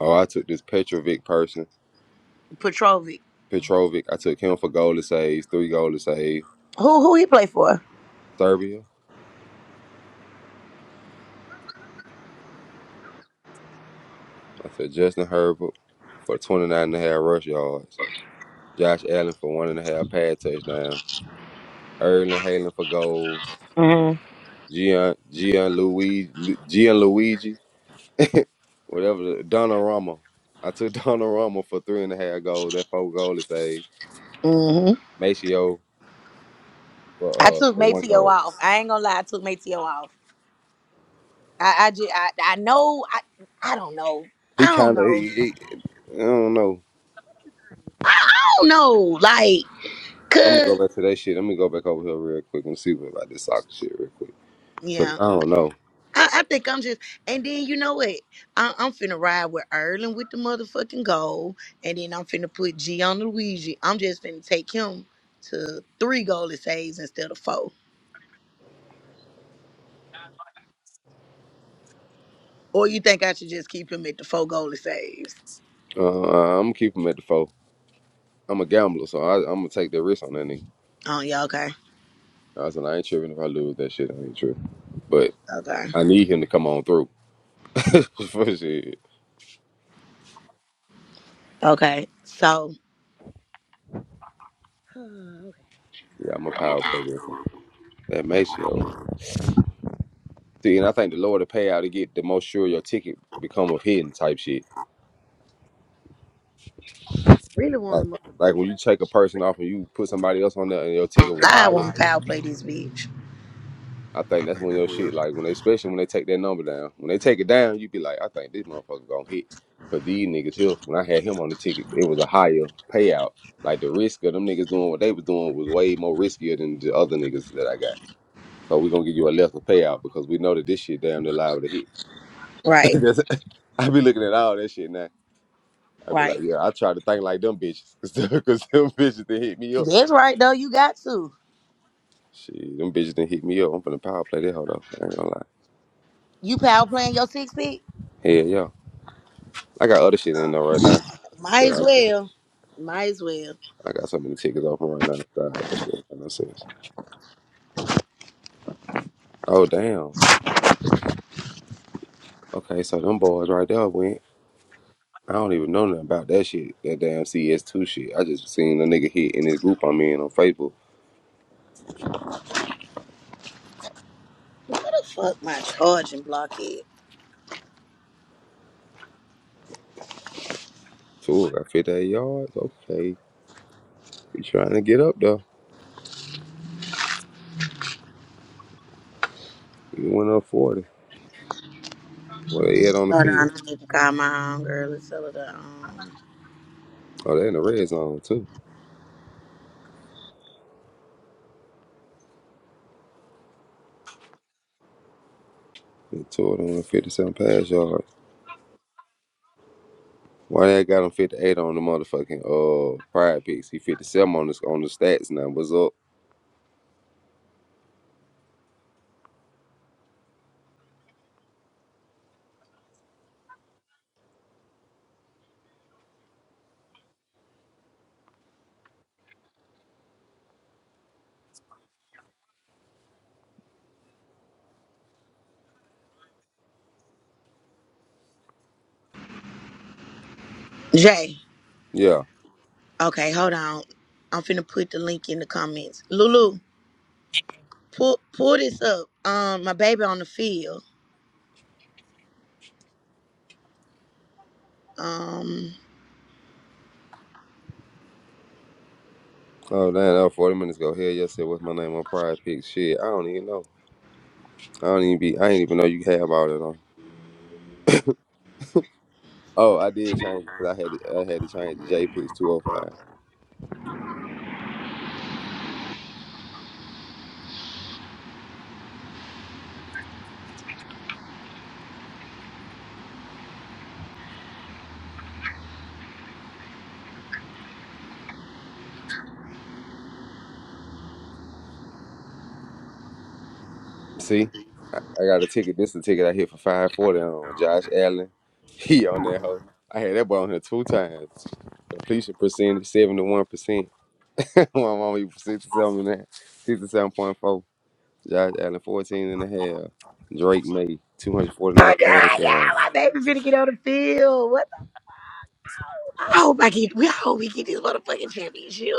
Speaker 1: oh I took this Petrovic person.
Speaker 2: Petrovic.
Speaker 1: Petrovic. I took him for goal to save, three goal to save.
Speaker 2: Who who he play for?
Speaker 1: Serbia. I took Justin Herbert for twenty nine and a half rush yards. Josh Allen for one and a half pad touchdown. Erling Haaland for goals.
Speaker 2: Mm-hmm.
Speaker 1: Gian Gianluigi Gianluigi, whatever the- Donnarumma. I took Donnarumma for three and a half goals. That four goal to save.
Speaker 2: hmm
Speaker 1: Maceo
Speaker 2: I
Speaker 1: for uh
Speaker 2: took
Speaker 1: the one
Speaker 2: Mateo
Speaker 1: goal.
Speaker 2: off. I ain't gonna lie, I took Mateo off. I I just I, I know I I don't know. I
Speaker 1: He
Speaker 2: don't
Speaker 1: kind of,
Speaker 2: know.
Speaker 1: he, he, I don't know.
Speaker 2: I don't know. Like
Speaker 1: I'm gonna go
Speaker 2: could
Speaker 1: back to that shit. Let me go back over here real quick and see what about this soccer shit real quick. Cause
Speaker 2: yeah.
Speaker 1: I don't know.
Speaker 2: I, I think I'm just and then you know what? I, I'm finna ride with Erlen with the motherfucking goal and then I'm finna put G on Luigi. I'm just finna take him to three goalie saves instead of four. Or you think I should just keep him at the four goalie saves?
Speaker 1: Uh, I'm gonna keep him at the four. I'm a gambler, so I, I'm gonna take the risk on that nigga.
Speaker 2: Oh yeah, okay.
Speaker 1: I said I ain't tripping if I lose that shit. I ain't tripping. But
Speaker 2: Okay.
Speaker 1: I need him to come on through. For shit.
Speaker 2: Okay. So okay.
Speaker 1: Yeah, I'm a power play different. That makes you. See, and I think the lower the payout to get, the more sure your ticket become of hitting type shit.
Speaker 2: really want
Speaker 1: Like,
Speaker 2: to
Speaker 1: like when
Speaker 2: motherfucking
Speaker 1: you take a person off and you put somebody else on there and your ticket was
Speaker 2: I
Speaker 1: higher.
Speaker 2: want to power play this bitch.
Speaker 1: I think that's when your shit like when they especially when they take that number down. When they take it down, you be like, I think this motherfucker gonna hit. Cause these niggas here, when I had him on the ticket, it was a higher payout. Like the risk of them niggas doing what they was doing was way more riskier than the other niggas that I got. So we gonna give you a lesser payout because we know that this shit damn near liable to hit.
Speaker 2: Right.
Speaker 1: That's- I be looking at all that shit now. I be like,
Speaker 2: Right.
Speaker 1: yeah, I try to think like them bitches. Cause, them- cause them bitches didn't hit me up.
Speaker 2: That's right though. You got to.
Speaker 1: Shit, them bitches didn't hit me up. I'm finna power play that hoe though. I ain't gonna lie.
Speaker 2: You power playing your six feet?
Speaker 1: Hell yeah. I got other shit in there right now. Dude,
Speaker 2: Might as
Speaker 1: I,
Speaker 2: well. Might as well.
Speaker 1: I got so many tickets open right now. God, that shit make no sense. Oh damn. Okay, so them boys right there went. I don't even know nothing about that shit. That damn CS2 shit. I just seen a nigga hit in this group I'm in on Facebook.
Speaker 2: Where the fuck my charging block is?
Speaker 1: Tool got 58 yards. Okay, he trying to get up though. He went up 40. Well, they had on the
Speaker 2: Hold on,
Speaker 1: field.
Speaker 2: I need to call my own girl and tell her to um
Speaker 1: Oh, they in the red zone too. They tore them with 57 pass yards. Why they got him 58 on the motherfucking uh pride picks? He 57 on the on the stats now. What's up?
Speaker 2: Jay.
Speaker 1: Yeah.
Speaker 2: Okay, hold on. I'm finna put the link in the comments. Lulu, pull pull this up. Um, my baby on the field. Um
Speaker 1: Oh damn, that was forty minutes ago. Hell yes, said what's my name on prize picks. Shit, I don't even know. I don't even be. I ain't even know you have all that on. Oh, I did change it because I had to. I had to change the J picks two hundred five. See, I, I got a ticket. This is a ticket I hit for five forty on Josh Allen. He on that hoe. I had that boy on here two times. Completion percentage seventy one percent. My mama you sixty seven and a half. Sixty seven point four. Josh Allen fourteen and a half. Drake May two hundred forty nine
Speaker 2: My God,
Speaker 1: yards.
Speaker 2: yeah, my baby finna get on the field. What the I hope I get we I hope we get this motherfucking championship.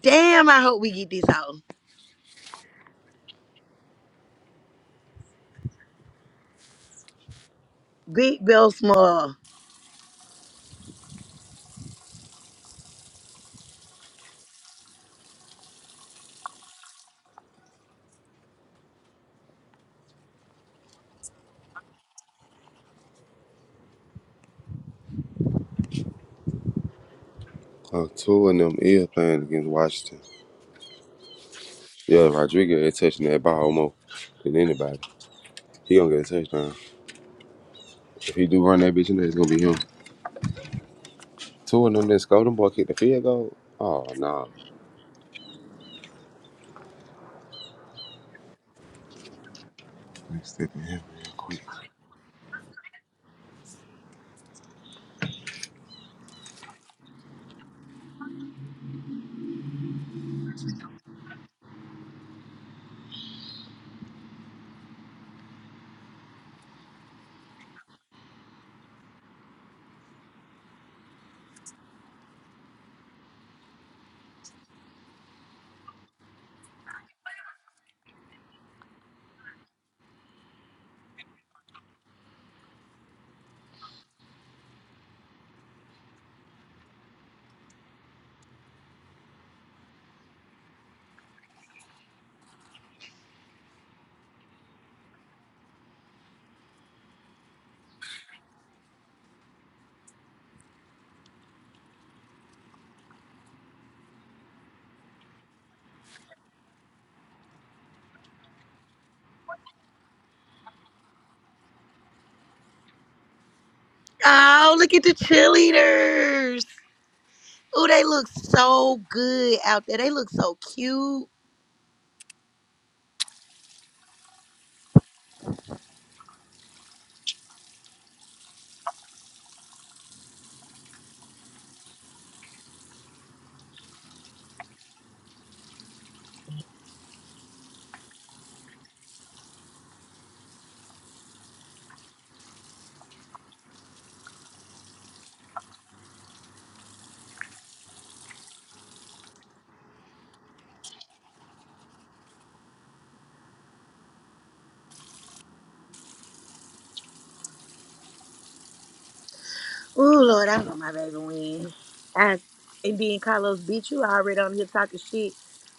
Speaker 2: Damn, I hope we get this out. Big Bill Small.
Speaker 1: Uh, two of them is playing against Washington. Yeah, Rodriguez is touching that ball more than anybody. He gonna get a touchdown. If he do run that bitch in there, it's gonna be him. Two of them that scored them boy kicked the field goal. Oh nah. Let me step in here real quick.
Speaker 2: Oh, look at the cheerleaders. Oh, they look so good out there. They look so cute. Oh, Lord, I want my baby win. I, and being Carlos beat you, I already on here talking shit.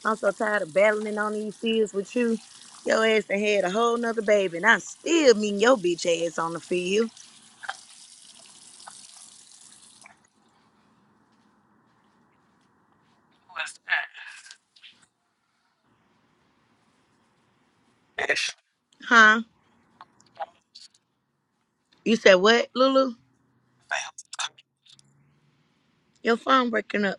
Speaker 2: I'm so tired of battling on these fields with you. Your ass done had a whole nother baby, and I still meeting your bitch ass on the field. Huh? You said what, Lulu? Your phone breaking up.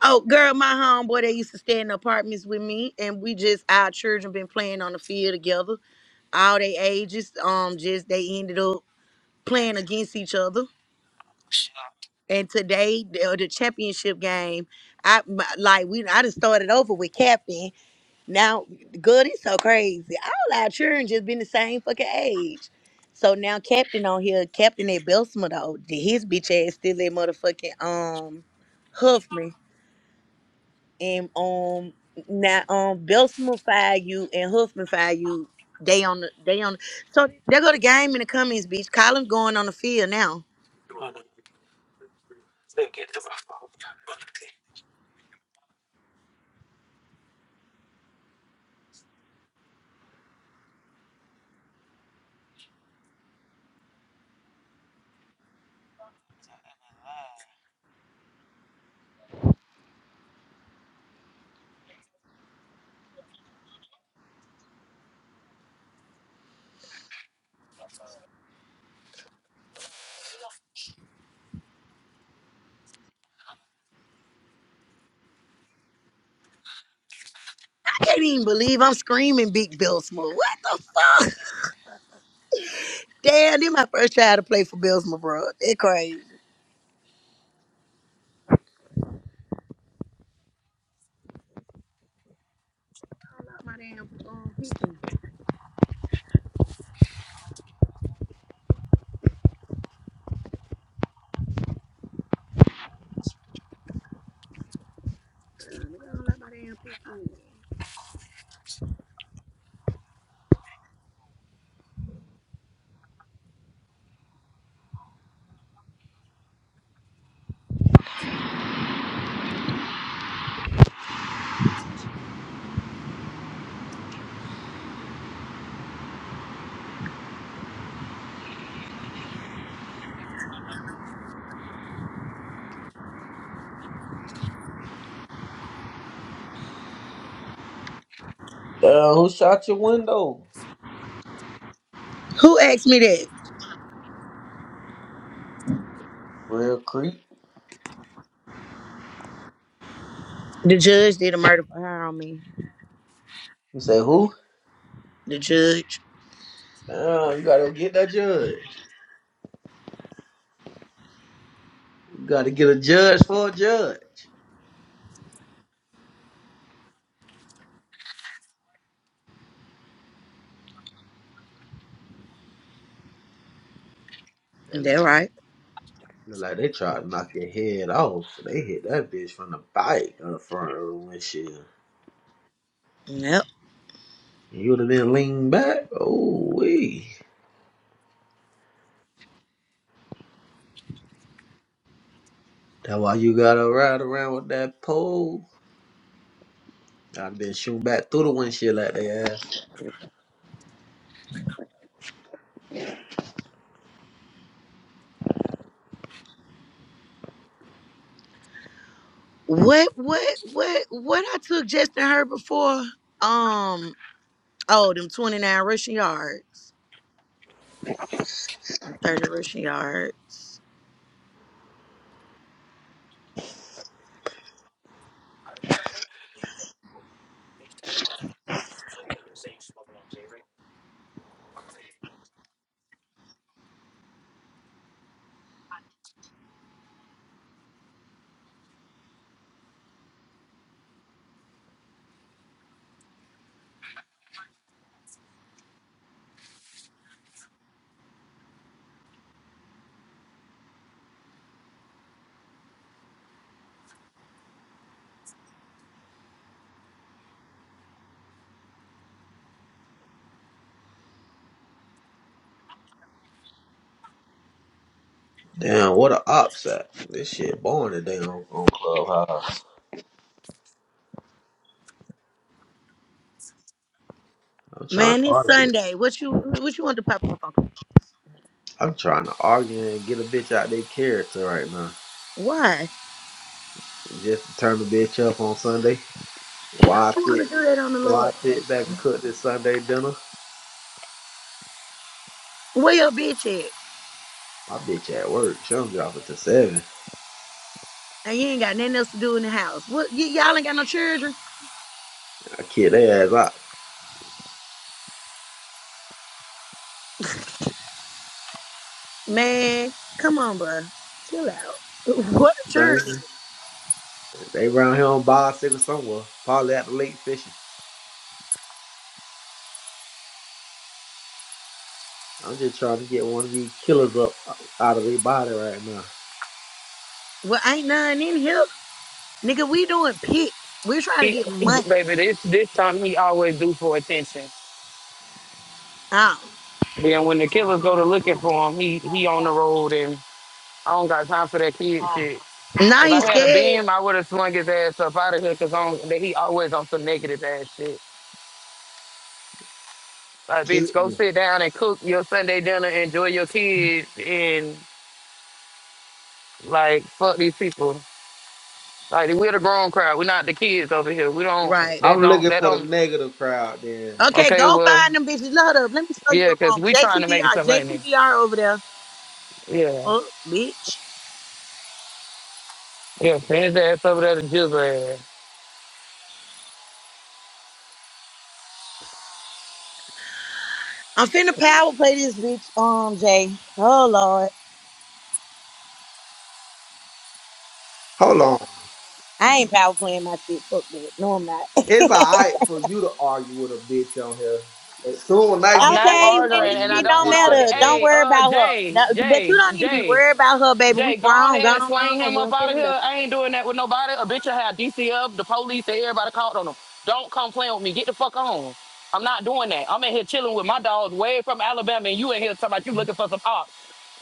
Speaker 2: Oh, girl, my homeboy, they used to stay in the apartments with me, and we just our children been playing on the field together all they ages. Um, just they ended up playing against each other, and today the, uh, the championship game, I my, like we I just started over with captain. Now, good, it's so crazy. All our children just been the same fucking age. So now captain on here, captain at Belsma though, his bitch ass still at motherfucking um Huffman. and um now um Belsmify you and Huffmanfy you. They on the they on so they go to game in the Cummings Beach. Colin's going on the field now. I can't even believe I'm screaming Big Belsma. What the fuck? Damn, this my first child to play for Belsma, bro. They crazy. I love my damn, um, Pekin. Yeah, nigga, I love my damn Pekin.
Speaker 6: Uh, who shot your window?
Speaker 2: Who asked me that?
Speaker 6: Real creep.
Speaker 2: The judge did a murder for hire on me.
Speaker 6: You say who?
Speaker 2: The judge.
Speaker 6: Uh, you gotta get that judge. You gotta get a judge for a judge. They like,
Speaker 2: That right.
Speaker 6: look like they try to knock your head off. They hit that bitch from the bike on the front of the windshield.
Speaker 2: Yeah.
Speaker 6: You would have been leaning back. Oh wee. That's why you gotta ride around with that pole. I'd been shooting back through the windshield like they ass.
Speaker 2: What what what what I took Justin Herbert for? Um oh them 29 rushing yards. 30 rushing yards.
Speaker 6: Damn, what a ops at. This shit boring today on, on Clubhouse. I'm trying
Speaker 2: Man,
Speaker 6: to
Speaker 2: it's
Speaker 6: argue.
Speaker 2: Sunday. What you what you want to pop off on?
Speaker 6: I'm trying to argue and get a bitch out their character right now.
Speaker 2: Why?
Speaker 6: Just to turn the bitch up on Sunday.
Speaker 2: Why
Speaker 6: Why
Speaker 2: would you want to
Speaker 6: sit?
Speaker 2: do that on the
Speaker 6: Why
Speaker 2: Lord's Day,
Speaker 6: sit back and
Speaker 2: man?
Speaker 6: cook this Sunday dinner?
Speaker 2: Where your bitch at?
Speaker 6: My bitch at work. She don't get off until seven.
Speaker 2: And you ain't got nothing else to do in the house. What y- y'all ain't got no children?
Speaker 6: I kid their ass out.
Speaker 2: Man, come on, bro. Chill out. What a children?
Speaker 6: Sunday. They round here on bicycle somewhere. Probably at the lake fishing. I'm just trying to get one of these killers up out of their body right now.
Speaker 2: Well, ain't none in here. Nigga, we doing picks. We're trying to
Speaker 5: He,
Speaker 2: get money.
Speaker 5: baby, this this time he always do for attention.
Speaker 2: Oh.
Speaker 5: Then when the killers go to looking for him, he he on the road I don't got time for that kid shit.
Speaker 2: Now
Speaker 5: If I
Speaker 2: he's
Speaker 5: had a
Speaker 2: scared.
Speaker 5: beam, I would have swung his ass up out of here because on that he always on some negative ass shit. Like,
Speaker 6: Kid,
Speaker 5: bitch, go
Speaker 6: me.
Speaker 5: sit down and cook your Sunday dinner, enjoy your kids, and like fuck these people. Like we're the grown crowd. We're not the kids over here. We don't.
Speaker 2: Right.
Speaker 5: That
Speaker 6: I'm
Speaker 5: don't.
Speaker 6: looking
Speaker 5: That
Speaker 6: for the
Speaker 5: don't.
Speaker 6: negative crowd then.
Speaker 2: Okay,
Speaker 5: Okay,
Speaker 2: go
Speaker 5: well,
Speaker 2: find them bitches. Load up. Let me show you
Speaker 5: yeah,
Speaker 2: a
Speaker 5: because
Speaker 2: room.
Speaker 5: we trying to make
Speaker 2: JCVR.
Speaker 5: some money.
Speaker 2: JCVR over there.
Speaker 5: Yeah,
Speaker 2: Oh, bitch.
Speaker 5: yeah. Send his ass over there to Jizzle ass.
Speaker 2: I'm finna power play this bitch, um, Jay. Oh, Lord.
Speaker 6: Hold on.
Speaker 2: I ain't power playing my shit. Fuck that. No, I'm not. okay,
Speaker 6: It's alright for you to argue with a bitch on here. As soon as I
Speaker 5: I'm
Speaker 6: get
Speaker 5: not
Speaker 6: ready to
Speaker 2: when
Speaker 5: arguing,
Speaker 2: it,
Speaker 6: argue
Speaker 5: and I
Speaker 6: with
Speaker 2: it
Speaker 6: a
Speaker 5: don't
Speaker 2: don't
Speaker 5: want to
Speaker 6: bitch
Speaker 5: argue.
Speaker 6: on
Speaker 2: matter.
Speaker 6: here,
Speaker 2: Don't
Speaker 5: Hey,
Speaker 2: worry
Speaker 5: uh,
Speaker 2: about her.
Speaker 5: Jay,
Speaker 2: That- but
Speaker 5: Jay,
Speaker 2: you don't need to be
Speaker 5: Jay.
Speaker 2: worried about her, baby. We
Speaker 5: Jay, go
Speaker 2: grown,
Speaker 5: ahead and
Speaker 2: gone
Speaker 5: swing
Speaker 2: on.
Speaker 5: him
Speaker 2: We
Speaker 5: up
Speaker 2: don't care
Speaker 5: out of
Speaker 2: nothing about
Speaker 5: here. I ain't doing that with nobody. A bitch will have DC up, the police, and everybody called on him. Don't come playing with me. Get the fuck on. I'm not doing that. I'm in here chilling with my dogs way from Alabama, and you in here talking about you looking for some ops.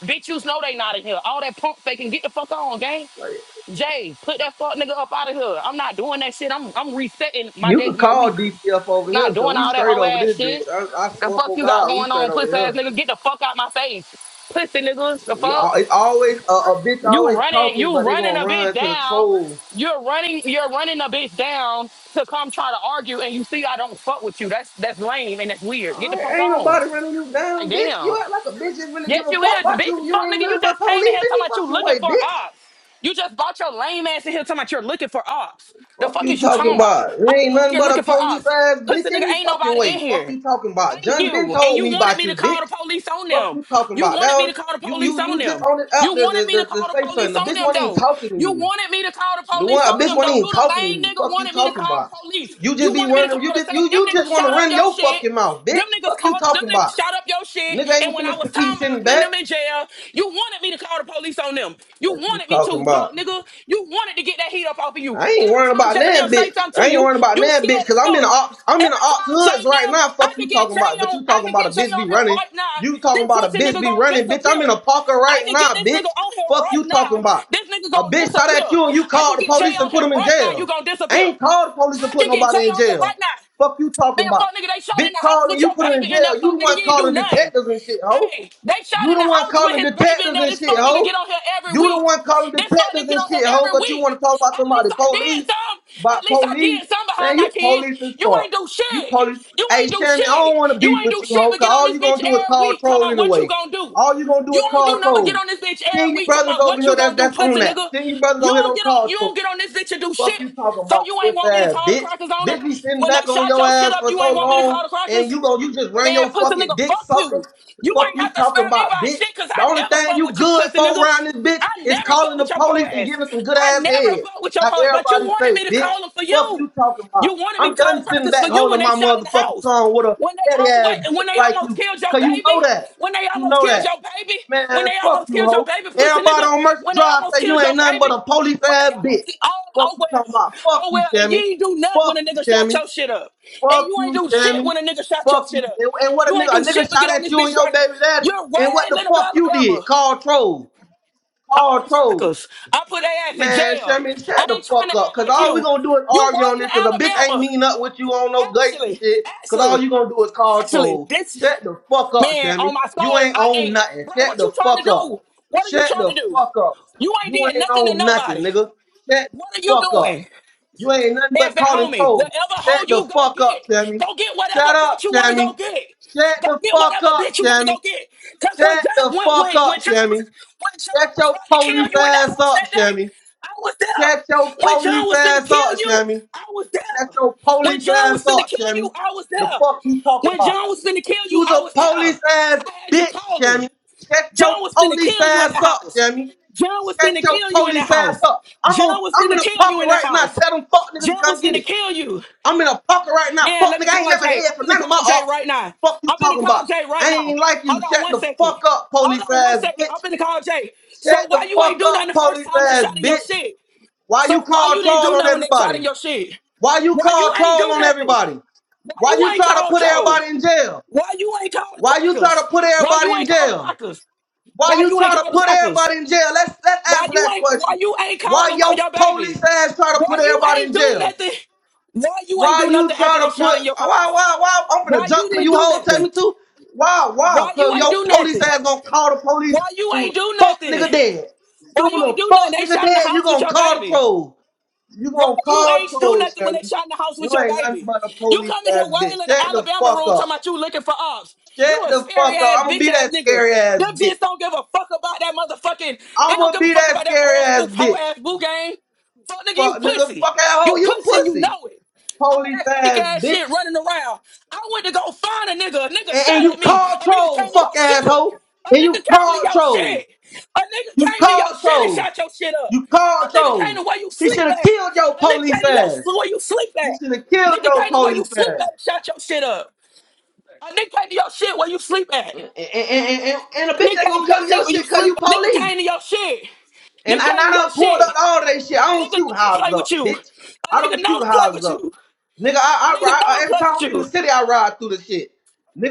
Speaker 5: Bitch, you know they not in here. All that pump faking, get the fuck on, gang.
Speaker 6: like
Speaker 5: Jay, put that fuck nigga up out of here. I'm not doing that shit. I'm I'm resetting my
Speaker 6: you
Speaker 5: day,
Speaker 6: can
Speaker 5: my
Speaker 6: call
Speaker 5: week.
Speaker 6: DCF over here
Speaker 5: Not
Speaker 6: because
Speaker 5: doing
Speaker 6: we
Speaker 5: all that
Speaker 6: straight
Speaker 5: hoe
Speaker 6: over
Speaker 5: ass
Speaker 6: this
Speaker 5: shit.
Speaker 6: bitch. I, I
Speaker 5: The
Speaker 6: swear
Speaker 5: fuck
Speaker 6: for
Speaker 5: you got
Speaker 6: God, we
Speaker 5: going
Speaker 6: straight
Speaker 5: on,
Speaker 6: over
Speaker 5: puss ass
Speaker 6: here.
Speaker 5: nigga? Get the fuck out my face, pussy nigga. The
Speaker 6: We
Speaker 5: fuck?
Speaker 6: all, it's always a, a bitch
Speaker 5: You
Speaker 6: always
Speaker 5: running,
Speaker 6: talking,
Speaker 5: you
Speaker 6: but they
Speaker 5: running
Speaker 6: gonna
Speaker 5: a bit
Speaker 6: run to the
Speaker 5: down.
Speaker 6: troll.
Speaker 5: You're running, you're running a bit down to come try to argue, and you see I don't fuck with you. That's that's lame and that's weird. Get the
Speaker 6: Alright,
Speaker 5: fuck
Speaker 6: ain't
Speaker 5: on.
Speaker 6: nobody running you
Speaker 5: Like
Speaker 6: down, bitch. You
Speaker 5: damn.
Speaker 6: act like a bitch is really give
Speaker 5: Yes,
Speaker 6: a
Speaker 5: you
Speaker 6: fuck
Speaker 5: is,
Speaker 6: about you.
Speaker 5: bitch.
Speaker 6: You
Speaker 5: Fuck
Speaker 6: ain't
Speaker 5: nigga, you
Speaker 6: nothing but
Speaker 5: just came in
Speaker 6: police
Speaker 5: here talking
Speaker 6: any
Speaker 5: about you
Speaker 6: fucking
Speaker 5: looking
Speaker 6: way,
Speaker 5: for
Speaker 6: bitch.
Speaker 5: ops. You just bought your lame ass in here talking about you're looking for ops. The
Speaker 6: Fuck
Speaker 5: fuck
Speaker 6: you
Speaker 5: is you
Speaker 6: talking
Speaker 5: talking about?
Speaker 6: about?
Speaker 5: How
Speaker 6: There
Speaker 5: the
Speaker 6: ain't
Speaker 5: fuck
Speaker 6: nothing
Speaker 5: you're
Speaker 6: but a
Speaker 5: looking for
Speaker 6: police
Speaker 5: ops?
Speaker 6: ass bitch
Speaker 5: Pussy nigga,
Speaker 6: any
Speaker 5: ain't
Speaker 6: fucking
Speaker 5: nobody
Speaker 6: way.
Speaker 5: in
Speaker 6: Fuck
Speaker 5: here.
Speaker 6: you talking about?
Speaker 5: Thank
Speaker 6: John Ben
Speaker 5: you. And
Speaker 6: told
Speaker 5: you
Speaker 6: me
Speaker 5: wanted
Speaker 6: about
Speaker 5: me
Speaker 6: you,
Speaker 5: to call the
Speaker 6: bitch.
Speaker 5: police on
Speaker 6: Fuck
Speaker 5: them.
Speaker 6: you talking
Speaker 5: You
Speaker 6: about?
Speaker 5: wanted me to
Speaker 6: Now
Speaker 5: call the
Speaker 6: you
Speaker 5: police
Speaker 6: you
Speaker 5: on
Speaker 6: you just
Speaker 5: them.
Speaker 6: on it
Speaker 5: You
Speaker 6: out there
Speaker 5: wanted
Speaker 6: to,
Speaker 5: me to
Speaker 6: to, to
Speaker 5: call the
Speaker 6: say something.
Speaker 5: police
Speaker 6: The
Speaker 5: on
Speaker 6: bitch
Speaker 5: them,
Speaker 6: wasn't even
Speaker 5: though.
Speaker 6: talking to
Speaker 5: You
Speaker 6: you.
Speaker 5: wanted me to call the
Speaker 6: The one
Speaker 5: police
Speaker 6: a
Speaker 5: on
Speaker 6: bitch
Speaker 5: them,
Speaker 6: wasn't
Speaker 5: though.
Speaker 6: even
Speaker 5: You the
Speaker 6: talking to
Speaker 5: main
Speaker 6: you.
Speaker 5: nigga
Speaker 6: Fuck you
Speaker 5: wanted me to
Speaker 6: talking
Speaker 5: call the
Speaker 6: about?
Speaker 5: police.
Speaker 6: You just
Speaker 5: You
Speaker 6: be
Speaker 5: wanted me to
Speaker 6: running.
Speaker 5: call
Speaker 6: You be,
Speaker 5: the same.
Speaker 6: you
Speaker 5: Them
Speaker 6: you
Speaker 5: niggas
Speaker 6: just want to
Speaker 5: shot up
Speaker 6: run
Speaker 5: your
Speaker 6: your
Speaker 5: shit.
Speaker 6: fucking mouth,
Speaker 5: Them
Speaker 6: bitch.
Speaker 5: niggas
Speaker 6: Fuck you
Speaker 5: called. Them
Speaker 6: talking
Speaker 5: niggas
Speaker 6: about?
Speaker 5: shot up your shit.
Speaker 6: Nigga
Speaker 5: And
Speaker 6: ain't
Speaker 5: when I was
Speaker 6: finna keep
Speaker 5: talking
Speaker 6: sitting
Speaker 5: about putting
Speaker 6: back.
Speaker 5: them in jail, you wanted me to call the police on them. You
Speaker 6: What you
Speaker 5: wanted me
Speaker 6: talking
Speaker 5: to, fuck
Speaker 6: about?
Speaker 5: nigga. You wanted to get that heat up off of you.
Speaker 6: I ain't
Speaker 5: Every
Speaker 6: worrying
Speaker 5: time
Speaker 6: about
Speaker 5: J.
Speaker 6: that
Speaker 5: Nim say
Speaker 6: bitch.
Speaker 5: something
Speaker 6: I
Speaker 5: to
Speaker 6: ain't
Speaker 5: you,
Speaker 6: worrying about
Speaker 5: you
Speaker 6: that bitch
Speaker 5: scared as
Speaker 6: because I'm in the
Speaker 5: fuck.
Speaker 6: ops. I'm in the
Speaker 5: Every
Speaker 6: ops
Speaker 5: time Jay
Speaker 6: hoods right
Speaker 5: Nim,
Speaker 6: now.
Speaker 5: I
Speaker 6: Fuck
Speaker 5: could
Speaker 6: you
Speaker 5: get
Speaker 6: talking
Speaker 5: Jay
Speaker 6: about. But
Speaker 5: on,
Speaker 6: you
Speaker 5: I
Speaker 6: talking
Speaker 5: could
Speaker 6: about a
Speaker 5: get Jay
Speaker 6: bitch
Speaker 5: on
Speaker 6: be
Speaker 5: here
Speaker 6: running.
Speaker 5: right now.
Speaker 6: You talking
Speaker 5: This
Speaker 6: about a
Speaker 5: pussy
Speaker 6: bitch
Speaker 5: nigga
Speaker 6: be
Speaker 5: gonna
Speaker 6: running, bitch. I'm
Speaker 5: disappear.
Speaker 6: in a parker
Speaker 5: I
Speaker 6: right
Speaker 5: can get
Speaker 6: now,
Speaker 5: this nigga
Speaker 6: bitch.
Speaker 5: on here
Speaker 6: Fuck
Speaker 5: right
Speaker 6: you talking
Speaker 5: now.
Speaker 6: about.
Speaker 5: This nigga
Speaker 6: A
Speaker 5: gonna
Speaker 6: bitch shot
Speaker 5: disappear.
Speaker 6: at you and you
Speaker 5: I
Speaker 6: called
Speaker 5: can
Speaker 6: the
Speaker 5: get Jay
Speaker 6: police
Speaker 5: on
Speaker 6: and put
Speaker 5: here
Speaker 6: him in
Speaker 5: right now. You
Speaker 6: jail.
Speaker 5: gonna
Speaker 6: I
Speaker 5: disappear.
Speaker 6: ain't
Speaker 5: I
Speaker 6: called the police and put
Speaker 5: can get Jay
Speaker 6: nobody in
Speaker 5: on here
Speaker 6: jail.
Speaker 5: right now.
Speaker 6: Fuck you talking
Speaker 5: Man, fuck
Speaker 6: about.
Speaker 5: nigga, they shot in
Speaker 6: Bitch
Speaker 5: the house
Speaker 6: called and
Speaker 5: with
Speaker 6: you
Speaker 5: your
Speaker 6: put her in
Speaker 5: baby in
Speaker 6: jail.
Speaker 5: there.
Speaker 6: You
Speaker 5: Fuck
Speaker 6: the
Speaker 5: nigga,
Speaker 6: one
Speaker 5: you ain't do
Speaker 6: calling
Speaker 5: nothing.
Speaker 6: detectives and shit, hoe.
Speaker 5: Hey, they shot
Speaker 6: You
Speaker 5: in
Speaker 6: the
Speaker 5: the
Speaker 6: one
Speaker 5: house with
Speaker 6: calling
Speaker 5: his baby in
Speaker 6: detectives
Speaker 5: there.
Speaker 6: and
Speaker 5: This
Speaker 6: shit,
Speaker 5: fuck nigga get
Speaker 6: ho.
Speaker 5: on here every
Speaker 6: You the
Speaker 5: week.
Speaker 6: one calling
Speaker 5: This fuck nigga
Speaker 6: detectives
Speaker 5: get
Speaker 6: and
Speaker 5: on
Speaker 6: shit,
Speaker 5: here
Speaker 6: ho.
Speaker 5: every
Speaker 6: But you
Speaker 5: week.
Speaker 6: want to talk about
Speaker 5: At
Speaker 6: somebody
Speaker 5: least I did
Speaker 6: police,
Speaker 5: some. At
Speaker 6: about
Speaker 5: least I
Speaker 6: police,
Speaker 5: did some
Speaker 6: man.
Speaker 5: behind my
Speaker 6: You
Speaker 5: kids.
Speaker 6: police as
Speaker 5: You ain't
Speaker 6: fuck.
Speaker 5: do
Speaker 6: You
Speaker 5: shit.
Speaker 6: police.
Speaker 5: You
Speaker 6: Hey,
Speaker 5: ain't do
Speaker 6: Shammy, I don't
Speaker 5: shit.
Speaker 6: want to
Speaker 5: You
Speaker 6: beef
Speaker 5: ain't
Speaker 6: with
Speaker 5: do
Speaker 6: you,
Speaker 5: shit
Speaker 6: ho.
Speaker 5: but
Speaker 6: Cause
Speaker 5: get on
Speaker 6: all
Speaker 5: this
Speaker 6: you
Speaker 5: bitch
Speaker 6: gonna do is
Speaker 5: every
Speaker 6: call
Speaker 5: week. Talking
Speaker 6: troll
Speaker 5: about what you
Speaker 6: anyway.
Speaker 5: gonna do.
Speaker 6: All you gonna do
Speaker 5: You
Speaker 6: is
Speaker 5: don't do
Speaker 6: call
Speaker 5: nothing but get
Speaker 6: troll.
Speaker 5: on this bitch every
Speaker 6: Senior
Speaker 5: week talking
Speaker 6: brothers
Speaker 5: about
Speaker 6: over
Speaker 5: what
Speaker 6: here,
Speaker 5: you
Speaker 6: that's
Speaker 5: gonna do,
Speaker 6: that's on
Speaker 5: pussy
Speaker 6: that.
Speaker 5: nigga.
Speaker 6: Senior brothers
Speaker 5: You
Speaker 6: over here
Speaker 5: don't
Speaker 6: don't
Speaker 5: get on
Speaker 6: call
Speaker 5: you
Speaker 6: troll.
Speaker 5: don't get on this bitch and do
Speaker 6: Fuck
Speaker 5: shit.
Speaker 6: you talking
Speaker 5: So
Speaker 6: about
Speaker 5: you ain't
Speaker 6: pussy
Speaker 5: want me to
Speaker 6: ass
Speaker 5: call the
Speaker 6: bitch.
Speaker 5: crackers on them.
Speaker 6: Bitch be sitting
Speaker 5: When they
Speaker 6: back on
Speaker 5: shot
Speaker 6: your
Speaker 5: your shit
Speaker 6: ass
Speaker 5: up,
Speaker 6: for
Speaker 5: you
Speaker 6: so
Speaker 5: ain't want me to call
Speaker 6: long
Speaker 5: the
Speaker 6: and
Speaker 5: crackers
Speaker 6: you go you just ran
Speaker 5: man,
Speaker 6: your
Speaker 5: pussy
Speaker 6: fucking
Speaker 5: nigga,
Speaker 6: dick
Speaker 5: fuck
Speaker 6: suckers.
Speaker 5: you. You
Speaker 6: Fuck
Speaker 5: ain't
Speaker 6: you
Speaker 5: have to
Speaker 6: talking
Speaker 5: spare me by
Speaker 6: about bitch.
Speaker 5: shit, cause
Speaker 6: The
Speaker 5: I
Speaker 6: only
Speaker 5: never
Speaker 6: thing
Speaker 5: fuck
Speaker 6: you
Speaker 5: with you,
Speaker 6: good
Speaker 5: pussy
Speaker 6: for
Speaker 5: nigga.
Speaker 6: around this bitch
Speaker 5: I
Speaker 6: is
Speaker 5: never fuck
Speaker 6: calling the
Speaker 5: with your po
Speaker 6: police and
Speaker 5: ass.
Speaker 6: giving some good
Speaker 5: I
Speaker 6: ass
Speaker 5: never
Speaker 6: head.
Speaker 5: fuck with your
Speaker 6: Like
Speaker 5: po ass. But you
Speaker 6: everybody
Speaker 5: wanted
Speaker 6: say,
Speaker 5: me to
Speaker 6: bitch.
Speaker 5: call him for
Speaker 6: Fuck
Speaker 5: you.
Speaker 6: you talking
Speaker 5: You
Speaker 6: about.
Speaker 5: wanted me
Speaker 6: I'm
Speaker 5: to call
Speaker 6: done
Speaker 5: the
Speaker 6: sitting
Speaker 5: crackers
Speaker 6: back
Speaker 5: for you when
Speaker 6: holding
Speaker 5: they
Speaker 6: my
Speaker 5: shot in the
Speaker 6: motherfucking
Speaker 5: house.
Speaker 6: tongue with a
Speaker 5: When they
Speaker 6: petty ass
Speaker 5: always
Speaker 6: bitch
Speaker 5: when they
Speaker 6: like
Speaker 5: almost
Speaker 6: you.
Speaker 5: killed your
Speaker 6: Cause you
Speaker 5: baby.
Speaker 6: know that.
Speaker 5: When they
Speaker 6: You
Speaker 5: almost
Speaker 6: know
Speaker 5: killed your
Speaker 6: that.
Speaker 5: baby.
Speaker 6: Man,
Speaker 5: When they
Speaker 6: fuck
Speaker 5: almost
Speaker 6: you,
Speaker 5: killed your
Speaker 6: hoe.
Speaker 5: baby, pussy
Speaker 6: Everybody
Speaker 5: nigga.
Speaker 6: on Mercy
Speaker 5: When they
Speaker 6: Drive
Speaker 5: almost
Speaker 6: say you
Speaker 5: killed your
Speaker 6: ain't nothing but
Speaker 5: baby.
Speaker 6: a police
Speaker 5: When
Speaker 6: ass
Speaker 5: they almost
Speaker 6: bitch.
Speaker 5: ki- oh
Speaker 6: Fuck
Speaker 5: oh
Speaker 6: you talking about.
Speaker 5: well
Speaker 6: Fuck
Speaker 5: oh
Speaker 6: you,
Speaker 5: well and you
Speaker 6: Shammy.
Speaker 5: ain't do nothing when
Speaker 6: Fuck
Speaker 5: a
Speaker 6: you,
Speaker 5: nigga shot
Speaker 6: Shammy.
Speaker 5: your shit up and
Speaker 6: Fuck
Speaker 5: you ain't
Speaker 6: you,
Speaker 5: do shit
Speaker 6: Shammy.
Speaker 5: when a nigga shot your
Speaker 6: Fuck you.
Speaker 5: shit up
Speaker 6: And, and what a
Speaker 5: you ain't
Speaker 6: nigga, a
Speaker 5: do
Speaker 6: nigga
Speaker 5: shit but
Speaker 6: shot
Speaker 5: get on
Speaker 6: at
Speaker 5: this
Speaker 6: you and
Speaker 5: bitch
Speaker 6: your
Speaker 5: trying.
Speaker 6: baby daddy.
Speaker 5: You're way
Speaker 6: And what the
Speaker 5: lit up
Speaker 6: fuck you did?
Speaker 5: Alabama.
Speaker 6: Call troll.
Speaker 5: All
Speaker 6: Call
Speaker 5: the
Speaker 6: troll.
Speaker 5: crackers. I put their ass in
Speaker 6: Man,
Speaker 5: jail.
Speaker 6: Sherman,
Speaker 5: I
Speaker 6: shut the
Speaker 5: ain't trying to
Speaker 6: fuck up.
Speaker 5: act
Speaker 6: Cause
Speaker 5: like
Speaker 6: all we
Speaker 5: you.
Speaker 6: gonna do is
Speaker 5: You way
Speaker 6: argue on
Speaker 5: in
Speaker 6: this. Cause a bitch ain't
Speaker 5: Alabama.
Speaker 6: mean up with you on no gates and
Speaker 5: Actually,
Speaker 6: shit. Cause all
Speaker 5: actually,
Speaker 6: you gonna do is call
Speaker 5: actually,
Speaker 6: troll.
Speaker 5: this
Speaker 6: Shut the fuck up,
Speaker 5: man
Speaker 6: Sherman.
Speaker 5: on my
Speaker 6: You
Speaker 5: soul,
Speaker 6: ain't
Speaker 5: I
Speaker 6: on
Speaker 5: ain't.
Speaker 6: nothing.
Speaker 5: Bro,
Speaker 6: Shut
Speaker 5: what
Speaker 6: the
Speaker 5: you trying to
Speaker 6: fuck up.
Speaker 5: do? What are you
Speaker 6: Shut
Speaker 5: trying
Speaker 6: the
Speaker 5: to do?
Speaker 6: fuck up.
Speaker 5: You ain't
Speaker 6: You
Speaker 5: did
Speaker 6: ain't
Speaker 5: nothing to
Speaker 6: on nothing,
Speaker 5: nobody.
Speaker 6: nigga. Shut the
Speaker 5: What are you
Speaker 6: fuck up.
Speaker 5: doing?
Speaker 6: You ain't nothing
Speaker 5: Man,
Speaker 6: but
Speaker 5: fat
Speaker 6: calling
Speaker 5: homie,
Speaker 6: trolls.
Speaker 5: whatever hoe
Speaker 6: Shut the
Speaker 5: you go
Speaker 6: fuck up,
Speaker 5: get,
Speaker 6: Sammy.
Speaker 5: go get whatever
Speaker 6: Shut up,
Speaker 5: bitch you want to go
Speaker 6: Sammy.
Speaker 5: get.
Speaker 6: Shut
Speaker 5: Go
Speaker 6: the
Speaker 5: get
Speaker 6: fuck
Speaker 5: whatever
Speaker 6: up,
Speaker 5: bitch you want to go
Speaker 6: Sammy.
Speaker 5: get. Cause when
Speaker 6: Shut
Speaker 5: John,
Speaker 6: the
Speaker 5: when
Speaker 6: fuck
Speaker 5: when when
Speaker 6: up,
Speaker 5: John was
Speaker 6: Sammy.
Speaker 5: when John
Speaker 6: Shut
Speaker 5: was
Speaker 6: your
Speaker 5: about to kill
Speaker 6: police
Speaker 5: you in that
Speaker 6: ass
Speaker 5: house that
Speaker 6: up,
Speaker 5: day,
Speaker 6: Sammy.
Speaker 5: I was
Speaker 6: Shut your
Speaker 5: there. When John
Speaker 6: police
Speaker 5: was finna
Speaker 6: ass
Speaker 5: kill
Speaker 6: up,
Speaker 5: you,
Speaker 6: Shammy.
Speaker 5: I was
Speaker 6: Shut
Speaker 5: there.
Speaker 6: your
Speaker 5: When
Speaker 6: police
Speaker 5: John
Speaker 6: ass
Speaker 5: was finna
Speaker 6: up,
Speaker 5: kill you,
Speaker 6: Shammy.
Speaker 5: I was
Speaker 6: The
Speaker 5: there.
Speaker 6: fuck you talking
Speaker 5: When
Speaker 6: about?
Speaker 5: John was finna kill you,
Speaker 6: You's
Speaker 5: I
Speaker 6: a
Speaker 5: was there.
Speaker 6: police ass
Speaker 5: I had you
Speaker 6: bitch,
Speaker 5: calling.
Speaker 6: Shammy. Shut your
Speaker 5: John was finna
Speaker 6: police
Speaker 5: kill you in
Speaker 6: ass
Speaker 5: the
Speaker 6: up,
Speaker 5: house.
Speaker 6: Shammy.
Speaker 5: John was
Speaker 6: Shut
Speaker 5: finna
Speaker 6: your
Speaker 5: kill you in the
Speaker 6: police ass
Speaker 5: house.
Speaker 6: up. I'm
Speaker 5: John
Speaker 6: on.
Speaker 5: was
Speaker 6: I'm in
Speaker 5: finna
Speaker 6: a
Speaker 5: kill you
Speaker 6: pocket
Speaker 5: in the
Speaker 6: right now.
Speaker 5: house.
Speaker 6: Tell them fuck niggas to
Speaker 5: Jail
Speaker 6: come
Speaker 5: was
Speaker 6: get
Speaker 5: finna
Speaker 6: it.
Speaker 5: kill you.
Speaker 6: I'm in a pocket right now.
Speaker 5: Man,
Speaker 6: Fuck
Speaker 5: let me
Speaker 6: nigga, I ain't
Speaker 5: call
Speaker 6: never
Speaker 5: Jay.
Speaker 6: heard
Speaker 5: I'm
Speaker 6: from
Speaker 5: finna
Speaker 6: none of
Speaker 5: call
Speaker 6: my
Speaker 5: Jay
Speaker 6: ops.
Speaker 5: right now.
Speaker 6: Fuck you
Speaker 5: I'm finna
Speaker 6: talking
Speaker 5: call
Speaker 6: about?
Speaker 5: Jay right
Speaker 6: I
Speaker 5: now.
Speaker 6: ain't like you.
Speaker 5: Hold on
Speaker 6: Shut
Speaker 5: one
Speaker 6: the
Speaker 5: second.
Speaker 6: fuck up,
Speaker 5: Hold
Speaker 6: police
Speaker 5: on one
Speaker 6: ass
Speaker 5: second. I'm
Speaker 6: bitch.
Speaker 5: finna call Jay.
Speaker 6: Shut
Speaker 5: So why
Speaker 6: the
Speaker 5: you
Speaker 6: fuck
Speaker 5: ain't do nothing
Speaker 6: up,
Speaker 5: the first
Speaker 6: police
Speaker 5: time they
Speaker 6: ass
Speaker 5: shot in your
Speaker 6: bitch.
Speaker 5: shit?
Speaker 6: Why
Speaker 5: So
Speaker 6: you
Speaker 5: why
Speaker 6: call
Speaker 5: you didn't
Speaker 6: troll
Speaker 5: do
Speaker 6: on
Speaker 5: nothing when they shot
Speaker 6: everybody?
Speaker 5: in your shit?
Speaker 6: Why you
Speaker 5: Why you
Speaker 6: call
Speaker 5: ain't
Speaker 6: troll
Speaker 5: do
Speaker 6: on
Speaker 5: nothing?
Speaker 6: everybody?
Speaker 5: Why
Speaker 6: Why
Speaker 5: you
Speaker 6: you
Speaker 5: ain't
Speaker 6: try to
Speaker 5: called
Speaker 6: put
Speaker 5: troll?
Speaker 6: everybody in jail?
Speaker 5: Why you ain't called the
Speaker 6: Why you try
Speaker 5: crackers?
Speaker 6: to put
Speaker 5: Why
Speaker 6: everybody
Speaker 5: you
Speaker 6: in
Speaker 5: ain't called the
Speaker 6: jail?
Speaker 5: crackers?
Speaker 6: Why
Speaker 5: Why
Speaker 6: you
Speaker 5: you ain't
Speaker 6: try to
Speaker 5: called the
Speaker 6: put
Speaker 5: crackers?
Speaker 6: everybody in jail? Let's let's
Speaker 5: Why
Speaker 6: answer
Speaker 5: you
Speaker 6: that
Speaker 5: ain't why
Speaker 6: question.
Speaker 5: you ain't calling
Speaker 6: Why
Speaker 5: them on
Speaker 6: your
Speaker 5: your baby?
Speaker 6: police ass try to put
Speaker 5: Why you
Speaker 6: everybody in
Speaker 5: ain't do
Speaker 6: jail?
Speaker 5: nothing? Why you ain't
Speaker 6: Why
Speaker 5: do
Speaker 6: you
Speaker 5: nothing
Speaker 6: try
Speaker 5: after they
Speaker 6: to put
Speaker 5: shot in your
Speaker 6: why
Speaker 5: house?
Speaker 6: why why I'm gonna
Speaker 5: Why
Speaker 6: jump
Speaker 5: you
Speaker 6: cause
Speaker 5: didn't
Speaker 6: you
Speaker 5: do
Speaker 6: hold tell me
Speaker 5: nothing?
Speaker 6: to? Why why?
Speaker 5: Why
Speaker 6: Cause
Speaker 5: you ain't
Speaker 6: your
Speaker 5: do
Speaker 6: police
Speaker 5: nothing?
Speaker 6: ass gonna call the police
Speaker 5: Why you
Speaker 6: sooner.
Speaker 5: ain't do
Speaker 6: Fuck
Speaker 5: nothing?
Speaker 6: nigga dead.
Speaker 5: Why you
Speaker 6: Sooner
Speaker 5: ain't do nothing?
Speaker 6: fuck
Speaker 5: They
Speaker 6: nigga
Speaker 5: shot in the
Speaker 6: dead,
Speaker 5: house
Speaker 6: you
Speaker 5: with
Speaker 6: gonna
Speaker 5: your
Speaker 6: call the
Speaker 5: baby.
Speaker 6: troll. You
Speaker 5: Why
Speaker 6: gonna
Speaker 5: you
Speaker 6: call
Speaker 5: ain't do
Speaker 6: trolls,
Speaker 5: nothing when they
Speaker 6: Sherry.
Speaker 5: shot in the house with
Speaker 6: You
Speaker 5: your
Speaker 6: ain't nothing
Speaker 5: baby?
Speaker 6: but a
Speaker 5: You
Speaker 6: police
Speaker 5: come in here
Speaker 6: ass bitch.
Speaker 5: wailing in the
Speaker 6: Shut the
Speaker 5: Alabama
Speaker 6: fuck
Speaker 5: room talking
Speaker 6: up.
Speaker 5: about you looking for ops. You
Speaker 6: Shut
Speaker 5: a
Speaker 6: the
Speaker 5: scary
Speaker 6: fuck up.
Speaker 5: ass
Speaker 6: I'ma
Speaker 5: bitch
Speaker 6: be
Speaker 5: ass
Speaker 6: that
Speaker 5: nigga.
Speaker 6: scary ass
Speaker 5: Them just
Speaker 6: bitch.
Speaker 5: don't give a fuck about that motherfucking. They don't
Speaker 6: I'ma
Speaker 5: give a
Speaker 6: be
Speaker 5: fuck
Speaker 6: that
Speaker 5: about that
Speaker 6: scary
Speaker 5: old
Speaker 6: ass
Speaker 5: school po
Speaker 6: bitch.
Speaker 5: ass boo game. Fuck nigga, you
Speaker 6: Fuck nigga,
Speaker 5: pussy.
Speaker 6: fuck that hoe,
Speaker 5: You
Speaker 6: you
Speaker 5: pussy and you
Speaker 6: pussy.
Speaker 5: know it. All
Speaker 6: Police
Speaker 5: that fake
Speaker 6: ass
Speaker 5: ass shit
Speaker 6: bitch.
Speaker 5: running around. I went to go find a nigga. A nigga
Speaker 6: And, and
Speaker 5: shot
Speaker 6: you
Speaker 5: at me.
Speaker 6: call
Speaker 5: A nigga came
Speaker 6: trolls,
Speaker 5: to
Speaker 6: fuck
Speaker 5: your
Speaker 6: asshole.
Speaker 5: shit. A
Speaker 6: And
Speaker 5: nigga
Speaker 6: you
Speaker 5: came
Speaker 6: call
Speaker 5: to your
Speaker 6: trolls.
Speaker 5: shit. A
Speaker 6: You
Speaker 5: nigga came to
Speaker 6: call
Speaker 5: your shit and
Speaker 6: trolls.
Speaker 5: shot your shit up.
Speaker 6: You
Speaker 5: A
Speaker 6: call
Speaker 5: nigga came
Speaker 6: trolls.
Speaker 5: to where you
Speaker 6: He should
Speaker 5: sleep
Speaker 6: have
Speaker 5: at.
Speaker 6: killed your
Speaker 5: A nigga
Speaker 6: police
Speaker 5: came to your
Speaker 6: ass.
Speaker 5: school where you sleep at.
Speaker 6: You should have killed
Speaker 5: Nigga
Speaker 6: your
Speaker 5: came to where you
Speaker 6: police
Speaker 5: sleep
Speaker 6: ass.
Speaker 5: at and shot your shit up. A nigga came to your shit where you sleep at.
Speaker 6: And, and, and, and a
Speaker 5: A
Speaker 6: bitch
Speaker 5: nigga
Speaker 6: ain't
Speaker 5: came to
Speaker 6: gonna
Speaker 5: your
Speaker 6: come to
Speaker 5: shit
Speaker 6: your
Speaker 5: where you
Speaker 6: shit cause
Speaker 5: sleep
Speaker 6: you
Speaker 5: at. Nigga
Speaker 6: police.
Speaker 5: came to your shit.
Speaker 6: And
Speaker 5: Nigga
Speaker 6: I, and
Speaker 5: came
Speaker 6: I
Speaker 5: to your
Speaker 6: done pulled up
Speaker 5: shit.
Speaker 6: all that shit. I
Speaker 5: A
Speaker 6: don't
Speaker 5: nigga
Speaker 6: shoot
Speaker 5: know to play
Speaker 6: houses
Speaker 5: with
Speaker 6: up,
Speaker 5: you.
Speaker 6: bitch.
Speaker 5: A
Speaker 6: I
Speaker 5: nigga
Speaker 6: don't
Speaker 5: know
Speaker 6: shoot
Speaker 5: to play
Speaker 6: houses
Speaker 5: with
Speaker 6: up.
Speaker 5: you.
Speaker 6: Nigga, I,
Speaker 5: A
Speaker 6: I
Speaker 5: nigga
Speaker 6: ride,
Speaker 5: know to
Speaker 6: every
Speaker 5: play
Speaker 6: time
Speaker 5: with
Speaker 6: I'm in the
Speaker 5: you.
Speaker 6: city, I ride through the shit.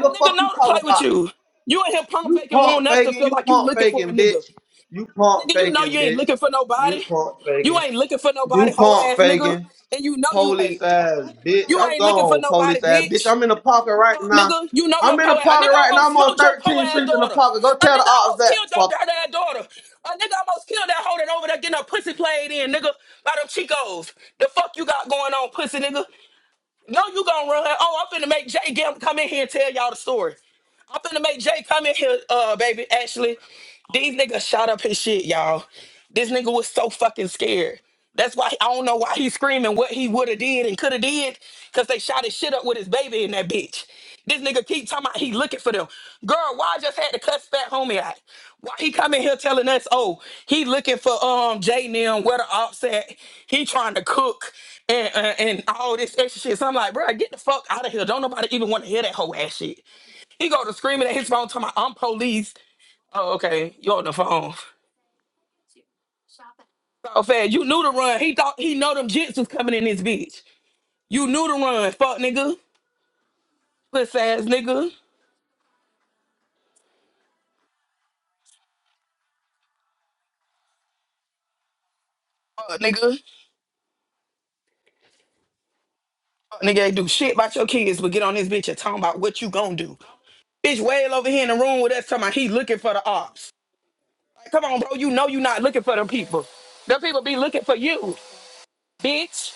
Speaker 5: A nigga
Speaker 6: fuck you
Speaker 5: know to play
Speaker 6: talking
Speaker 5: with
Speaker 6: about?
Speaker 5: you. You in here pump
Speaker 6: You
Speaker 5: faking
Speaker 6: pump
Speaker 5: wanting us to
Speaker 6: faking,
Speaker 5: feel
Speaker 6: you
Speaker 5: like you
Speaker 6: pump
Speaker 5: looking for a
Speaker 6: faking,
Speaker 5: nigga.
Speaker 6: bitch. You pump
Speaker 5: Nigga, you know
Speaker 6: faking,
Speaker 5: you ain't
Speaker 6: bitch.
Speaker 5: looking for
Speaker 6: You
Speaker 5: nobody.
Speaker 6: pump
Speaker 5: You
Speaker 6: faking.
Speaker 5: ain't looking for
Speaker 6: You
Speaker 5: nobody, hoe
Speaker 6: pump
Speaker 5: ass nigga.
Speaker 6: faking.
Speaker 5: And you know you
Speaker 6: Police
Speaker 5: ain't.
Speaker 6: ass, bitch.
Speaker 5: You
Speaker 6: I'm
Speaker 5: ain't looking for
Speaker 6: gone,
Speaker 5: nobody,
Speaker 6: police ass, bitch.
Speaker 5: bitch.
Speaker 6: I'm in the pocket right now.
Speaker 5: nigga. You know your
Speaker 6: I'm in the
Speaker 5: poor ass. A
Speaker 6: pocket
Speaker 5: nigga
Speaker 6: right now.
Speaker 5: almost
Speaker 6: I'm on
Speaker 5: smoked your poor
Speaker 6: 13th
Speaker 5: ass
Speaker 6: Street in the
Speaker 5: daughter.
Speaker 6: pocket. Go
Speaker 5: A
Speaker 6: tell the
Speaker 5: nigga
Speaker 6: ops
Speaker 5: almost
Speaker 6: that.
Speaker 5: killed
Speaker 6: Fuck.
Speaker 5: your dirty ass daughter. A nigga almost killed that hoe that over there getting her pussy played in, nigga, by them Chicos. The fuck you got going on, pussy nigga? No, you gonna run. Oh, I'm finna make Jay Gam come in here and tell y'all the story. I'm finna make Jay come in here, uh, baby. Actually, these niggas shot up his shit, y'all. This nigga was so fucking scared. That's why I don't know why he's screaming what he woulda did and coulda did, cause they shot his shit up with his baby in that bitch. This nigga keep talking about he looking for them. Girl, why I just had to cuss fat homie out? Why he come in here telling us, oh, he looking for um Jay Nim, where the ops at? He trying to cook and, and and all this extra shit. So I'm like, bro, get the fuck out of here. Don't nobody even want to hear that whole ass shit. He go to screaming at his phone, talking about I'm police. Oh, okay, you on the phone. So fast, you knew to run. He thought he know them jits was coming in this bitch. You knew to run, fuck nigga, puss ass nigga, fuck nigga, fuck nigga. Ain't do shit about your kids, but get on this bitch and talking about what you gonna do. Bitch, wail over here in the room with us talking about he looking for the ops. Like, come on, bro, you know you not looking for them people. Them people be looking for you, bitch.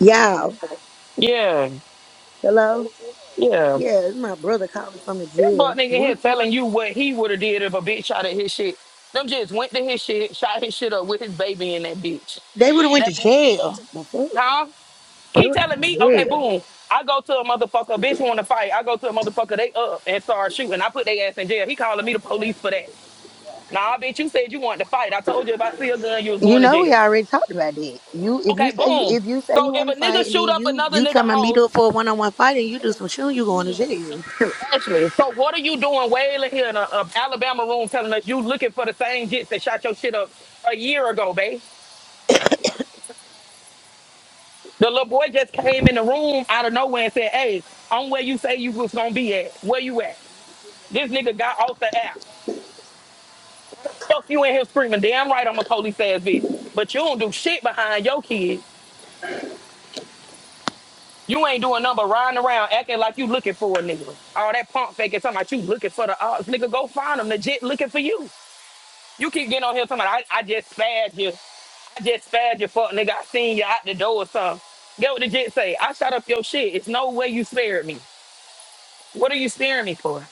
Speaker 2: you. Y'all.
Speaker 5: Yeah,
Speaker 2: Hello?
Speaker 5: yeah.
Speaker 2: Yeah, it's my brother calling from the
Speaker 5: That butt
Speaker 2: jail.
Speaker 5: nigga here
Speaker 2: What's going on?
Speaker 5: telling you what he would have did if a bitch shot at his shit. Them just went to his shit, shot his shit up with his baby in that bitch.
Speaker 2: They would have went to
Speaker 5: That
Speaker 2: jail. The fuck?
Speaker 5: huh?
Speaker 2: It
Speaker 5: He
Speaker 2: was
Speaker 5: telling me, okay,
Speaker 2: good.
Speaker 5: boom. I go to a motherfucker, a bitch want to fight. I go to a motherfucker, they up and start shooting. I put their ass in jail. He calling me the police for that. Nah, bitch, you said you wanted to fight. I told you if I see a gun, you was
Speaker 2: You
Speaker 5: going to
Speaker 2: know we
Speaker 5: jail.
Speaker 2: already talked about that. You if you
Speaker 5: Okay,
Speaker 2: say
Speaker 5: boom.
Speaker 2: if you say
Speaker 5: So
Speaker 2: you
Speaker 5: if
Speaker 2: want to
Speaker 5: a
Speaker 2: fight
Speaker 5: nigga
Speaker 2: and then
Speaker 5: shoot up
Speaker 2: you
Speaker 5: another
Speaker 2: you tell
Speaker 5: nigga
Speaker 2: me meet
Speaker 5: house
Speaker 2: up for a one on one fight and you do some shooting, you going to jail.
Speaker 5: Ashley, so what are you doing wailing here in a, a Alabama room telling us you looking for the same jits that shot your shit up a year ago, babe? The little boy just came in the room out of nowhere and said, hey, I'm where you say you was gonna be at. Where you at? This nigga got off the app. Fuck you in here screaming, damn right I'm a police ass bitch. But you don't do shit behind your kids. You ain't doing nothing but riding around acting like you looking for a nigga. All that pump faking talking about you looking for the odds. Nigga, go find them. The jit looking for you. You keep getting on here talking about I, I just spazzed here. I just spared your fuck, nigga. I seen you out the door or something. Get what the jit say? I shot up your shit. It's no way you fear me. for.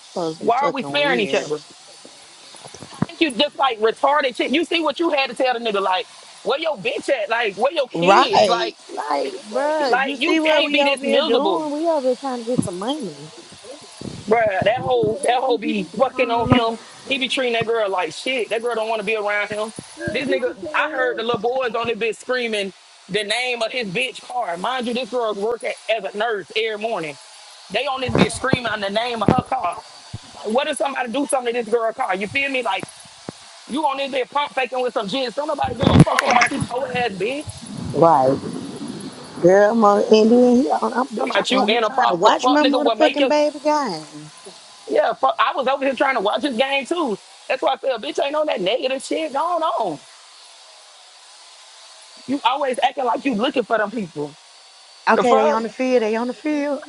Speaker 2: Supposed to be
Speaker 5: Why are we
Speaker 2: fucking
Speaker 5: fearing it?
Speaker 2: weird,
Speaker 5: Think you just like retarded shit. You see what you had to tell the nigga, like, where your bitch at? Like, where your kids?
Speaker 2: right?
Speaker 5: Like,
Speaker 2: Like, bruh, you
Speaker 5: like you
Speaker 2: see what
Speaker 5: can't
Speaker 2: we
Speaker 5: be this
Speaker 2: over here
Speaker 5: miserable.
Speaker 2: doing? We over here trying to get some money,
Speaker 5: Bruh, that whole that whole be fucking on him. He be treating that girl like shit. That girl don't want to be around him. This nigga, I heard the little boys on this bitch screaming the name of his bitch car. Mind you, this girl work at, as a nurse every morning. They on this bitch screaming on the name of her car. What if somebody do something to this girl car? You feel me? Like you on this bitch pump faking with some jizz. Don't nobody give a fuck about you, po ass bitch.
Speaker 2: right? Girl, mo- and then he on I'm
Speaker 5: Come
Speaker 2: bitch.
Speaker 5: about
Speaker 2: I'm
Speaker 5: you
Speaker 2: on here
Speaker 5: in a
Speaker 2: trying to
Speaker 5: pop 'cause
Speaker 2: watch
Speaker 5: fuck
Speaker 2: my
Speaker 5: nigga will make
Speaker 2: motherfucking
Speaker 5: you
Speaker 2: baby game.
Speaker 5: yeah, fuck I was over here trying to watch this game too. That's why I feel bitch ain't on that negative shit going on. You always acting like you looking for them people. The
Speaker 2: Okay, they
Speaker 5: fuck?
Speaker 2: on the field. They on the field.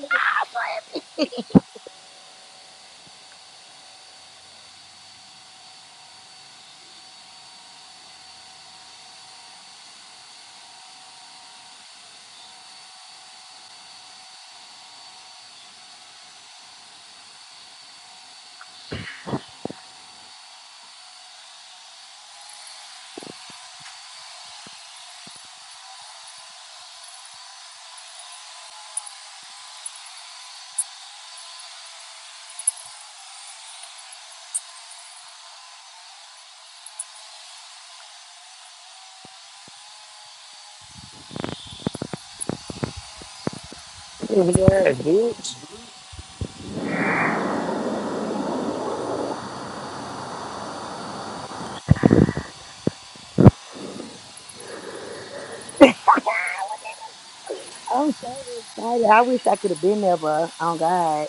Speaker 5: Your ass, bitch.
Speaker 2: I'm so excited. I wish I could have been there, bruh. Oh God.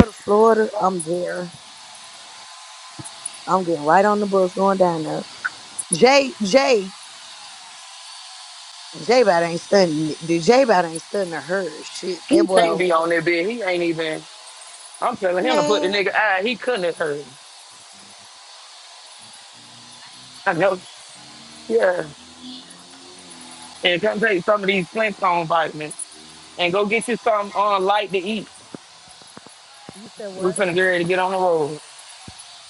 Speaker 2: go to Florida. I'm there. I'm getting right on the bus going down there. Jay, Jay, Jay about ain't studying. The Jay about ain't studying to her shit. That
Speaker 5: He
Speaker 2: boy
Speaker 5: can't
Speaker 2: over
Speaker 5: be on that bitch. He ain't even I'm
Speaker 2: there.
Speaker 5: telling him to put the
Speaker 2: Man.
Speaker 5: nigga eye, he couldn't have heard. I know. Yeah. and come take some of these Flintstone vitamins and go get you something on light to eat.
Speaker 2: You said
Speaker 5: we
Speaker 2: what?
Speaker 5: finna get ready to get on the road.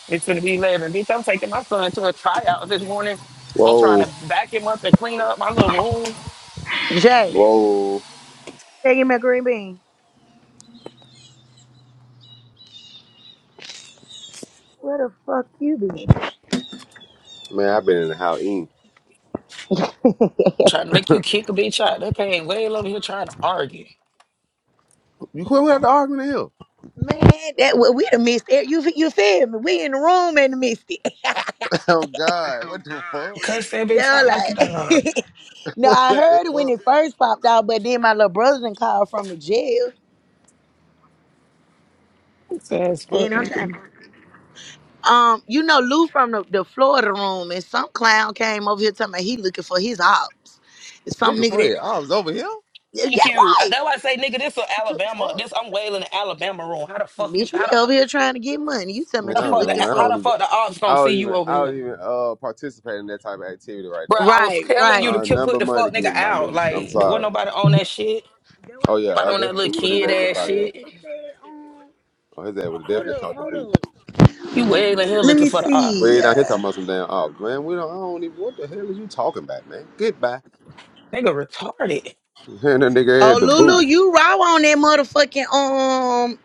Speaker 5: It's finna be 11. Bitch, I'm taking my son to a tryout this morning. I'm trying
Speaker 1: Whoa,
Speaker 5: to back him up and clean up my little room. I'm
Speaker 2: Jay.
Speaker 1: whoa.
Speaker 2: Jay, give me a green bean. Where the fuck you been?
Speaker 1: Man, I've been in the house eating.
Speaker 5: trying to make you kick a bitch out. They paying way low. here trying to argue.
Speaker 2: Man, that we we done missed it. You you feel me? We in the room and missed it.
Speaker 1: God, what the fuck?
Speaker 5: Cuss that bitch
Speaker 2: They're
Speaker 5: out like a dog.
Speaker 2: like, no, I
Speaker 1: The
Speaker 2: heard it when
Speaker 1: fuck?
Speaker 2: it first popped out, but then my little brother done called from the jail.
Speaker 5: It's ass fuck,
Speaker 2: Then I'm
Speaker 5: nigga.
Speaker 2: trying. Um, you know, Lou from the, the Florida room, and some clown came over here telling me he looking for his ops. It's some
Speaker 1: Looking
Speaker 2: nigga
Speaker 1: for
Speaker 2: that
Speaker 1: your arms over here?
Speaker 2: yeah, yeah,
Speaker 5: Thank you. I-
Speaker 2: right.
Speaker 5: That's why I say, nigga, this is
Speaker 1: What the
Speaker 5: Alabama.
Speaker 1: fuck?
Speaker 5: This I'm wailing in Alabama room. How the fuck you?
Speaker 2: Bitch, we
Speaker 5: How the,
Speaker 2: over here trying to get money. You talking about
Speaker 1: Man,
Speaker 5: the
Speaker 1: I
Speaker 2: you
Speaker 1: don't
Speaker 5: fuck? The,
Speaker 1: know,
Speaker 2: looking
Speaker 1: man. I
Speaker 5: how
Speaker 2: for
Speaker 1: don't
Speaker 5: the
Speaker 1: even
Speaker 5: fuck the ops
Speaker 1: I
Speaker 5: gonna see
Speaker 1: don't even
Speaker 5: you over
Speaker 1: I don't
Speaker 5: here?
Speaker 1: even uh participate in that type of activity right
Speaker 5: Bro,
Speaker 1: there.
Speaker 5: I was
Speaker 2: right,
Speaker 5: telling you
Speaker 2: right.
Speaker 5: to
Speaker 1: Uh
Speaker 5: ki-
Speaker 1: none
Speaker 5: put the
Speaker 1: money
Speaker 5: fuck nigga
Speaker 1: getting my
Speaker 5: out.
Speaker 1: nigga. I'm
Speaker 5: Like, there wasn't
Speaker 1: sorry.
Speaker 5: nobody
Speaker 2: That
Speaker 5: on
Speaker 2: what-
Speaker 5: that shit.
Speaker 2: that what
Speaker 1: Oh
Speaker 2: I
Speaker 1: yeah,
Speaker 5: Nobody
Speaker 1: I
Speaker 5: on
Speaker 1: definitely
Speaker 5: that
Speaker 2: just-
Speaker 5: little
Speaker 2: you hear
Speaker 5: kid
Speaker 1: have
Speaker 5: ass
Speaker 2: what
Speaker 1: to
Speaker 2: I
Speaker 5: shit.
Speaker 2: just said, um,
Speaker 1: His ass would have definitely,
Speaker 2: Hold up, hold up.
Speaker 5: Fuck You wailing here
Speaker 2: Let
Speaker 5: looking
Speaker 2: me
Speaker 5: for the ops.
Speaker 2: see. Uh,
Speaker 1: man. We don't. I don't even. What the hell is you buy?
Speaker 5: Nigga retarded.
Speaker 2: oh, Lulu, you raw on that motherfucking um,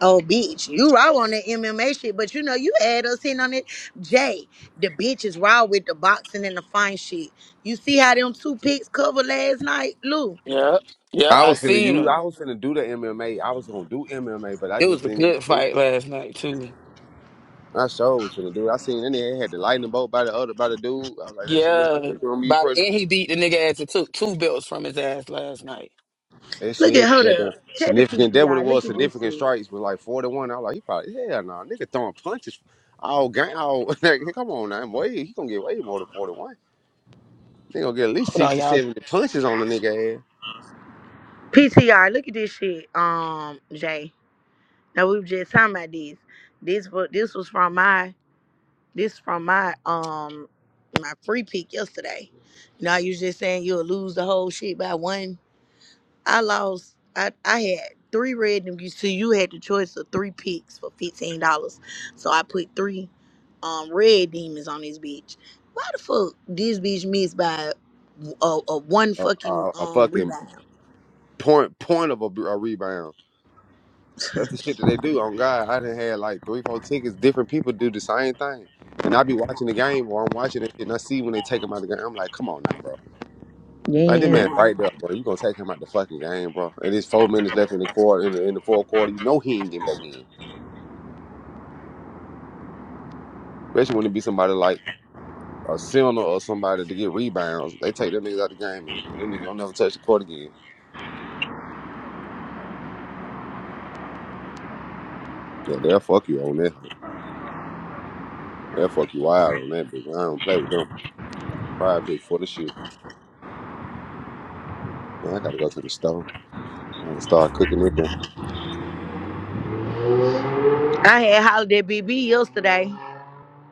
Speaker 2: Oh, bitch, you raw on that MMA shit, but you know, you had us hitting on it. Jay, the bitch is raw with the boxing and the fine shit. You see how them two picks covered last night? Lou,
Speaker 5: Yeah, yeah,
Speaker 1: I
Speaker 5: I
Speaker 1: was finna
Speaker 5: seen
Speaker 1: use.
Speaker 5: him.
Speaker 1: I was finna do the MMA. I was gonna do MMA, but I
Speaker 5: It was
Speaker 1: just
Speaker 5: a
Speaker 1: didn't
Speaker 5: good
Speaker 1: do
Speaker 5: fight
Speaker 1: it.
Speaker 5: last night too.
Speaker 1: I sure was finna do it. I seen and they had the lightning bolt by the other by the dude. I was like, that shit look like
Speaker 5: Yeah,
Speaker 1: it's gonna be
Speaker 5: by the
Speaker 1: pretty.
Speaker 5: end he beat the nigga ass and took two belts from his ass last night.
Speaker 1: That
Speaker 2: look at,
Speaker 1: shit
Speaker 2: hold
Speaker 1: got
Speaker 2: up. Check the
Speaker 1: significant. That what it
Speaker 2: PTR. Look
Speaker 1: was.
Speaker 2: at this
Speaker 1: Significant
Speaker 2: shit.
Speaker 1: strikes was like forty-one. I was like, he probably hell no. Nigga throwing punches. All gang. All like, come on now. Way he gonna get way more than forty-one. to They gonna get at least
Speaker 5: Hold
Speaker 1: six
Speaker 5: on,
Speaker 1: to
Speaker 5: y'all.
Speaker 1: seventy punches on the nigga ass.
Speaker 2: PTR, look at this shit, um, Jay. Now, we were just talking about this. This was, this was from my, this from my, um, my free pick yesterday. Now, you just saying you'll lose the whole shit by one I lost. I, I had three random. You see, you had the choice of three picks for fifteen dollars. So I put three um red demons on this bitch. Why the fuck this bitch missed by a, a one
Speaker 1: A,
Speaker 2: fucking
Speaker 1: a, a
Speaker 2: um
Speaker 1: fucking
Speaker 2: rebound?
Speaker 1: point point of a, a rebound. That's the shit that they do. On God, I done had like three, four tickets. Different people do the same thing, and I be watching the game or I'm watching that shit, and I see when they take him out the game. I'm like, come on now, bro. Like this man
Speaker 2: Yeah.
Speaker 1: right there, bro. You gonna take him out the fucking game, bro? And it's four minutes left in the quarter, in the, in the fourth quarter. You know he ain't getting back in. Especially when it be somebody like a Sinner or somebody to get rebounds. They take them niggas out the game, and, and them niggas don't never touch the court again. Yeah, they'll fuck you on that. hoe. They'll fuck you wild on that, bitch. I don't play with them. Pride pick for the shit. Man, I gotta go to the store. I gotta start cooking it.
Speaker 2: I had holiday BB yesterday.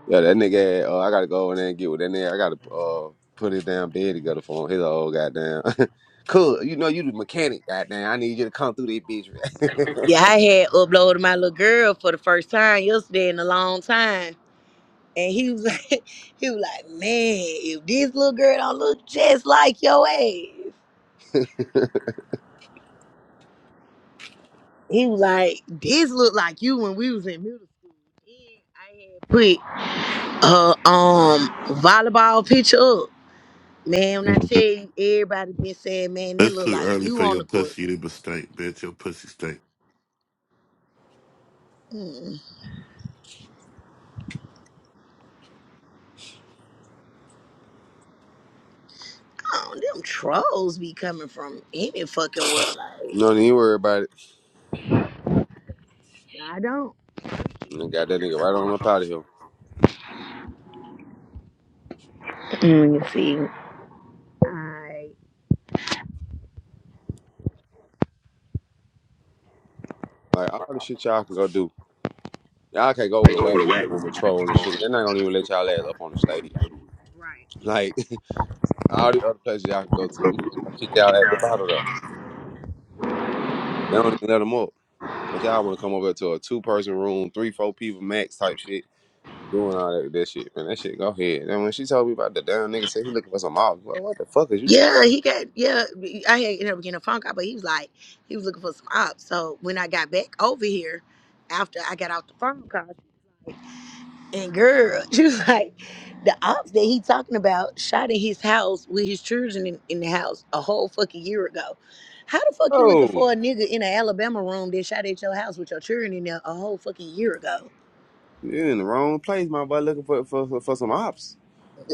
Speaker 1: Yeah, that nigga. Had, uh, I gotta go in there and get with that nigga. I gotta uh, put his damn bed together for him. His old goddamn. cool. You know you the mechanic. Goddamn. I need you to come through this bitch.
Speaker 2: Yeah, I had uploaded my little girl for the first time yesterday in a long time. And he was like, he was like, man, if this little girl don't look just like your ass. He was like, "This look like you when we was in middle school." Then I had put her um volleyball picture up. Man, when I tell
Speaker 7: Mhm.
Speaker 2: you, everybody been saying, "Man, they
Speaker 7: It's
Speaker 2: look
Speaker 7: too
Speaker 2: like
Speaker 7: early
Speaker 2: you
Speaker 7: for
Speaker 2: on
Speaker 7: your
Speaker 2: the court."
Speaker 7: pussy to be stank, bitch. Your pussy stink.
Speaker 2: Mm, oh, them trolls be coming from any fucking world. Like,
Speaker 1: no need to worry about it.
Speaker 2: I don't.
Speaker 1: And got that nigga right on up out of here.
Speaker 2: Mm, you see, I
Speaker 1: Like all the shit y'all can go do. Y'all can't go with a whack room and troll and shit. They're not gonna even let y'all ass up on the stage.
Speaker 2: right.
Speaker 1: Like all the other places y'all can go to, them folks gonna kick y'all ass up out of there. They don't even let them up. But y'all wanna come over to a two person room, three, four people max type shit doing all that, that shit, man. That shit go ahead. And when she told me about the damn nigga said he looking for some ops, well, what the fuck is you talking? about?
Speaker 2: Yeah, he got yeah. I had ended up getting a phone call, but he was like, he was looking for some ops. So when I got back over here, after I got out the phone call, And girl, she was like, the ops that he talking about shot at his house with his children in, in the house a whole fucking year ago. How the fuck you looking
Speaker 1: Oh,
Speaker 2: for a nigga in an Alabama room that shot at your house with your children in there a whole fucking year ago?
Speaker 1: you in the wrong place, my boy, looking for for, for, for some ops.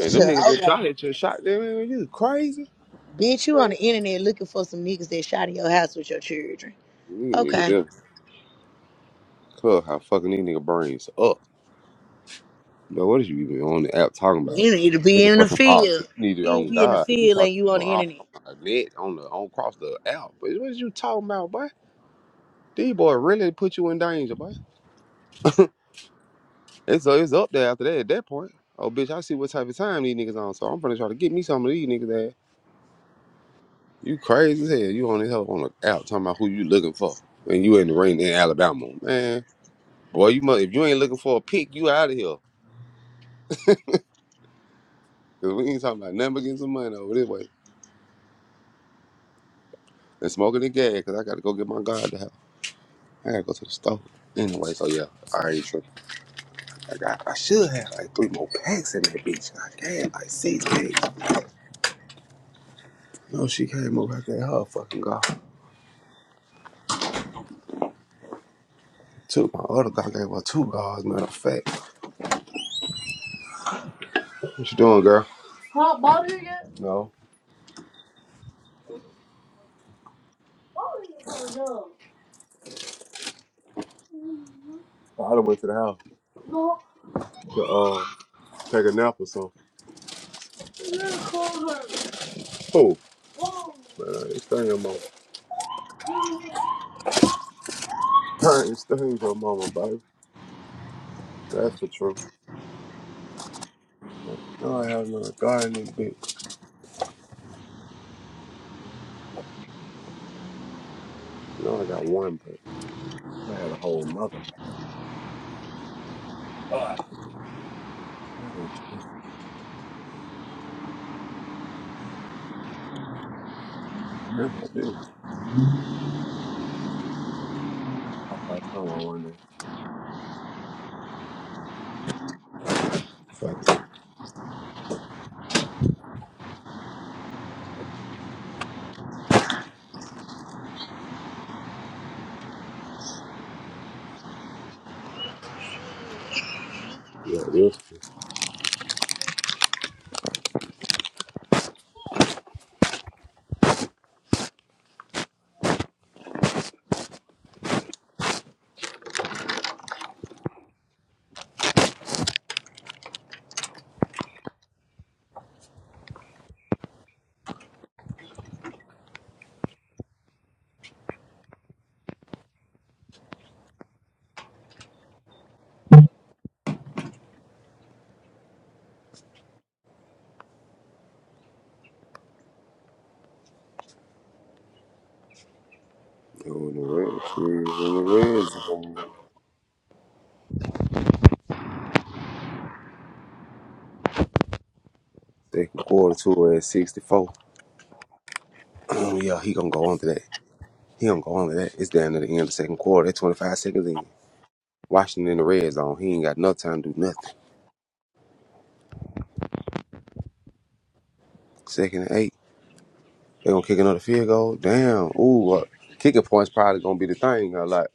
Speaker 1: And them niggas that
Speaker 2: okay.
Speaker 1: shot at your shot them, man, you crazy.
Speaker 2: Bitch, you on the internet looking for some niggas that shot at your house with your children.
Speaker 1: These niggas,
Speaker 2: Okay.
Speaker 1: them club how fucking these nigga brains up. But what is you even on the app talking about?
Speaker 2: You need to be
Speaker 1: Looking
Speaker 2: in
Speaker 1: for
Speaker 2: the
Speaker 1: some ops. You
Speaker 2: field.
Speaker 1: need to
Speaker 2: You need to
Speaker 1: on
Speaker 2: be in the
Speaker 1: God. You
Speaker 2: field
Speaker 1: talking
Speaker 2: and you
Speaker 1: about
Speaker 2: on
Speaker 1: some
Speaker 2: the
Speaker 1: ops
Speaker 2: internet.
Speaker 1: on the net, on the on across the app. But what is you talking about, boy? These boy really put you in danger, boy. It's, so, it's up there after that at that point. Oh, bitch, I see what type of time these niggas on, so I'm finna try to get me some of these niggas ass. You crazy as hell. You on this hell on the out talking about who you looking for. And you in the rain in Alabama. Man, boy, you must, if you ain't looking for a pick, you out of here. Cause we ain't talking about nothing but getting some money over this way. And smoking the gas, cause I gotta go get my guard to help. I gotta go to the store. Anyway, so yeah, I ain't tripping. I got, I should have like three more packs in that bitch. I got like six packs. No, she came over. I gave her a fucking go. Two, my other God gave her two guards, matter of fact. What you doing, girl? No. I done went to the house to uh, take a nap or something. Oh, man, it's thing your mama. it's thing your mama, baby. That's for true. No, I have no garden in the bitch. No, I don't. Second quarter to at 64. Oh, yeah, he gonna go on to that. He gonna go on to that. It's down to the end of the second quarter. That's 25 seconds in. Washington in the red zone. He ain't got no time to do nothing. Second and eight. They gonna kick another field goal. Damn. Ooh, uh, kicking points probably gonna be the thing a lot.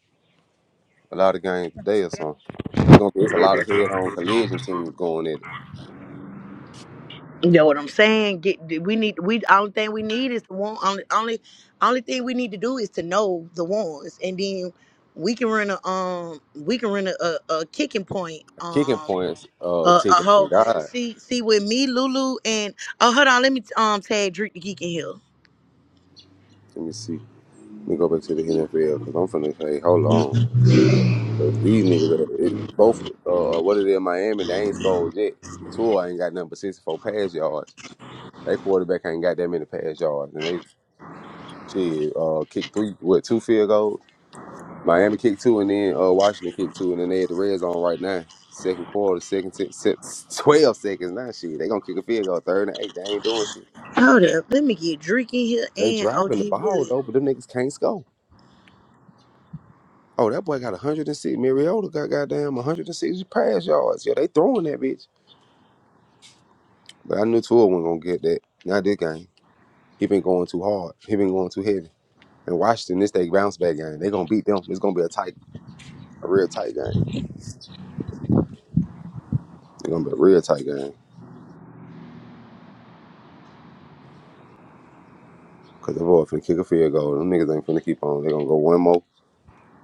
Speaker 1: a lot of games today or something. It's gonna be it's a lot of head on collision teams going at it.
Speaker 2: You know what I'm saying? Get we need we only thing we need is the one only only only thing we need to do is to know the ones, and then we can run a um we can run a, a, a kicking point
Speaker 1: Kicking
Speaker 2: um
Speaker 1: points,
Speaker 2: a,
Speaker 1: uh,
Speaker 2: a
Speaker 1: ticket on
Speaker 2: whole
Speaker 1: God.
Speaker 2: see see with me Lulu and oh hold on let me um tag Drake the Geek in here.
Speaker 1: Let me see. Let me go back to the NFL because I'm finna say, hold on. 'Cause these niggas, uh, it, both, uh, uh, what it is, Miami, they ain't scored yet. Tua ain't got nothing but 64 pass yards. They quarterback ain't got that many pass yards. And they, shit, uh, kicked three, what, two field goals? Miami kicked two, and then uh, Washington kicked two, and then they had the red zone right now. Second quarter, second se- se- twelve seconds. Now shit, they gonna kick a field goal. Third and eight, they ain't doing shit.
Speaker 2: Hold up, let me get Drake in here
Speaker 1: They
Speaker 2: and OG
Speaker 1: driving the ball
Speaker 2: Billy.
Speaker 1: though, but them niggas can't score. Oh, that boy got 106. Mariota got goddamn 160 pass yards. Yeah, they throwing that bitch. But I knew Tua wasn't gonna get that. Not this game. He been going too hard. He been going too heavy. And Washington, this they bounce back game. They gonna beat them. It's gonna be a tight, a real tight game. It's gonna be a real tight game. Cause the boy finna kick a field goal. Them niggas ain't finna keep on. They gonna go one more,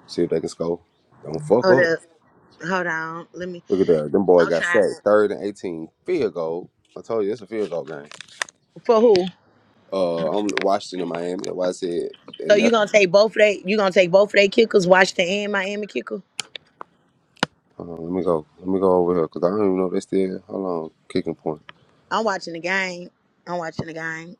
Speaker 1: see if they can score. Don't fuck
Speaker 2: Hold
Speaker 1: up.
Speaker 2: up, hold on, let me.
Speaker 1: Look at that. Them boys
Speaker 2: I'm
Speaker 1: got
Speaker 2: trying
Speaker 1: sacked.
Speaker 2: to
Speaker 1: Third and eighteen. Field goal. I told you it's a field goal game.
Speaker 2: for who?
Speaker 1: Uh, I'm Washington and Miami. That's why I said.
Speaker 2: So
Speaker 1: And that.
Speaker 2: you gonna take both of they? You gonna take both of they kickers, Washington and Miami kicker?
Speaker 1: Hold on, let me go. Let me go over here because I don't even know if they still. Hold on, kicking point.
Speaker 2: I'm watching the game. I'm watching the game.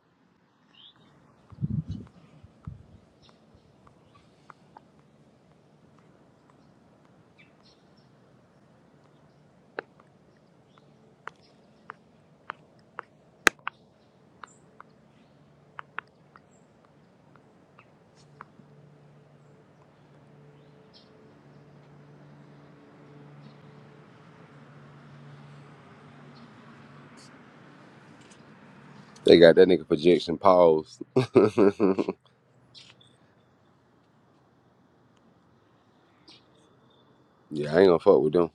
Speaker 1: They got that nigga projection paused. yeah, I ain't gonna fuck with them.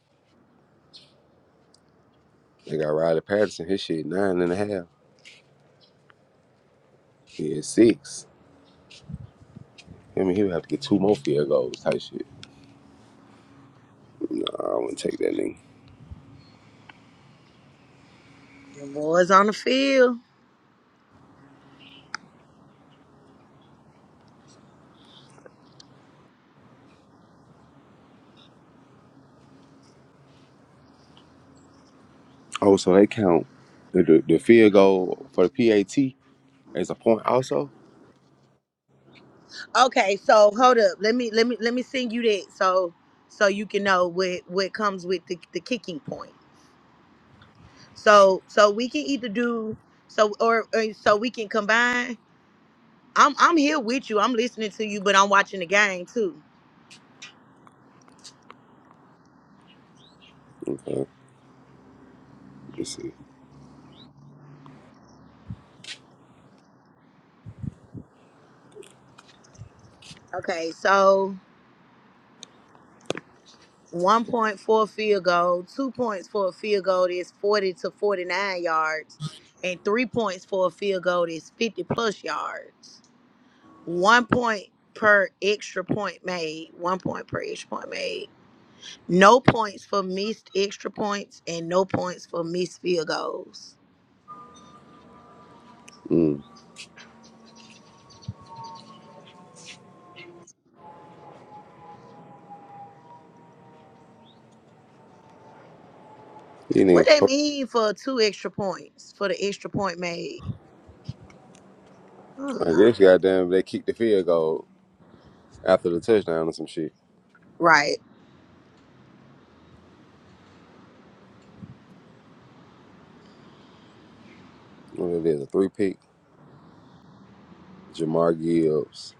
Speaker 1: They got Riley Patterson. His shit nine and a half. He is six. I mean, he would have to get two more field goals type shit. Nah, I wouldn't take that nigga.
Speaker 2: The boys on the field.
Speaker 1: Oh, so they count the, the, the field goal for the PAT as a point also?
Speaker 2: Okay, so hold up. Let me let me let me send you that so so you can know what what comes with the, the kicking point. So so we can either do so or, or so we can combine. I'm I'm here with you. I'm listening to you, but I'm watching the game too.
Speaker 1: Okay. Let's see.
Speaker 2: Okay, so one point for a field goal, two points for a field goal is forty to forty nine yards, and three points for a field goal is fifty plus yards. one point per extra point made, one point per extra point made. No points for missed extra points and no points for missed field goals.
Speaker 1: Mm. You need,
Speaker 2: What they mean for two extra points for the extra point made? I don't
Speaker 1: I
Speaker 2: know.
Speaker 1: guess goddamn they kick the field goal after the touchdown or some shit.
Speaker 2: Right.
Speaker 1: What it is, a three pick, Jamar Gibbs,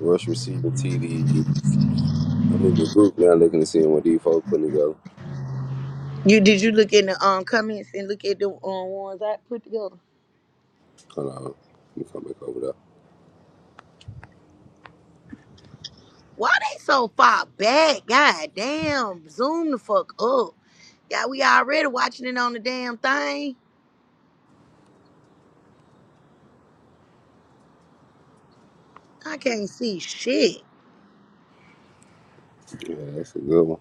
Speaker 1: rush receiver TD. I'm in the group now looking to see what these folks putting together.
Speaker 2: You did you look in the um comments and look at the um ones I put together?
Speaker 1: Hold on. Let me come back over there.
Speaker 2: Why they so far back? God damn, zoom the fuck up. Yeah, we already watching it on the damn thing. I can't see shit.
Speaker 1: Yeah, that's a good one.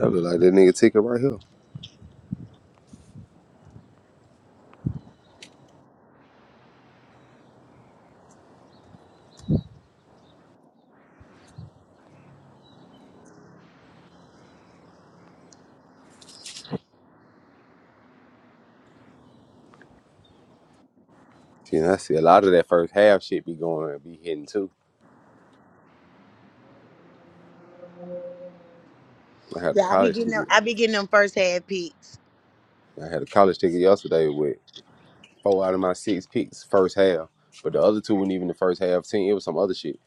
Speaker 1: I look like that nigga ticket right here. See, and I see a lot of that first half shit be going and be hitting too. I had a
Speaker 2: Yeah, I be
Speaker 1: college
Speaker 2: getting them.
Speaker 1: ticket.
Speaker 2: I be getting them first hand peeks.
Speaker 1: I had a college ticket yesterday with four out of my six picks first half, but the other two weren't even the first half team. It was some other shit.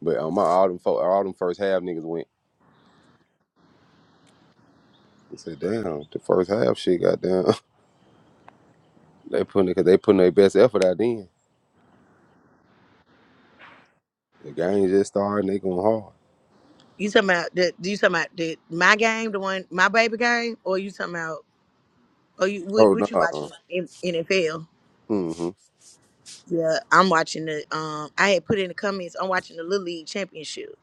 Speaker 1: But on my all them four, all them first half niggas went. I said, damn, the first half shit got down. they putting because they putting their best effort out then. The game just started. They going hard.
Speaker 2: You talking about the? You talking about the my game, the one my baby game, or you talking about? Or you what, what you
Speaker 1: Oh
Speaker 2: watching in NFL?
Speaker 1: no. hmm
Speaker 2: Yeah, I'm watching the. Um, I had put in the comments. I'm watching the Little League Championship.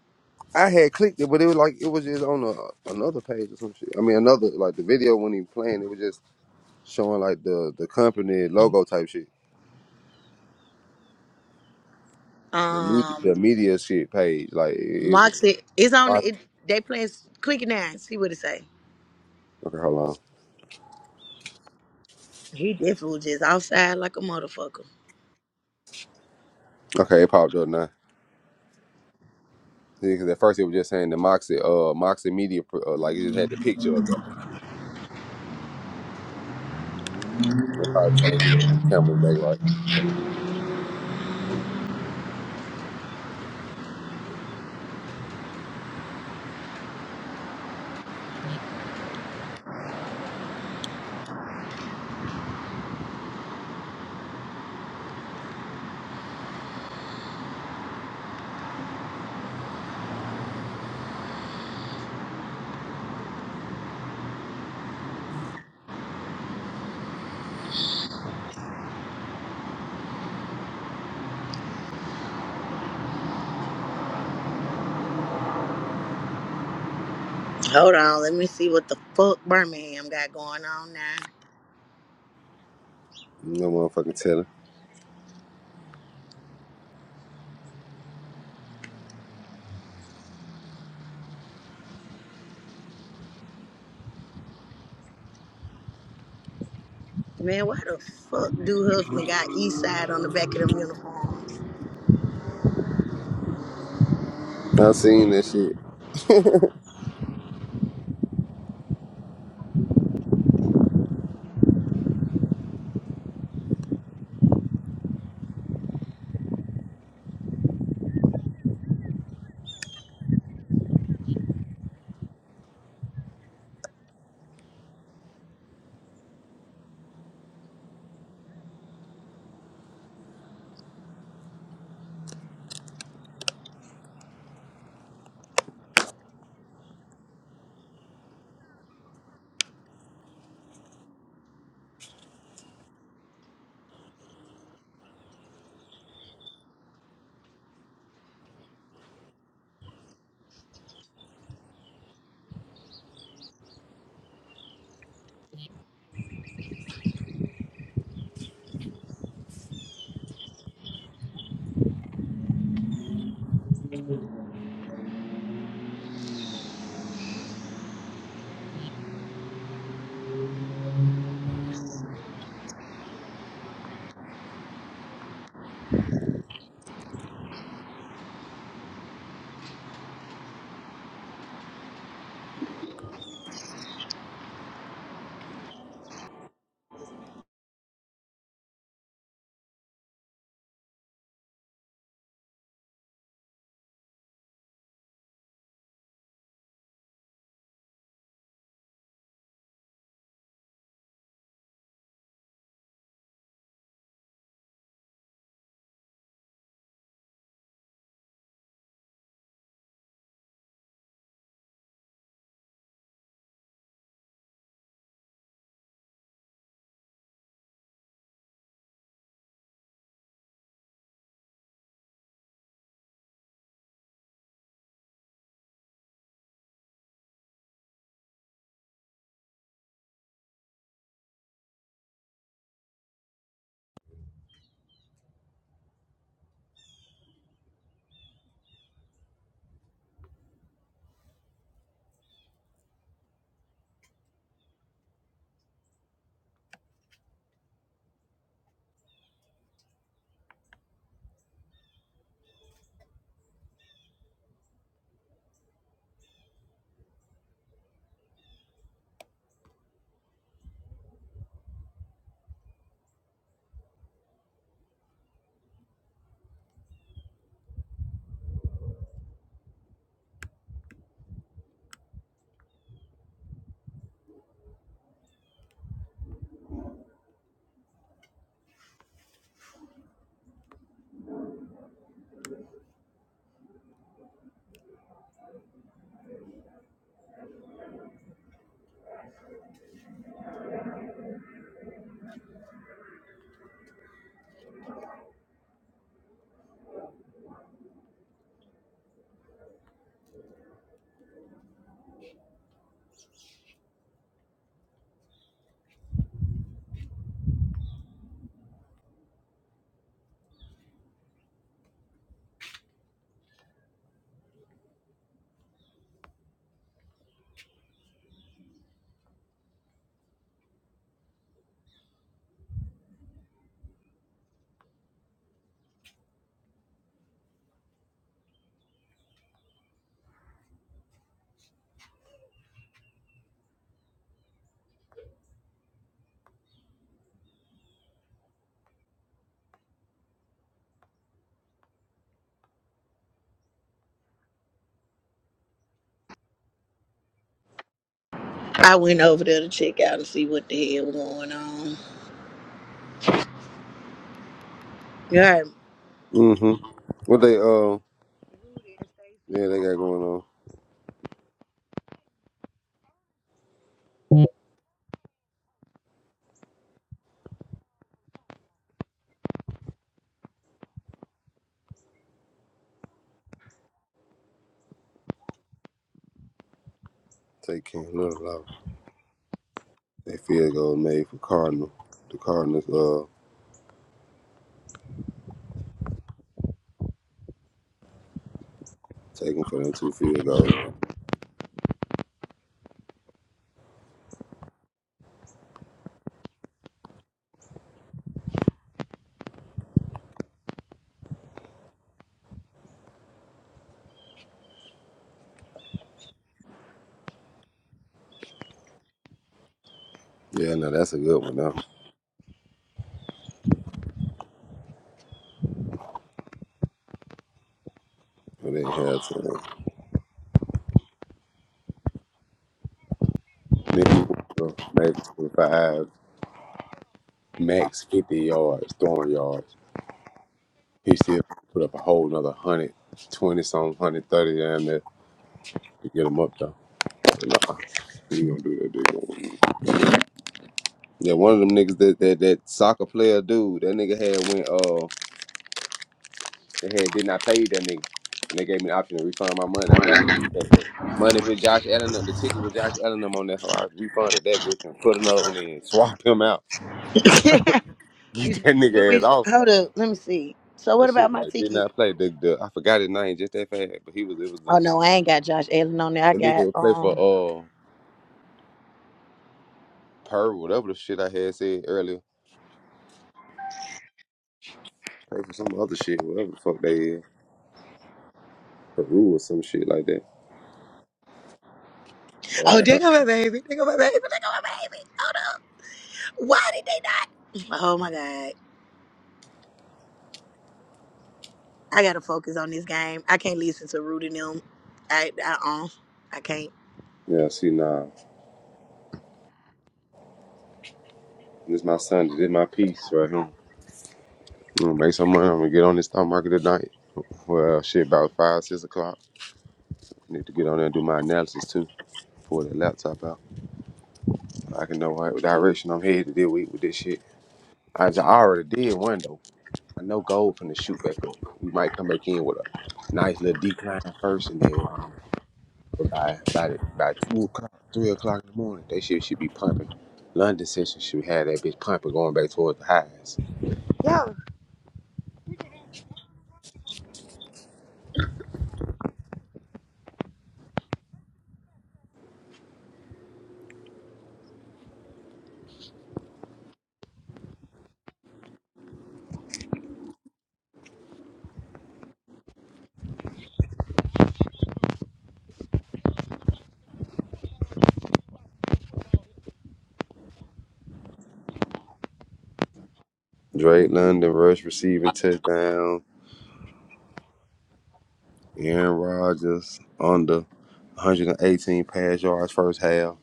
Speaker 1: I had clicked it, but it was like it was just on a, another page or some shit. I mean, another like the video wasn't even playing. It was just showing like the the company logo type shit, the media,
Speaker 2: Um,
Speaker 1: the media shit page. Like it, it
Speaker 2: Moxie is on.
Speaker 1: was.
Speaker 2: It they playing quick nine. See what it say.
Speaker 1: Okay, hold on.
Speaker 2: He definitely was just outside like a motherfucker.
Speaker 1: Okay, it popped up now. Because at first it was just saying the Moxie, uh, Moxie Media, uh, like it just had the picture up there. They probably was trying to get the cameras back right.
Speaker 2: Hold on, let me see what the fuck Birmingham got going on now.
Speaker 1: No motherfucking telling.
Speaker 2: Man, why the fuck do husband got East Side on the back of them uniforms?
Speaker 1: I seen that shit.
Speaker 2: I went over there to check out and see what the hell was going on. Yeah.
Speaker 1: Mm-hmm. What they, uh, yeah, they got going on. Take King Little off. They field goal made for Cardinal. The Cardinals, uh, taking for them two field goals. Yeah, no, that's a good one, though. But they have to. Next quarter, maybe 25, max 50 yards, throwing yards. He still put up a whole another hundred twenty some hundred thirty down there to get him up though. Nah, you gonna do it. Nigga, money with I refunded that bitch and put another one in. Swap him out. Get
Speaker 2: you,
Speaker 1: that
Speaker 2: you
Speaker 1: nigga ass
Speaker 2: be-
Speaker 1: off though.
Speaker 2: hold up, let me see. So what
Speaker 1: That shit
Speaker 2: about my ticket?
Speaker 1: I played the, the I forgot his name just that fast, but he was it was
Speaker 2: Oh
Speaker 1: the
Speaker 2: no, I ain't got Josh Allen on there. I
Speaker 1: the nigga
Speaker 2: got
Speaker 1: would play for
Speaker 2: um.
Speaker 1: uh Pearl, whatever the shit I had said earlier. Play for some other shit, whatever the fuck they is. Peru or some shit like that.
Speaker 2: Oh, there go my baby. There go my baby. There go my baby. Hold up. Why did they not? Oh my god. I gotta focus on this game. I can't listen to Rudy and them. I I um. I can't.
Speaker 1: Yeah, see, nah, this my Sunday, this my peace right here. I'm gonna make some money. I'm gonna get on this stock market tonight. Well, shit, about five, six o'clock. Need to get on there and do my analysis too. Pull the laptop out. I can know what direction I'm headed this week with this shit. I, j- I already did one though. I know gold finna shoot back up. We might come back in with a nice little decline first, and then by by the- by two o'clock, three o'clock in the morning, that shit should be pumping. London session should have that bitch pumping, going back towards the highs.
Speaker 2: Yo,
Speaker 1: Drake London rush receiving touchdown. Aaron Rodgers under 118 pass yards first half.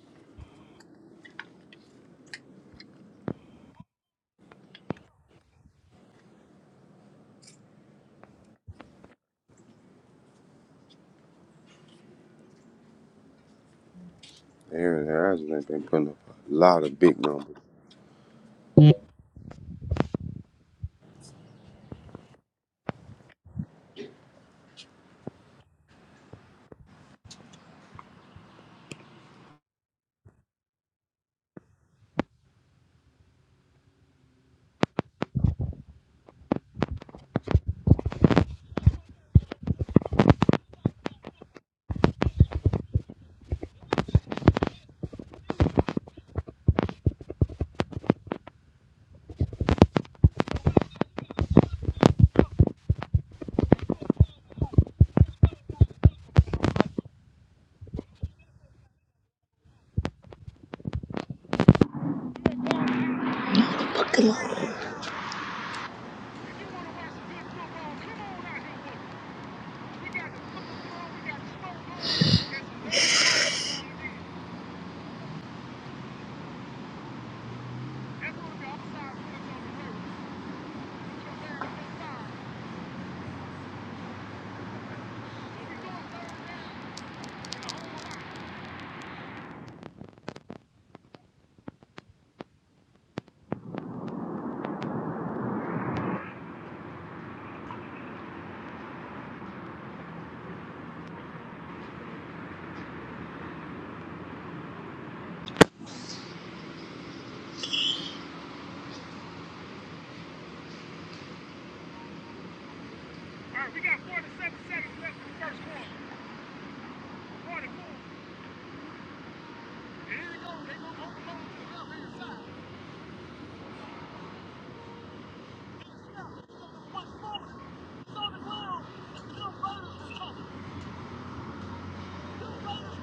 Speaker 1: Aaron Rodgers has been putting up a lot of big numbers.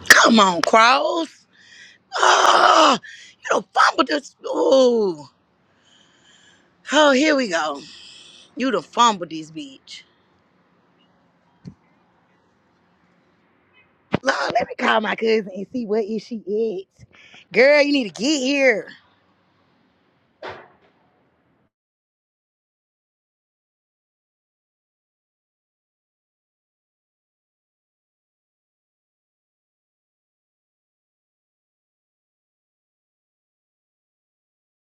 Speaker 2: Come on, Cross. Ah, you done fumbled this. Oh, Oh, here we go. You done fumbled this bitch. Lord, let me call my cousin and see where is she at. Girl, you need to get here.